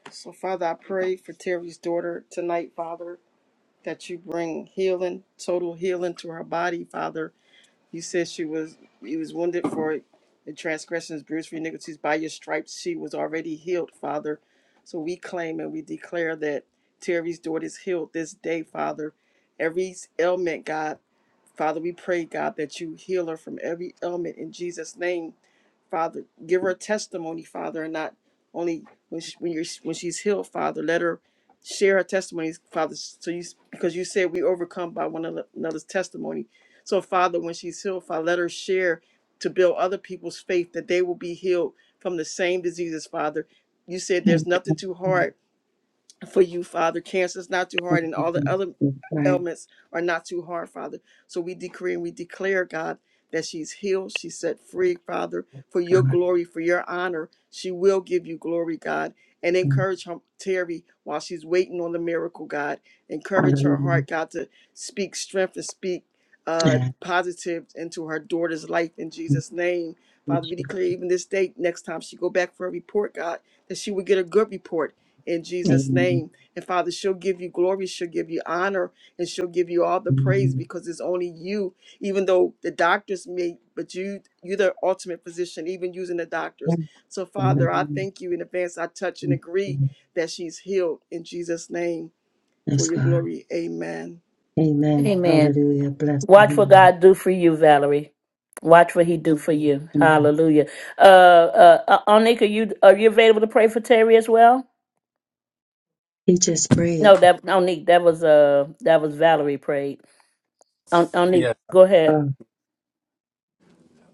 So, Father, I pray for Terry's daughter tonight, Father, that you bring healing, total healing to her body, Father. You said she was he was wounded for the transgressions, bruised for iniquities. By your stripes she was already healed, Father. So we claim and we declare that Terry's daughter is healed this day, Father. Every ailment, God, Father, we pray, God, that you heal her from every ailment in Jesus' name. Father. Give her testimony, Father, and not only when she, when you're when she's healed, Father. Let her share her testimonies, Father. So you because you said we overcome by one another's testimony. So Father, when she's healed, Father, let her share to build other people's faith that they will be healed from the same diseases, Father. You said Thank there's nothing too you. hard for you, Father. Cancer is not too hard, and all the Jesus. other We Praise ailments are not too hard, Father. So we decree and we declare, God, that she's healed, she's set free, Father, for your God. glory, for your honor. She will give you glory, God, and encourage her, Terry, while she's waiting on the miracle, God. Encourage her Hallelujah. heart, God, to speak strength and speak uh, Yeah. positive into her daughter's life in Thank Jesus' name. you, Father, we Jesus. declare even this day, next time she go back for a report, God, that she would get a good report in Jesus' Amen. name. And Father, she'll give you glory, she'll give you honor, and she'll give you all the praise Amen. because it's only you, even though the doctors may, but you you're the ultimate physician, even using the Yeah. doctors. So Father, I Hallelujah. thank you in advance. I touch and Thank agree you. that she's healed in Jesus' name for Yes, your God. glory. Amen. Amen. Amen. Hallelujah. Bless the Watch what Lord. God do for you, Valerie. Watch what He do for you. Amen. Hallelujah. Uh, uh, uh Onika, are you are you available to pray for Terry as well? He just No, prayed. that Onika, that was uh, that was Valerie prayed. On, Onik, Hallelujah. go ahead. Oh,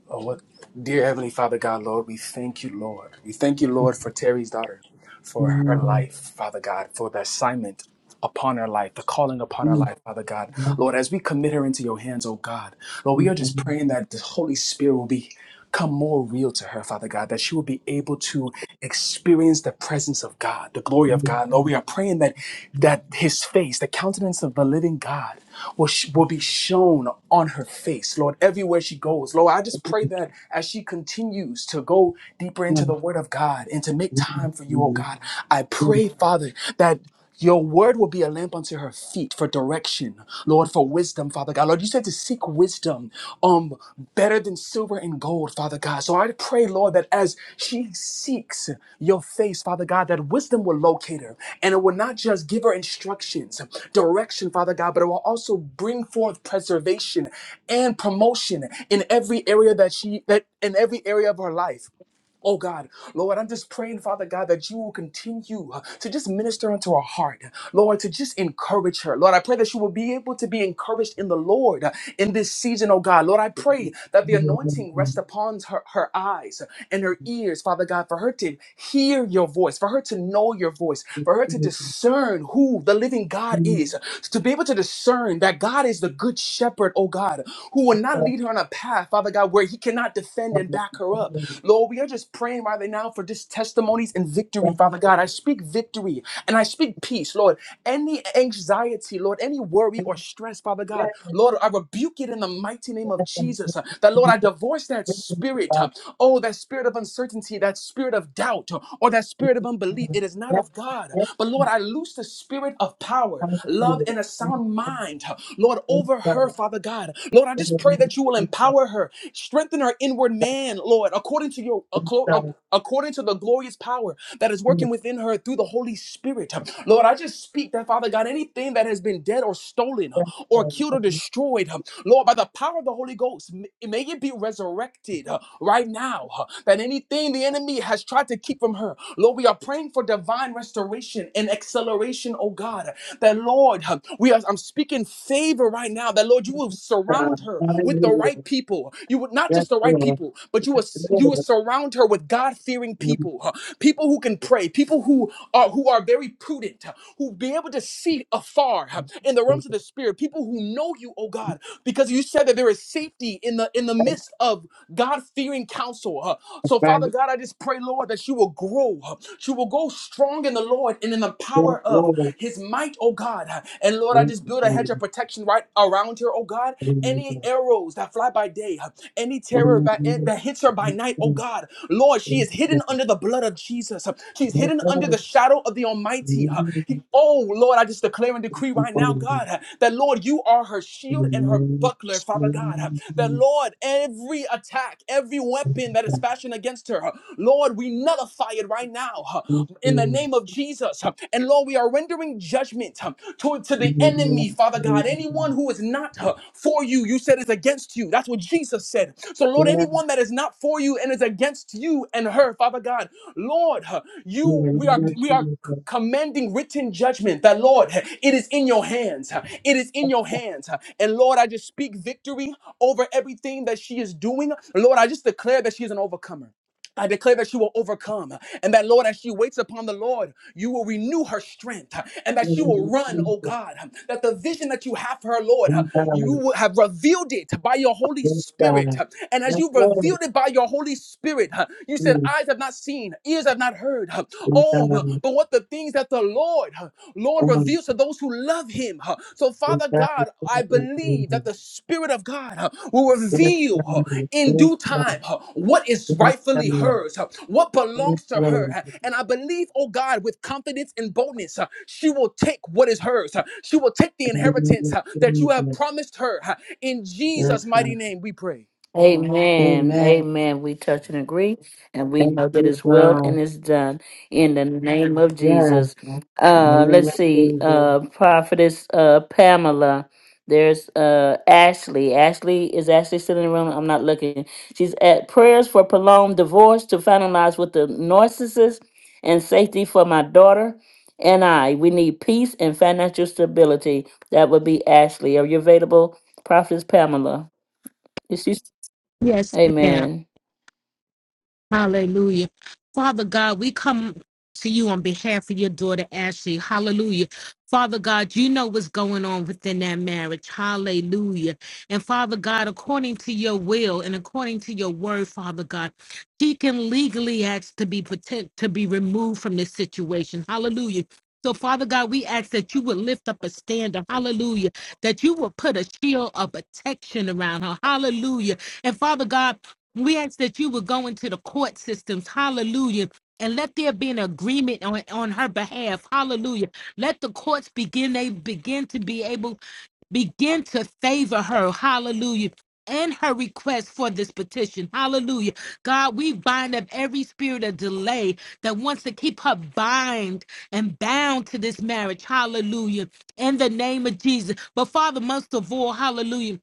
Oh, what, dear Heavenly Father God, Lord, we thank you, Lord. We thank you, Lord, for Terry's daughter, for her Amen. life, Father God, for the assignment upon her life, the calling upon her Mm. life, Father God. Thank Lord, as we commit her into your hands, oh God, Lord, we you, are God. just praying that the Holy Spirit will become more real to her, Father God, that she will be able to experience the presence of God, the glory of God. Lord, we Mm. are praying that that His face, the countenance of the living God, will sh- will be shown on her face, Lord. Lord, everywhere she goes. Lord, I just pray that as she continues to go deeper into the Mm. Word of God and to make time for you, oh God, I Mm. pray, Father, that your word will be a lamp unto her feet for direction, Lord, for wisdom, Father God. Lord, you said to seek wisdom, um, better than silver and gold, Father God. So I pray, Lord, that as she seeks your face, Father God, that wisdom will locate her and it will not just give her instructions, direction, Father God, but it will also bring forth preservation and promotion in every area that she that in every area of her life Oh God, Lord, I'm just praying, Father God, that you will continue uh, to just minister unto her heart, Lord, to just encourage her. Lord, I pray that she will be able to be encouraged in the Lord uh, in this season, oh God. Lord, I pray that the Yes, anointing Lord. rest upon her, her eyes and her ears, Father God, for her to hear your voice, for her to know your voice, for her to discern who the living God is, to be able to discern that God is the good shepherd, oh God, who will not lead her on a path, Father God, where he cannot defend and back her up. Lord, we are just praying right now for just testimonies and victory, Father God. I speak victory and I speak peace, Lord. Any anxiety, Lord, any worry or stress, Father God, Lord, I rebuke it in the mighty name of Jesus. Uh, That, Lord, I divorce that spirit. uh, Oh, that spirit of uncertainty, that spirit of doubt, uh, or that spirit of unbelief. It is not of God. But, Lord, I loose the spirit of power, love, and a sound mind, uh, Lord, over her, Father God. Lord, I just pray that you will empower her Strengthen our inward man, Lord, according to your acco- ac- according to the glorious power that is working within her through the Holy Spirit. Lord, I just speak that Father God, anything that has been dead or stolen or killed or destroyed, Lord, by the power of the Holy Ghost, m- may it be resurrected uh, right now. uh, That anything the enemy has tried to keep from her, Lord, we are praying for divine restoration and acceleration, oh God. That Lord, huh, we are, I'm speaking favor right now. That Lord, you will surround her with the right people. You would not just the right people, but you will you will surround her with God fearing people, huh? people who can pray, people who are who are very prudent, huh who be able to see afar huh, in the realms of the spirit, people who know you, oh God, because you said that there is safety in the in the midst of God fearing counsel. huh. So, Father God, I just pray, Lord, that you will grow. huh. She will go strong in the Lord and in the power of his might, oh God. huh. And Lord, I just build a hedge of protection protection right around her, oh God. Any arrows that fly by day, any terror that, eh, that hits her by night, oh God. Lord, she is hidden under the blood of Jesus. She's hidden under Yes, the shadow of the Almighty. Lord. He- oh, Lord, I just declare and decree right now, God, that Lord, you are her shield and her buckler, Father God. That Lord, every attack, every weapon that is fashioned against her, Lord, we nullify it right now in the name of Jesus. And Lord, we are rendering judgment to, to the enemy, Father God. Anyone who is not uh, for you, you said is against you. That's what Jesus said. So, Lord, anyone that is not for you and is against you and her, Father God, Lord, uh, you we are we are c- commending written judgment that Lord, it is in your hands. uh, It is in your hands. uh, And Lord, I just speak victory over everything that she is doing. Lord, I just declare that she is an overcomer. I declare that she will overcome, and that Lord, as she waits upon the Lord, you will renew her strength, and that she will run, oh God. That the vision that you have for her, Lord, you will have revealed it by your Holy Spirit. And as you revealed it by your Holy Spirit, you said, Eyes have not seen, ears have not heard. Oh, but what the things that the Lord, Lord, reveals to those who love him. So, Father God, I believe that the Spirit of God will reveal in due time huh, what is rightfully hers, huh, what belongs to her. huh, And I believe, oh God, with confidence and boldness, huh, she will take what is hers. huh, She will take the inheritance huh, that you have promised her. huh. In Jesus' Yes, mighty God. name, we pray. Amen. Amen. Amen. We touch and agree, and we Thank know that you, it's well God. and it's done in the name of Yes. Jesus. In the Uh, name let's of see, Jesus. uh, prophetess uh, Pamela. There's uh, Ashley. Ashley is Ashley still in the room. I'm not looking. She's at prayers for prolonged divorce to finalize with the narcissist and safety for my daughter and I. We need peace and financial stability. That would be Ashley. Are you available, prophetess Pamela? Yes, ma'am. Amen. Hallelujah. Father God, we come to you on behalf of your daughter Ashley. Hallelujah. Father God, you know what's going on within that marriage. Hallelujah. And Father God, according to your will and according to your word, Father God, she can legally ask to be protect, to be removed from this situation. Hallelujah. So, Father God, we ask that you would lift up a standard. Hallelujah. That you would put a shield of protection around her. Hallelujah. And Father God, we ask that you would go into the court systems, hallelujah, and let there be an agreement on, on her behalf, hallelujah. Let the courts begin, they begin to be able, begin to favor her, hallelujah. And her request for this petition. Hallelujah. God, we bind up every spirit of delay that wants to keep her bind and bound to this marriage. Hallelujah. In the name of Jesus. But Father, most of all, hallelujah.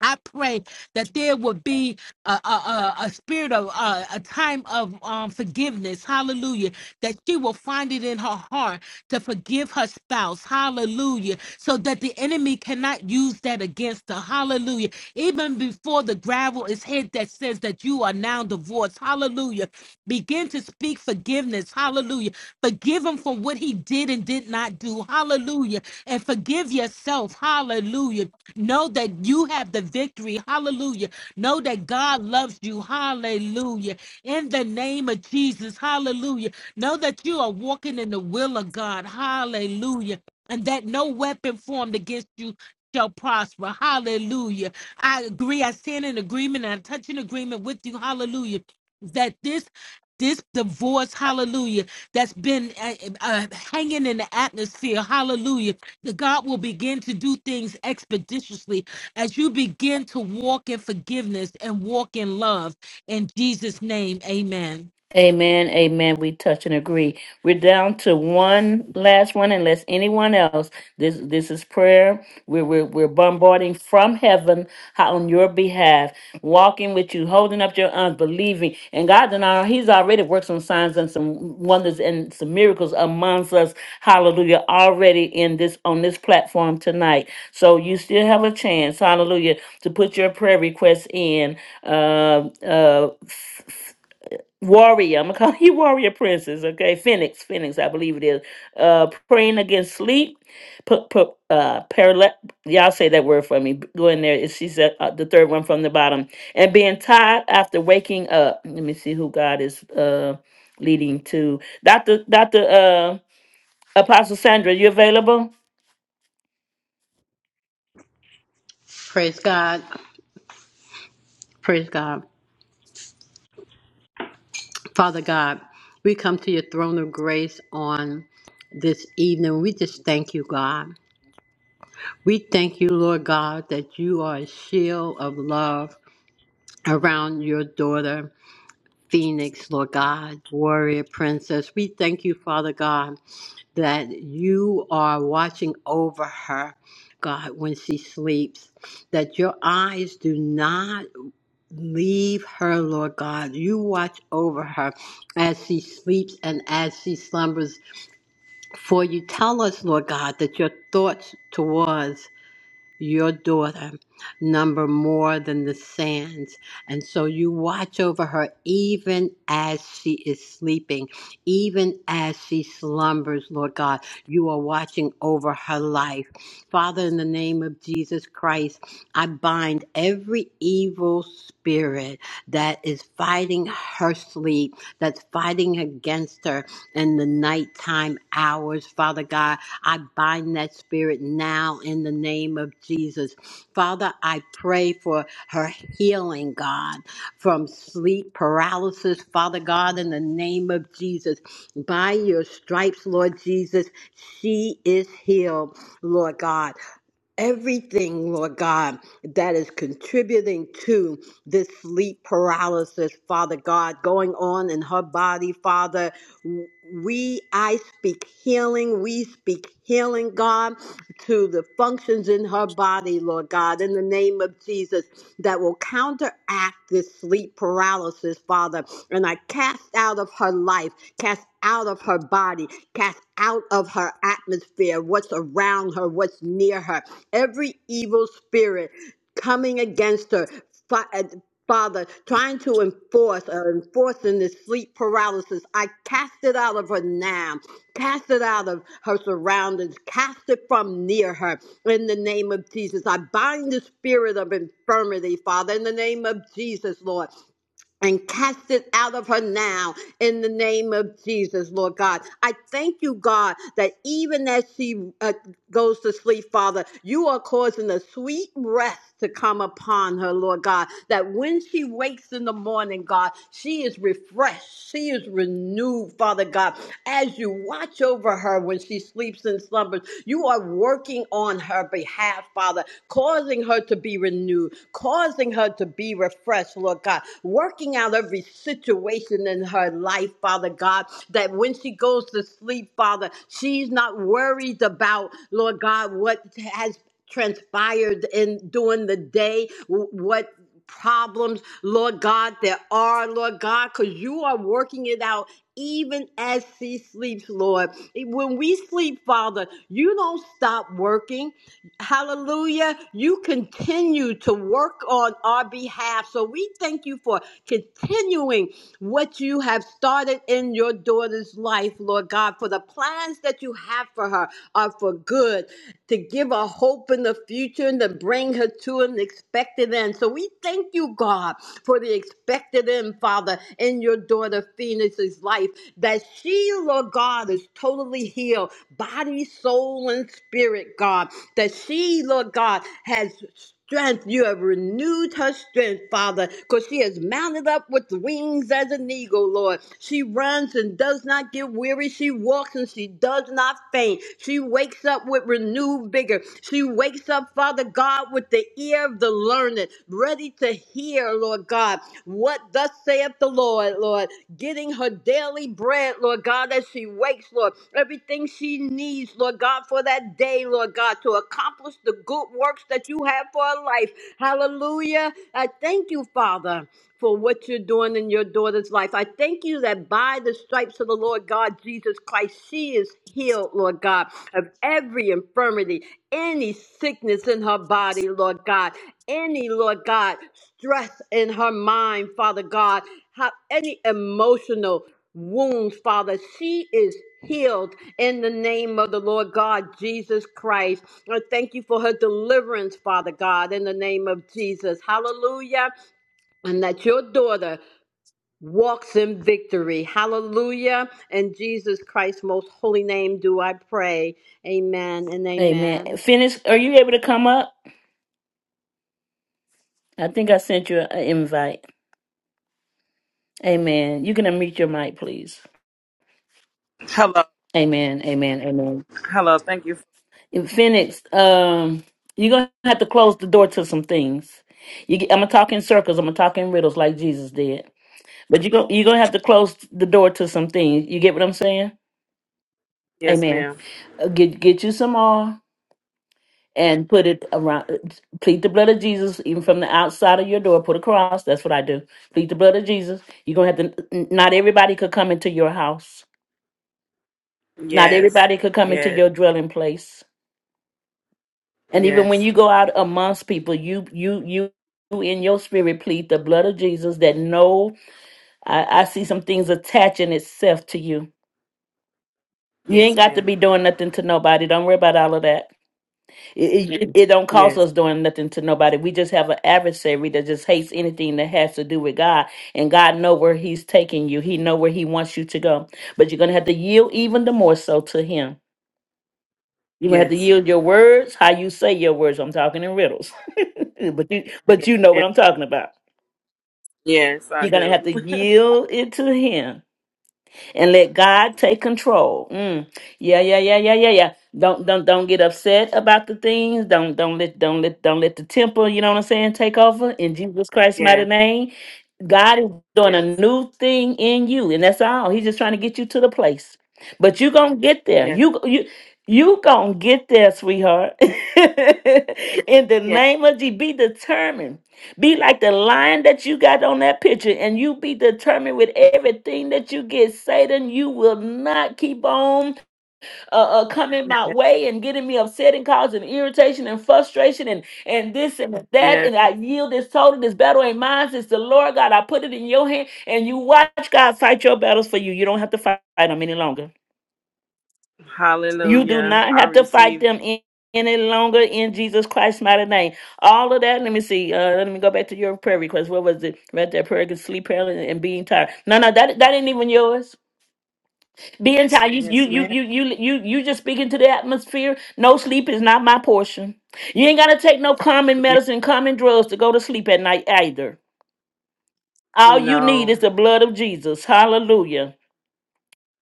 I pray that there would be a, a, a, a spirit of uh, a time of um, forgiveness. Hallelujah. That she will find it in her heart to forgive her spouse. Hallelujah. So that the enemy cannot use that against her. Hallelujah. Even before the gravel is hit that says that you are now divorced. Hallelujah. Begin to speak forgiveness. Hallelujah. Forgive him for what he did and did not do. Hallelujah. And forgive yourself. Hallelujah Know that you have the victory. Hallelujah. Know that God loves you. Hallelujah. In the name of Jesus. Hallelujah. Know that you are walking in the will of God. Hallelujah. And that no weapon formed against you shall prosper. Hallelujah. I agree. I stand in agreement and I touch in agreement with you. Hallelujah. That this this divorce, hallelujah, that's been uh, uh, hanging in the atmosphere, hallelujah that God will begin to do things expeditiously as you begin to walk in forgiveness and walk in love. In Jesus' name, amen. Amen. Amen. We touch and agree. We're down to one last one, unless anyone else. This this is prayer. We're we're, we're bombarding from heaven on your behalf, walking with you, holding up your arms, believing. And God and our He's already worked some signs and some wonders and some miracles amongst us. Hallelujah. Already in this on this platform tonight. So you still have a chance, hallelujah, to put your prayer requests in. Uh uh warrior. I'm gonna call you warrior princess, okay? Phoenix, Phoenix, I believe it is. Uh, praying against sleep. Put, put, uh, parale- Y'all say that word for me. B- Go in there. It- She said uh, the third one from the bottom. And being tired after waking up. Let me see who God is uh leading to. Doctor, Doctor, uh, Apostle Sandra, you available? Praise God. Praise God. Father God, we come to your throne of grace on this evening. We just thank you, God. We thank you, Lord God, that you are a shield of love around your daughter, Phoenix, Lord God, warrior princess. We thank you, Father God, that you are watching over her, God, when she sleeps, that your eyes do not leave her, Lord God. You watch over her as she sleeps and as she slumbers. For you tell us, Lord God, that your thoughts towards your daughter number more than the sands. And so you watch over her even as she is sleeping, even as she slumbers, Lord God. You are watching over her life. Father, in the name of Jesus Christ, I bind every evil spirit that is fighting her sleep, that's fighting against her in the nighttime hours. Father God, I bind that spirit now in the name of Jesus. Father, I pray for her healing, God, from sleep paralysis. Father God, in the name of Jesus, by your stripes, Lord Jesus, she is healed, Lord God everything, Lord God, that is contributing to this sleep paralysis, Father God, going on in her body, Father. We, I speak healing. We speak healing, God, to the functions in her body, Lord God, in the name of Jesus, that will counteract this sleep paralysis, Father. And I cast out of her life, cast out of her body, cast out of her atmosphere, what's around her, what's near her every evil spirit coming against her. Fa- uh, Father, trying to enforce or enforcing this sleep paralysis, I cast it out of her now. Cast it out of her surroundings. Cast it from near her in the name of Jesus. I bind the spirit of infirmity, Father, in the name of Jesus, Lord and cast it out of her now in the name of Jesus, Lord God. I thank you, God, that even as she uh, goes to sleep, Father, you are causing a sweet rest to come upon her, Lord God, that when she wakes in the morning, God, she is refreshed, she is renewed, Father God. As you watch over her when she sleeps and slumbers, you are working on her behalf, Father, causing her to be renewed, causing her to be refreshed, Lord God working out every situation in her life, Father God, that when she goes to sleep, Father, she's not worried about, Lord God, what has transpired in during the day, wh- what problems, Lord God, there are, Lord God, because you are working it out even as she sleeps, Lord. When we sleep, Father, you don't stop working. Hallelujah. You continue to work on our behalf. So we thank you for continuing what you have started in your daughter's life, Lord God, for the plans that you have for her are for good to give her hope in the future and to bring her to an expected end. So we thank you, God, for the expected end, Father, in your daughter Phoenix's life, that she, Lord God, is totally healed, body, soul, and spirit, God, that she, Lord God, has strength. You have renewed her strength, Father, because she is mounted up with wings as an eagle, Lord. She runs and does not get weary. She walks and she does not faint. She wakes up with renewed vigor. She wakes up, Father God, with the ear of the learned, ready to hear, Lord God, what thus saith the Lord, Lord getting her daily bread, Lord God, as she wakes, Lord. Everything she needs, Lord God, for that day, Lord God, to accomplish the good works that you have for her life. Hallelujah. I thank you, Father for what you're doing in your daughter's life. I thank you that by the stripes of the Lord God Jesus Christ, she is healed, Lord God, of every infirmity, any sickness in her body, Lord God, any, Lord God, stress in her mind, Father God, how, any emotional wounds, Father. She is healed in the name of the Lord God Jesus Christ. I thank you for her deliverance, Father God, in the name of Jesus. Hallelujah. And that your daughter walks in victory. Hallelujah. In Jesus Christ's most holy name do I pray. Amen and Amen. amen. Phoenix, are you able to come up? I think I sent you an invite. Amen. You can unmute your mic, please. Hello, Amen. Amen. Amen. hello. Thank you. In Phoenix, um, you're gonna have to close the door to some things. You, get- I'm gonna talk in circles. I'm gonna talk in riddles like Jesus did. But you are gonna you're gonna have to close the door to some things. You get what I'm saying? Yes, Amen. ma'am. Uh, Get get you some oil and put it around. Plead the blood of Jesus, even from the outside of your door. Put a cross. That's what I do. Plead the blood of Jesus. You're gonna have to. Not everybody could come into your house. Not Yes, everybody could come into yes, your dwelling place. And even when yes, you go out amongst people, you you you you in your spirit plead the blood of Jesus that no, I, I see some things attaching itself to you. You ain't yes, got to ma'am. be doing nothing to nobody. Don't worry about all of that. It, it, it it don't cost Yes, us doing nothing to nobody. We just have an adversary that just hates anything that has to do with God. And God know where He's taking you. He know where He wants you to go. But you're gonna have to yield even the more so to Him. You're gonna have to yes, yield your words, how you say your words. I'm talking in riddles. but you but yes, you know what ma'am. I'm talking about. Yes, I You're gonna have do. to yield it to him and let God take control. Mm. Yeah, yeah, yeah, yeah, yeah, yeah. Don't don't don't get upset about the things. Don't don't let don't let don't let the temper, you know what I'm saying, take over in Jesus Christ's mighty Yes, name. God is doing a yes, new thing in you, and that's all. He's just trying to get you to the place. But you're gonna get there. yes, You you you gonna get there, sweetheart. in the yes, name of G, be determined be like the lion that you got on that picture, and you be determined with everything that you get, Satan. You will not keep on uh, uh, coming my yes. way and getting me upset and causing irritation and frustration and and this and that. yes. And I yield this total. This battle ain't mine. It's the Lord God. I put it in your hand, and you watch God fight your battles for you. You don't have to fight them any longer. You do Hallelujah. not I have to fight receive. them in, any longer in Jesus Christ's mighty name. All of that, let me see. Uh, let me go back to your prayer request. What was it? Right there, prayer, against sleep paralysis, and being tired. No, no, that that ain't even yours. Being tired, you Yes, you you ma'am. you you you you just speaking to the atmosphere. No sleep is not my portion. You ain't gotta take no common Yes. medicine, common drugs to go to sleep at night either. All you need No. is the blood of Jesus. Hallelujah.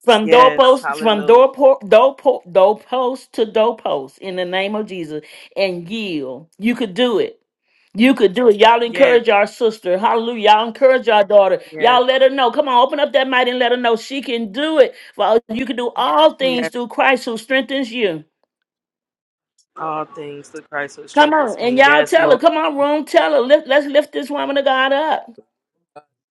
from Yes. doorpost from Hallelujah. doorpost doorpost doorpost to doorpost in the name of Jesus and yield. You could do it. You could do it. Y'all Yes. encourage our sister. Hallelujah. Y'all encourage our daughter. Yes. Y'all let her know. Come on, open up that might and let her know she can do it. Well, you can do all things Yes. through Christ who strengthens you. All things through Christ who Come strengthens on. And me. y'all Yes, tell her. Lord. Come on, room. Tell her. Lift, let's lift this woman of God up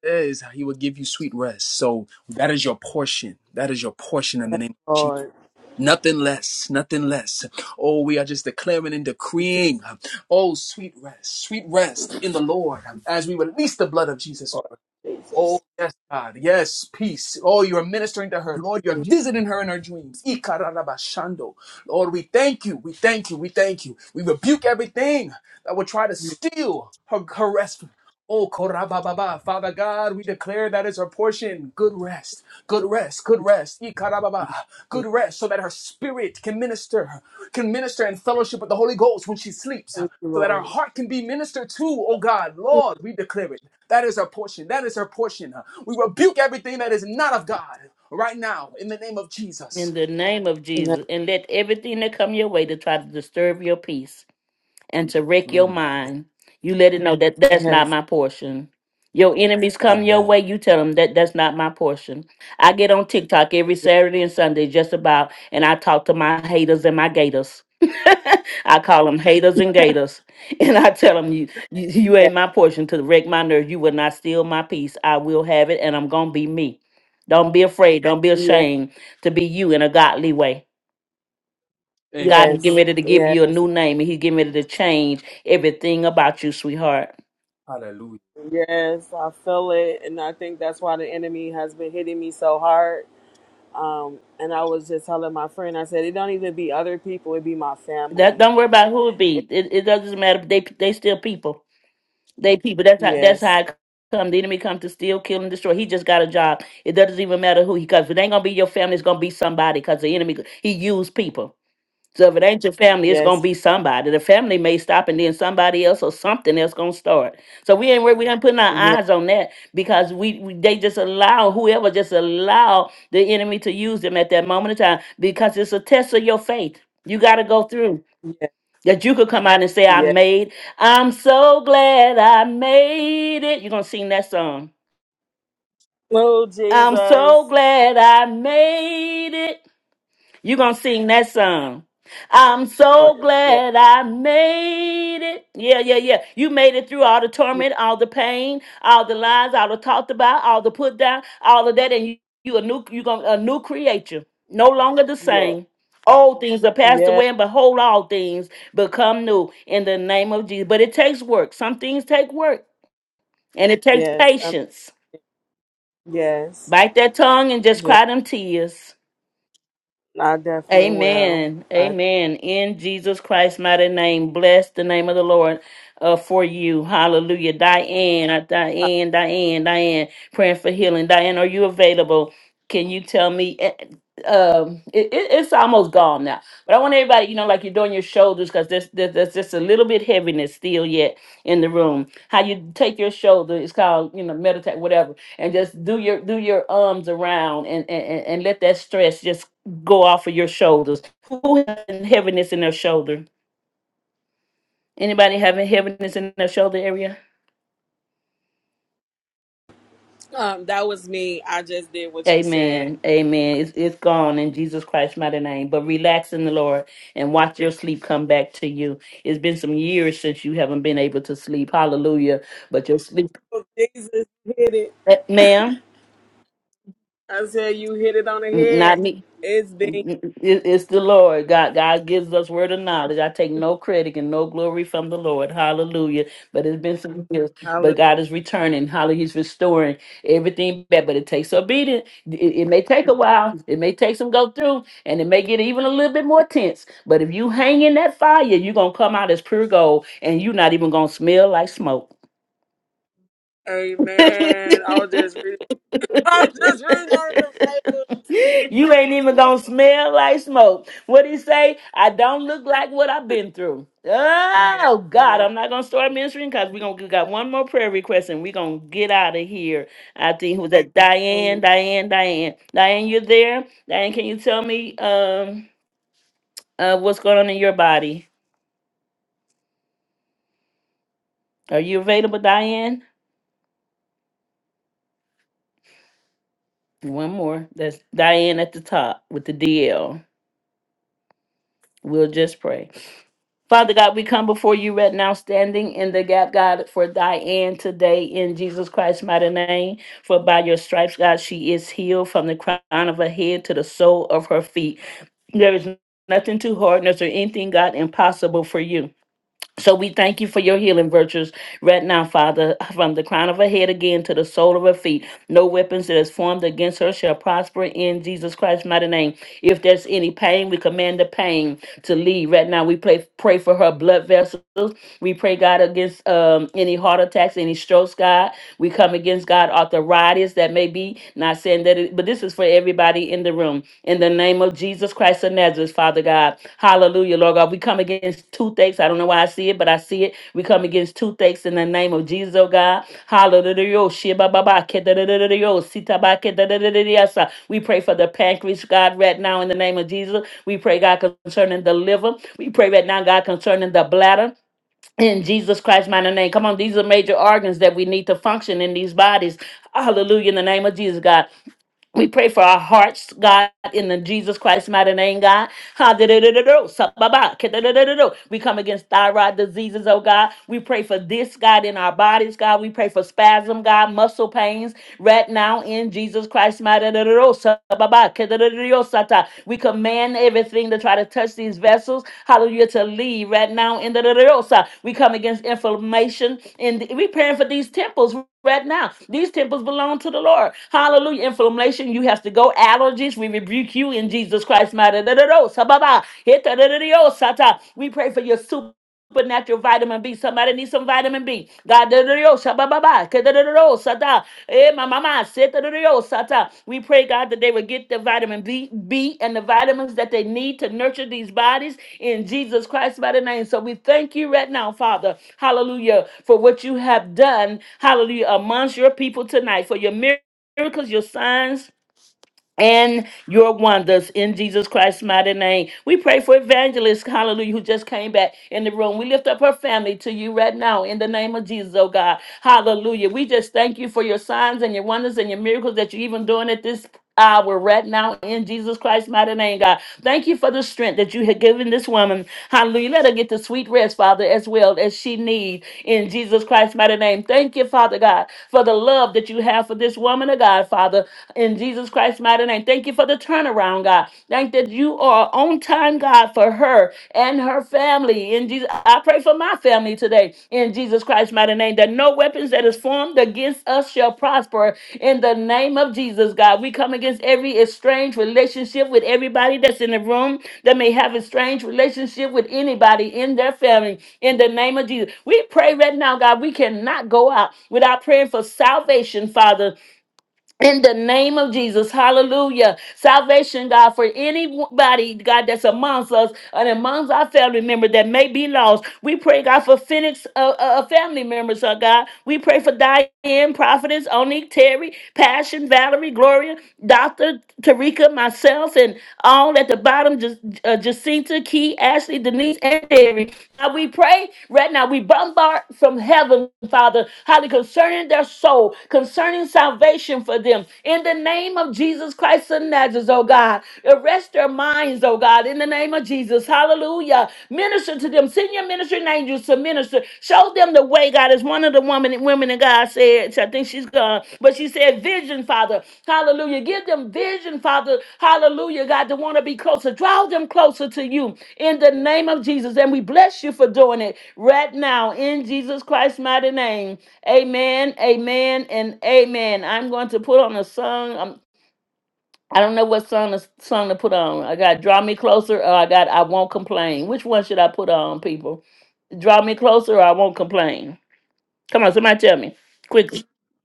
Is he will give you sweet rest. So that is your portion. That is your portion in the Yes, name of Jesus. Lord. Nothing less, nothing less. Oh, we are just declaring and Thank you, decreeing. huh, Oh, sweet rest, sweet rest in the Lord huh, as we release the blood of Jesus. Lord. Jesus. Oh, yes, God. Yes, peace. Oh, you are ministering to her. Lord, you're Thank visiting her in her dreams. Ikarabashando. Lord, we thank you. We thank you. We thank you. We rebuke everything that would try to steal her, her rest. Oh, korabababa. Father God, we declare that is her portion. Good rest. Good rest. Good rest. Ikarababa. you, Good rest so that her spirit can minister, can minister in fellowship with the Holy Ghost when she sleeps so that our Lord. heart can be ministered to, oh God. Lord, we declare it. That is her portion. That is her portion. We rebuke everything that is not of God right now in the name of in Jesus. the name of Yes, Jesus and let everything that come your way to try to disturb your peace. and to wreck your Mm. mind. You let it know that that's not yes, my portion. Your enemies come your Amen. way, you tell them that that's not my portion. I get on TikTok every Saturday and Sunday just about, and I talk to my haters and my gators. I call them haters and gators. And I tell them, you, you, you ain't my portion to wreck my nerve. You will not steal my peace. I will have it, and I'm going to be me. Don't be afraid. Don't be yes, ashamed to be you in a godly way. Amen. God is getting ready to give you a yes, new name and he's getting ready to change everything about you, sweetheart. Hallelujah. yes. I feel it, and I think that's why the enemy has been hitting me so hard. Um, and I was just telling my friend, I said, it don't even be other people; it be my That family. don't worry about who it be. It- It, it doesn't matter. They they still people. They people. That's how that's how yes, it come. The enemy comes to steal, kill, and destroy. He just got a job. It doesn't even matter who he comes. It ain't gonna be your family, it's gonna be somebody because the enemy he used people. So if it ain't your family, it's gonna yes, be somebody. The family may stop, and then somebody else or something else gonna start. So we ain't worried. We ain't putting our yes, eyes on that because we, we they just allow whoever just allow the enemy to use them at that moment of time because it's a test of your faith. You got to go through yes, that. You could come out and say, "I yes. made. I'm so glad I made it." You're gonna sing that song. Oh I'm so Jesus, glad I made it. You gonna sing that song. I'm Lord, so yes, glad I made it. Yeah, yeah, yeah. You made it through all the yes, torment, all the pain, all the lies, all the talked about, all the put down, all of that, and you, you a new you gonna a new creature. No longer the yes, same. Old things are passed yes, away, and behold, all things become new in the name of Jesus. But it takes work. Some things take work, and it takes yes, Um, patience. yes, Bite that tongue and just yes. cry them tears. I definitely will. Amen. I, Amen. In Jesus Christ's mighty name, bless the name of the Lord uh, for you. Hallelujah. Diane, uh, Diane, Diane, Diane, praying for healing. Diane, are you available? Can you tell me? eh, Um, it, it- it's almost gone now, but I want everybody, you know, like you're doing your shoulders because there's, there's there's just a little bit heaviness still yet in the room. How you take your shoulder? It's called you know meditate, whatever, and just do your do your arms around and and, and and let that stress just go off of your shoulders. Who has heaviness in their shoulder? Anybody having heaviness in their shoulder area? um, that was me. I just did what you said. Amen. Amen. It's, it's gone in Jesus Christ's mighty name. But relax in the Lord and watch your sleep come back to you. It's been some years since you haven't been able to sleep. Hallelujah. But your sleep, Oh, Jesus hit it. Eh, ma'am, I said you hit it on the not head. me. It's been It- It's the Lord. God God gives us word of knowledge. I take no credit and no glory from the Lord. Hallelujah. But it's been some years. But God hallelujah. is returning. Hallelujah. He's restoring everything back. But it takes obedience. It, it may take a while. It may take some go through. And it may get even a little bit more tense. But if you hang in that fire, you're gonna come out as pure gold and you're not even gonna smell like smoke. Amen. I was just reading. I was just reading out of the you ain't even gonna smell like smoke. What he say? I don't look like what I've been through. Oh God, I'm not gonna start ministering because we gonna we got one more prayer request and we gonna get out of here. I think who was that Bible. Yeah. Diane, Diane, Diane. Diane, you there? Diane, can you tell me um uh what's going on in your body? Are you available, Diane? One more. That's Diane at the top with the DL. We'll just pray. Father God, we come before you right now, standing in the gap, God, for Diane today in Jesus Christ's mighty name. For by your stripes, God, she is healed from the crown of her head to the sole of her feet. There is nothing too hard, nor is there anything, God, impossible for you. So we thank you for your healing virtues right now, Father, from the crown of her head again to the sole of her feet. No weapons that is formed against her shall prosper in Jesus Christ's mighty name. If there's any pain, we command the pain to leave. Right now, we pray, pray for her blood vessels. We pray, God, against um, any heart attacks, any strokes, God. We come against God arthritis that may be not saying that, it, but this is for everybody in the room. In the name of Jesus Christ of Nazareth, Father God, Hallelujah, Lord God. We come against toothaches. I don't know why I see it, but I see it. We come against toothaches in the name of Jesus, oh God. Hallelujah. Oh, shiba ba ba, ke da da da da da, oh, sita ba ke da da da da da, yes, uh. We pray for the pancreas, God, right now in the name of Jesus. We pray, God, concerning the liver. We pray right now, God, concerning the bladder in Jesus Christ's mighty name. Come on, these are major organs that we need to function in these bodies. Hallelujah. In the name of Jesus, God. We pray for our hearts, God, in the Jesus Christ's mighty name, God. Ha-da-da-da-da-do, sa-ba-ba, ka-da-da-da-da-do. We come against thyroid diseases, oh God. We pray for this, God, in our bodies, God. We pray for spasm, God, muscle pains right now in Jesus Christ. We command everything to try to touch these vessels. Hallelujah. To leave right now in the We come against inflammation. And we praying for these temples right now. These temples belong to the Lord. Hallelujah. Inflammation, you have to go. Allergies, we rebuke you in Jesus Christ. mighty name. We pray for your supernatural vitamin B. Somebody needs some vitamin B. God, oh, Eh, my mama said that it is, Sata. We pray, God, that they would get the vitamin B, B and the vitamins that they need to nurture these bodies in Jesus Christ by the name. So we thank you right now, Father. Hallelujah. For what you have done. Hallelujah. Amongst your people tonight. For your miracles, your signs and your wonders in Jesus Christ's mighty name. We pray for evangelist, hallelujah, who just came back in the room. We lift up her family to you right now in the name of Jesus, oh God. Hallelujah. We just thank you for your signs and your wonders and your miracles that you're even doing at this hour right now in Jesus Christ's mighty name, God. Thank you for the strength that you have given this woman. Hallelujah. Let her get the sweet rest, Father, as well as she needs in Jesus Christ's mighty name. Thank you, Father God, for the love that you have for this woman of God, Father in Jesus Christ's mighty name. Thank you for the turnaround, God. Thank that you are on time, God, for her and her family. In Jesus, I pray for my family today in Jesus Christ's mighty name that no weapons that is formed against us shall prosper in the name of Jesus, God. We come against every estranged relationship with everybody that's in the room that may have a strange relationship with anybody in their family in the name of Jesus. We pray right now, God, we cannot go out without praying for salvation, Father in the name of Jesus, hallelujah. Salvation, God, for anybody, God, that's amongst us and amongst our family members that may be lost. We pray, God, for Phoenix uh, uh, uh, family members, oh God. We pray for Diane, Prophetess, Onik, Terry, Passion, Valerie, Gloria, Dr. Tarika, myself, and all at the bottom, Ja- uh, Jacinta, Key, Ashley, Denise, and Terry. Now we pray right now. We bombard from heaven, Father, highly concerning their soul, concerning salvation for them. In the name of Jesus Christ of Nazareth, oh God, arrest their minds, oh God, in the name of Jesus. Hallelujah. Minister to them. Senior minister ministering angels to minister. Show them the way, God. Is one of the woman women and God said, I think she's gone, but she said, Vision, Father. Hallelujah. Give them vision, Father. Hallelujah, God, to want to be closer. Draw them closer to you in the name of Jesus. And we bless you for doing it right now in Jesus Christ's mighty name. Amen, amen, and amen. I'm going to put on a song. Um, I don't know what song to, song to put on. I got Draw Me Closer or I got I Won't Complain. Which one should I put on, people? Draw me closer or I won't complain. Come on, somebody tell me. Quickly.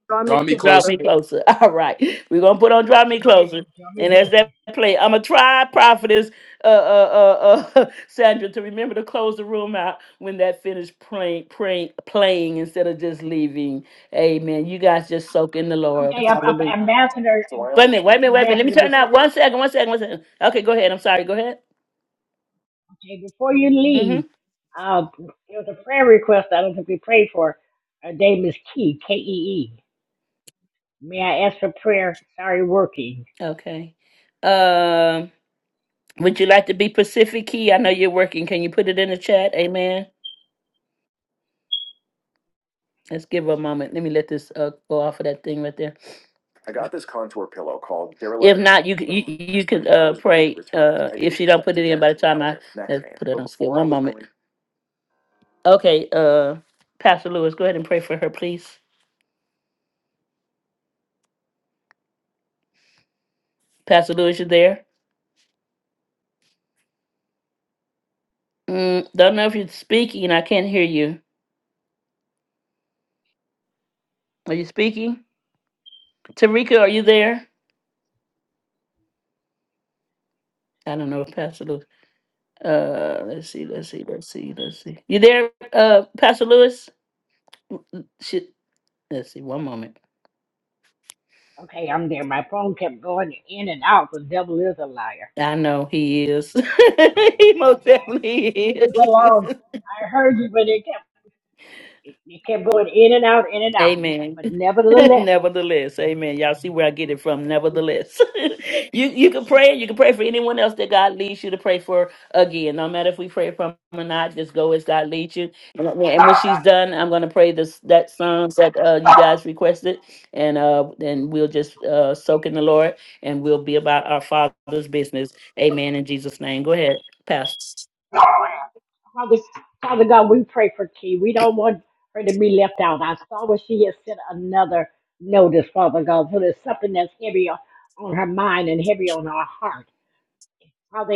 Draw me Draw me closer. Draw closer. me closer. All right. We're gonna put on Draw Me Closer. And as that play, I'm gonna try prophetess uh, uh, uh, uh, Sandra to remember to close the room out when that finished praying, praying, playing instead of just leaving. Amen. You guys just soak in the Lord. Okay, Am- Hallelujah. Am- Ambassador, Wait a minute, wait a minute, wait a minute. Let Ambassador, me turn before out one second, one second, one second. Okay, go ahead. I'm sorry. Go ahead. Hey, before you leave, Mm-hmm. uh, there was a prayer request I don't think we prayed for. Her name is Key, K E E. May I ask for prayer? Sorry, working. Okay. Um. Would you like to be Pacific Key? I know you're working. Can you put it in the chat? Amen. Let's give her a moment. Let me let this uh, go off of that thing right there. I got this contour pillow called Derelict. If not, you c- you, you can uh, pray. Uh, if she don't put it in by the time I let's put it on skip. One moment. Okay, uh, Pastor Lewis, go ahead and pray for her, please. Pastor Lewis, you there? Mm, don't know if you're speaking. I can't hear you. Are you speaking? Tarika, are you there? I don't know if Pastor Lewis. Uh, let's see, let's see, let's see, let's see. You there, uh, Pastor Lewis? Mm, mm, Shit. Let's see. One moment. Okay, I'm there. My phone kept going in and out because devil is a liar. I know he is. he That's most why definitely it took me so is. long. I heard you, but it kept it, it kept going in and out, in and out. Amen. But nevertheless, Nevertheless, amen. Y'all see where I get it I from. said, Nevertheless, you you can pray. You can pray for anyone else that God leads you to pray for. Again, no matter if we pray for 'em or not, just go as God leads you. And uh, and when she's done, I'm gonna pray this that song that uh, you guys requested, and uh, then we'll just uh, soak in the Lord, and we'll be about our Father's business. Amen. In Jesus' name, go ahead, Pastor. Father, Father God, we pray for Key. We don't want her to be left out. I saw where she has sent another notice, Father God. So there's something that's heavy on, on her mind and heavy on her heart. Father,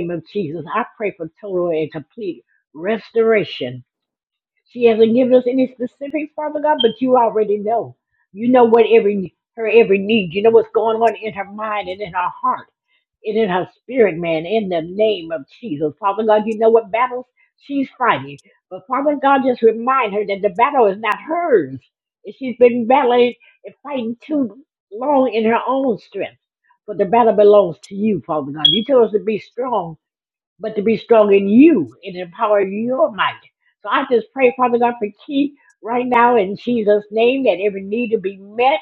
in the name of Jesus, I pray for total and complete restoration. She hasn't given us any specifics, Father God, but you already know. You know what every her every need. You know what's going on in her mind and in her heart and in her spirit, man, in the name of Jesus. Father God, you know what battles she's fighting. But Father God, just remind her that the battle is not hers. And she's been battling and fighting too long in her own strength. But the battle belongs to you, Father God. You tell us to be strong, but to be strong in you and in the power of your might. So I just pray, Father God, for Keith right now in Jesus' name that every need to be met.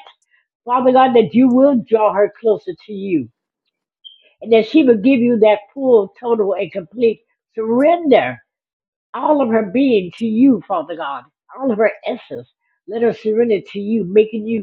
Father God, that you will draw her closer to you and that she would give you that full, total, and complete surrender, all of her being to you, Father God, all of her essence. Let her surrender to you, making you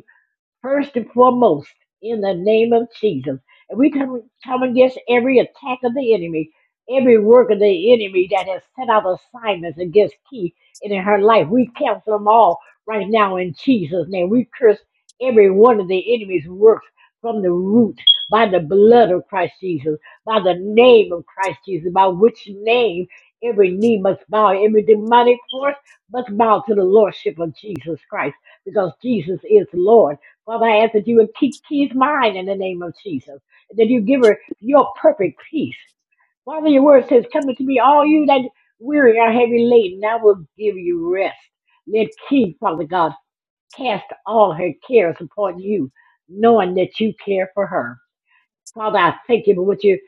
first and foremost in the name of Jesus. And we come, come against every attack of the enemy, every work of the enemy that has set out assignments against Key and in her life. We cancel them all right now in Jesus' name. We curse every one of the enemy's works from the root by the blood of Christ Jesus, by the name of Christ Jesus, by which name every knee must bow, every demonic force must bow to the lordship of Jesus Christ because Jesus is Lord. Father, I ask that you would keep Keith's mind in the name of Jesus. That you give her your perfect peace. Father, your word says, Come unto me, all you that weary are heavy laden, I will give you rest. Let Keith, Father God, cast all her cares upon you, knowing that you care for her. Father, I thank you for what you're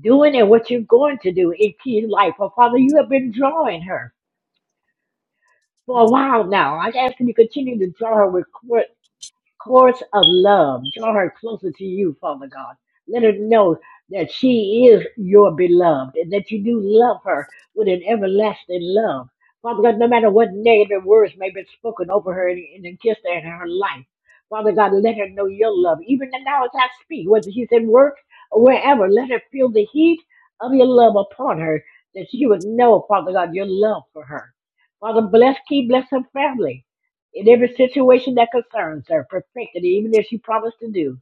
doing and what you're going to do in Keith's life. Oh, Father, you have been drawing her for a while now. I ask that you continue to draw her with course of love. Draw her closer to you, Father God. Let her know that she is your beloved and that you do love her with an everlasting love. Father God, no matter what negative words may be spoken over her and and against her in her life, Father God, let her know your love. Even now as I speak, whether she's in work or wherever, let her feel the heat of your love upon her, that she would know, Father God, your love for her. Father, bless, keep, bless her family in every situation that concerns her. Perfect it, even if she promised to do.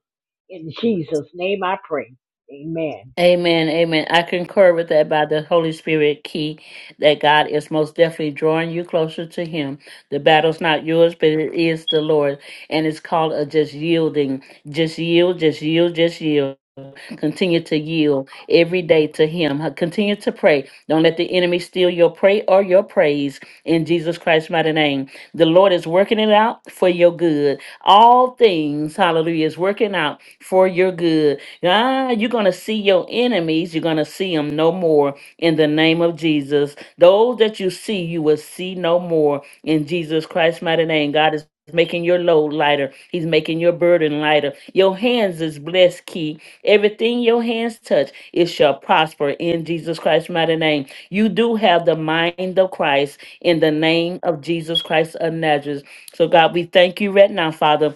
In Jesus' name I pray. Amen. Amen, amen. I concur with that by the Holy Spirit key that God is most definitely drawing you closer to Him. The battle's not yours, but it is the Lord. And it's called a just yielding. Just yield, just yield, just yield. Continue to yield every day to Him. Huh, Continue to pray. Don't let the enemy steal your pray or your praise in Jesus Christ's mighty name. The Lord is working it out for your good. All things, hallelujah, is working out for your good. Ah, you're going to see your enemies. You're going to see them no more in the name of Jesus. Those that you see, you will see no more in Jesus Christ's mighty name. God is making your load lighter. He's making your burden lighter. Your hands is blessed, Key. Everything your hands touch, it shall prosper in Jesus Christ's mighty name. You do have the mind of Christ in the name of Jesus Christ of Nazareth. So, God, we thank you right now, Father.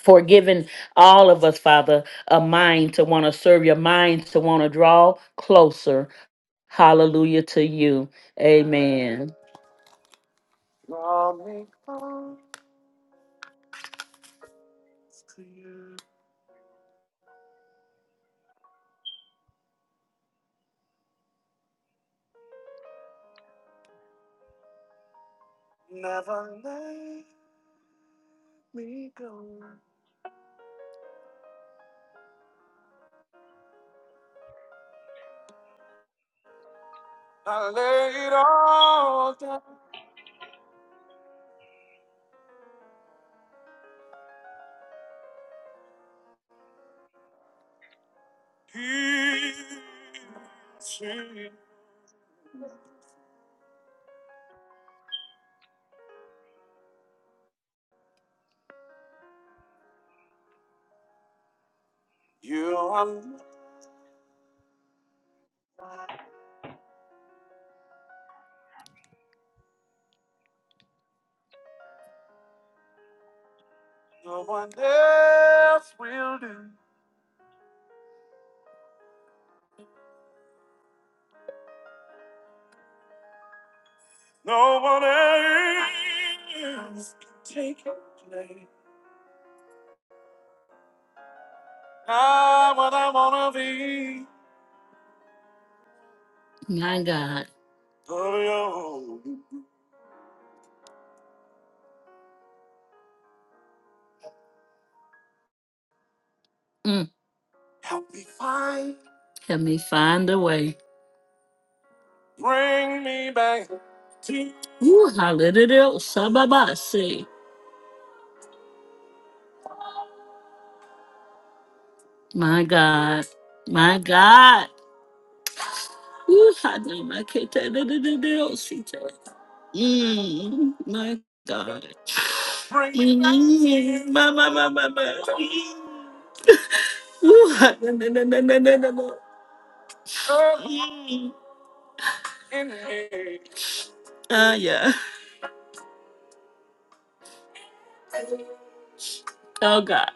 For giving all of us, Father, a mind to want to serve your mind, to want to draw closer. Hallelujah to you. Amen. My God. Mm, help me find a way. Ooh, hallelujah. Sababasi. My God. My God. Ooh, Hadamaketa. Mm, my God. Mm, my, my, my, my, my. Ooh, Hadamaketa. Ah, yeah. Oh, God.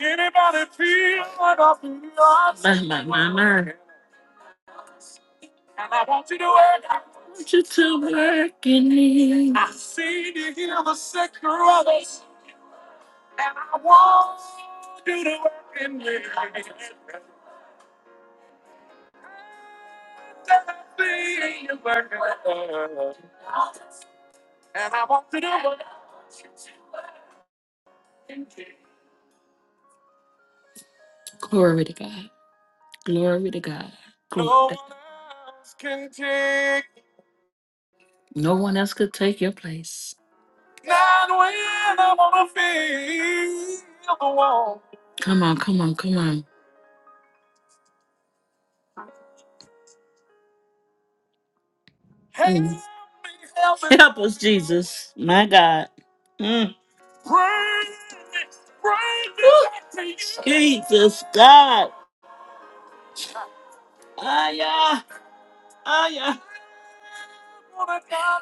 Anybody feel what I feel? My, my, my, my. And I want you to work. I want you to work in me. I see you heal the sick brothers. No one else could take your place. Come on, come on, come on. Help us, Jesus. My God. Mm, Jesus, God. Ah, yeah. Ah, yeah. Woo! My God.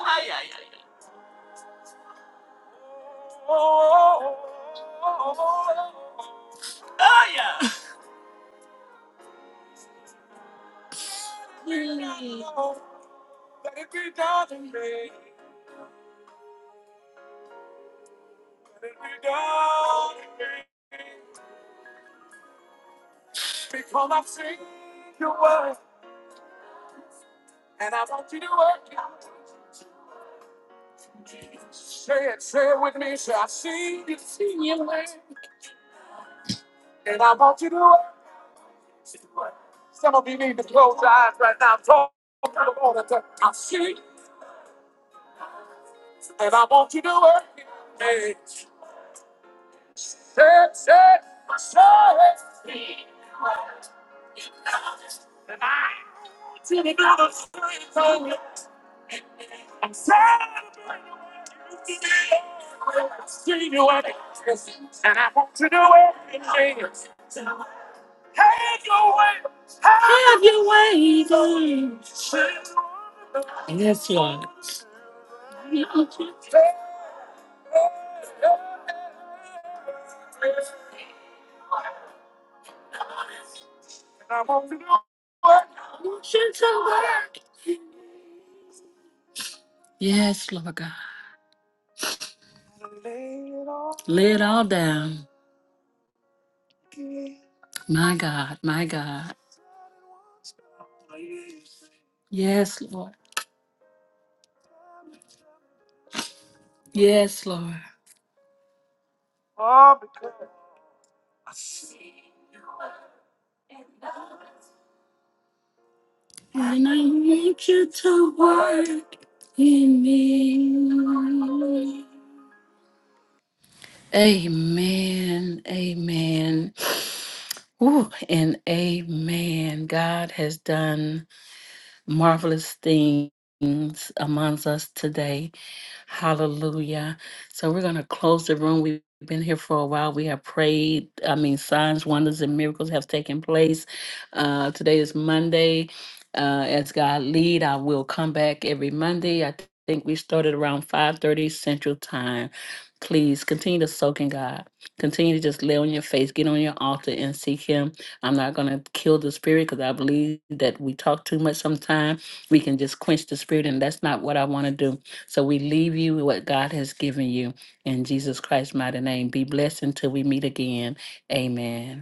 Ah, yeah, yeah, yeah. Have your way, God. Yes, Lord. Yes, Lord God. Lay it all down. My God, my God. Yes, Lord. Yes, Lord. And I need you to work in me. Amen. Amen. Ooh, and amen. God has done marvelous things amongst us today. Hallelujah. So we're going to close the room. We've been here for a while. We have prayed. I mean, signs, wonders, and miracles have taken place. Uh, today is Monday. Uh, as God lead, I will come back every Monday. I think we started around 5.30 Central Time. Please continue to soak in God. Continue to just lay on your face, get on your altar, and seek Him. I'm not going to kill the spirit because I believe that we talk too much sometimes. We can just quench the spirit, and that's not what I want to do. So we leave you with what God has given you in Jesus Christ's mighty name. Be blessed until we meet again. Amen.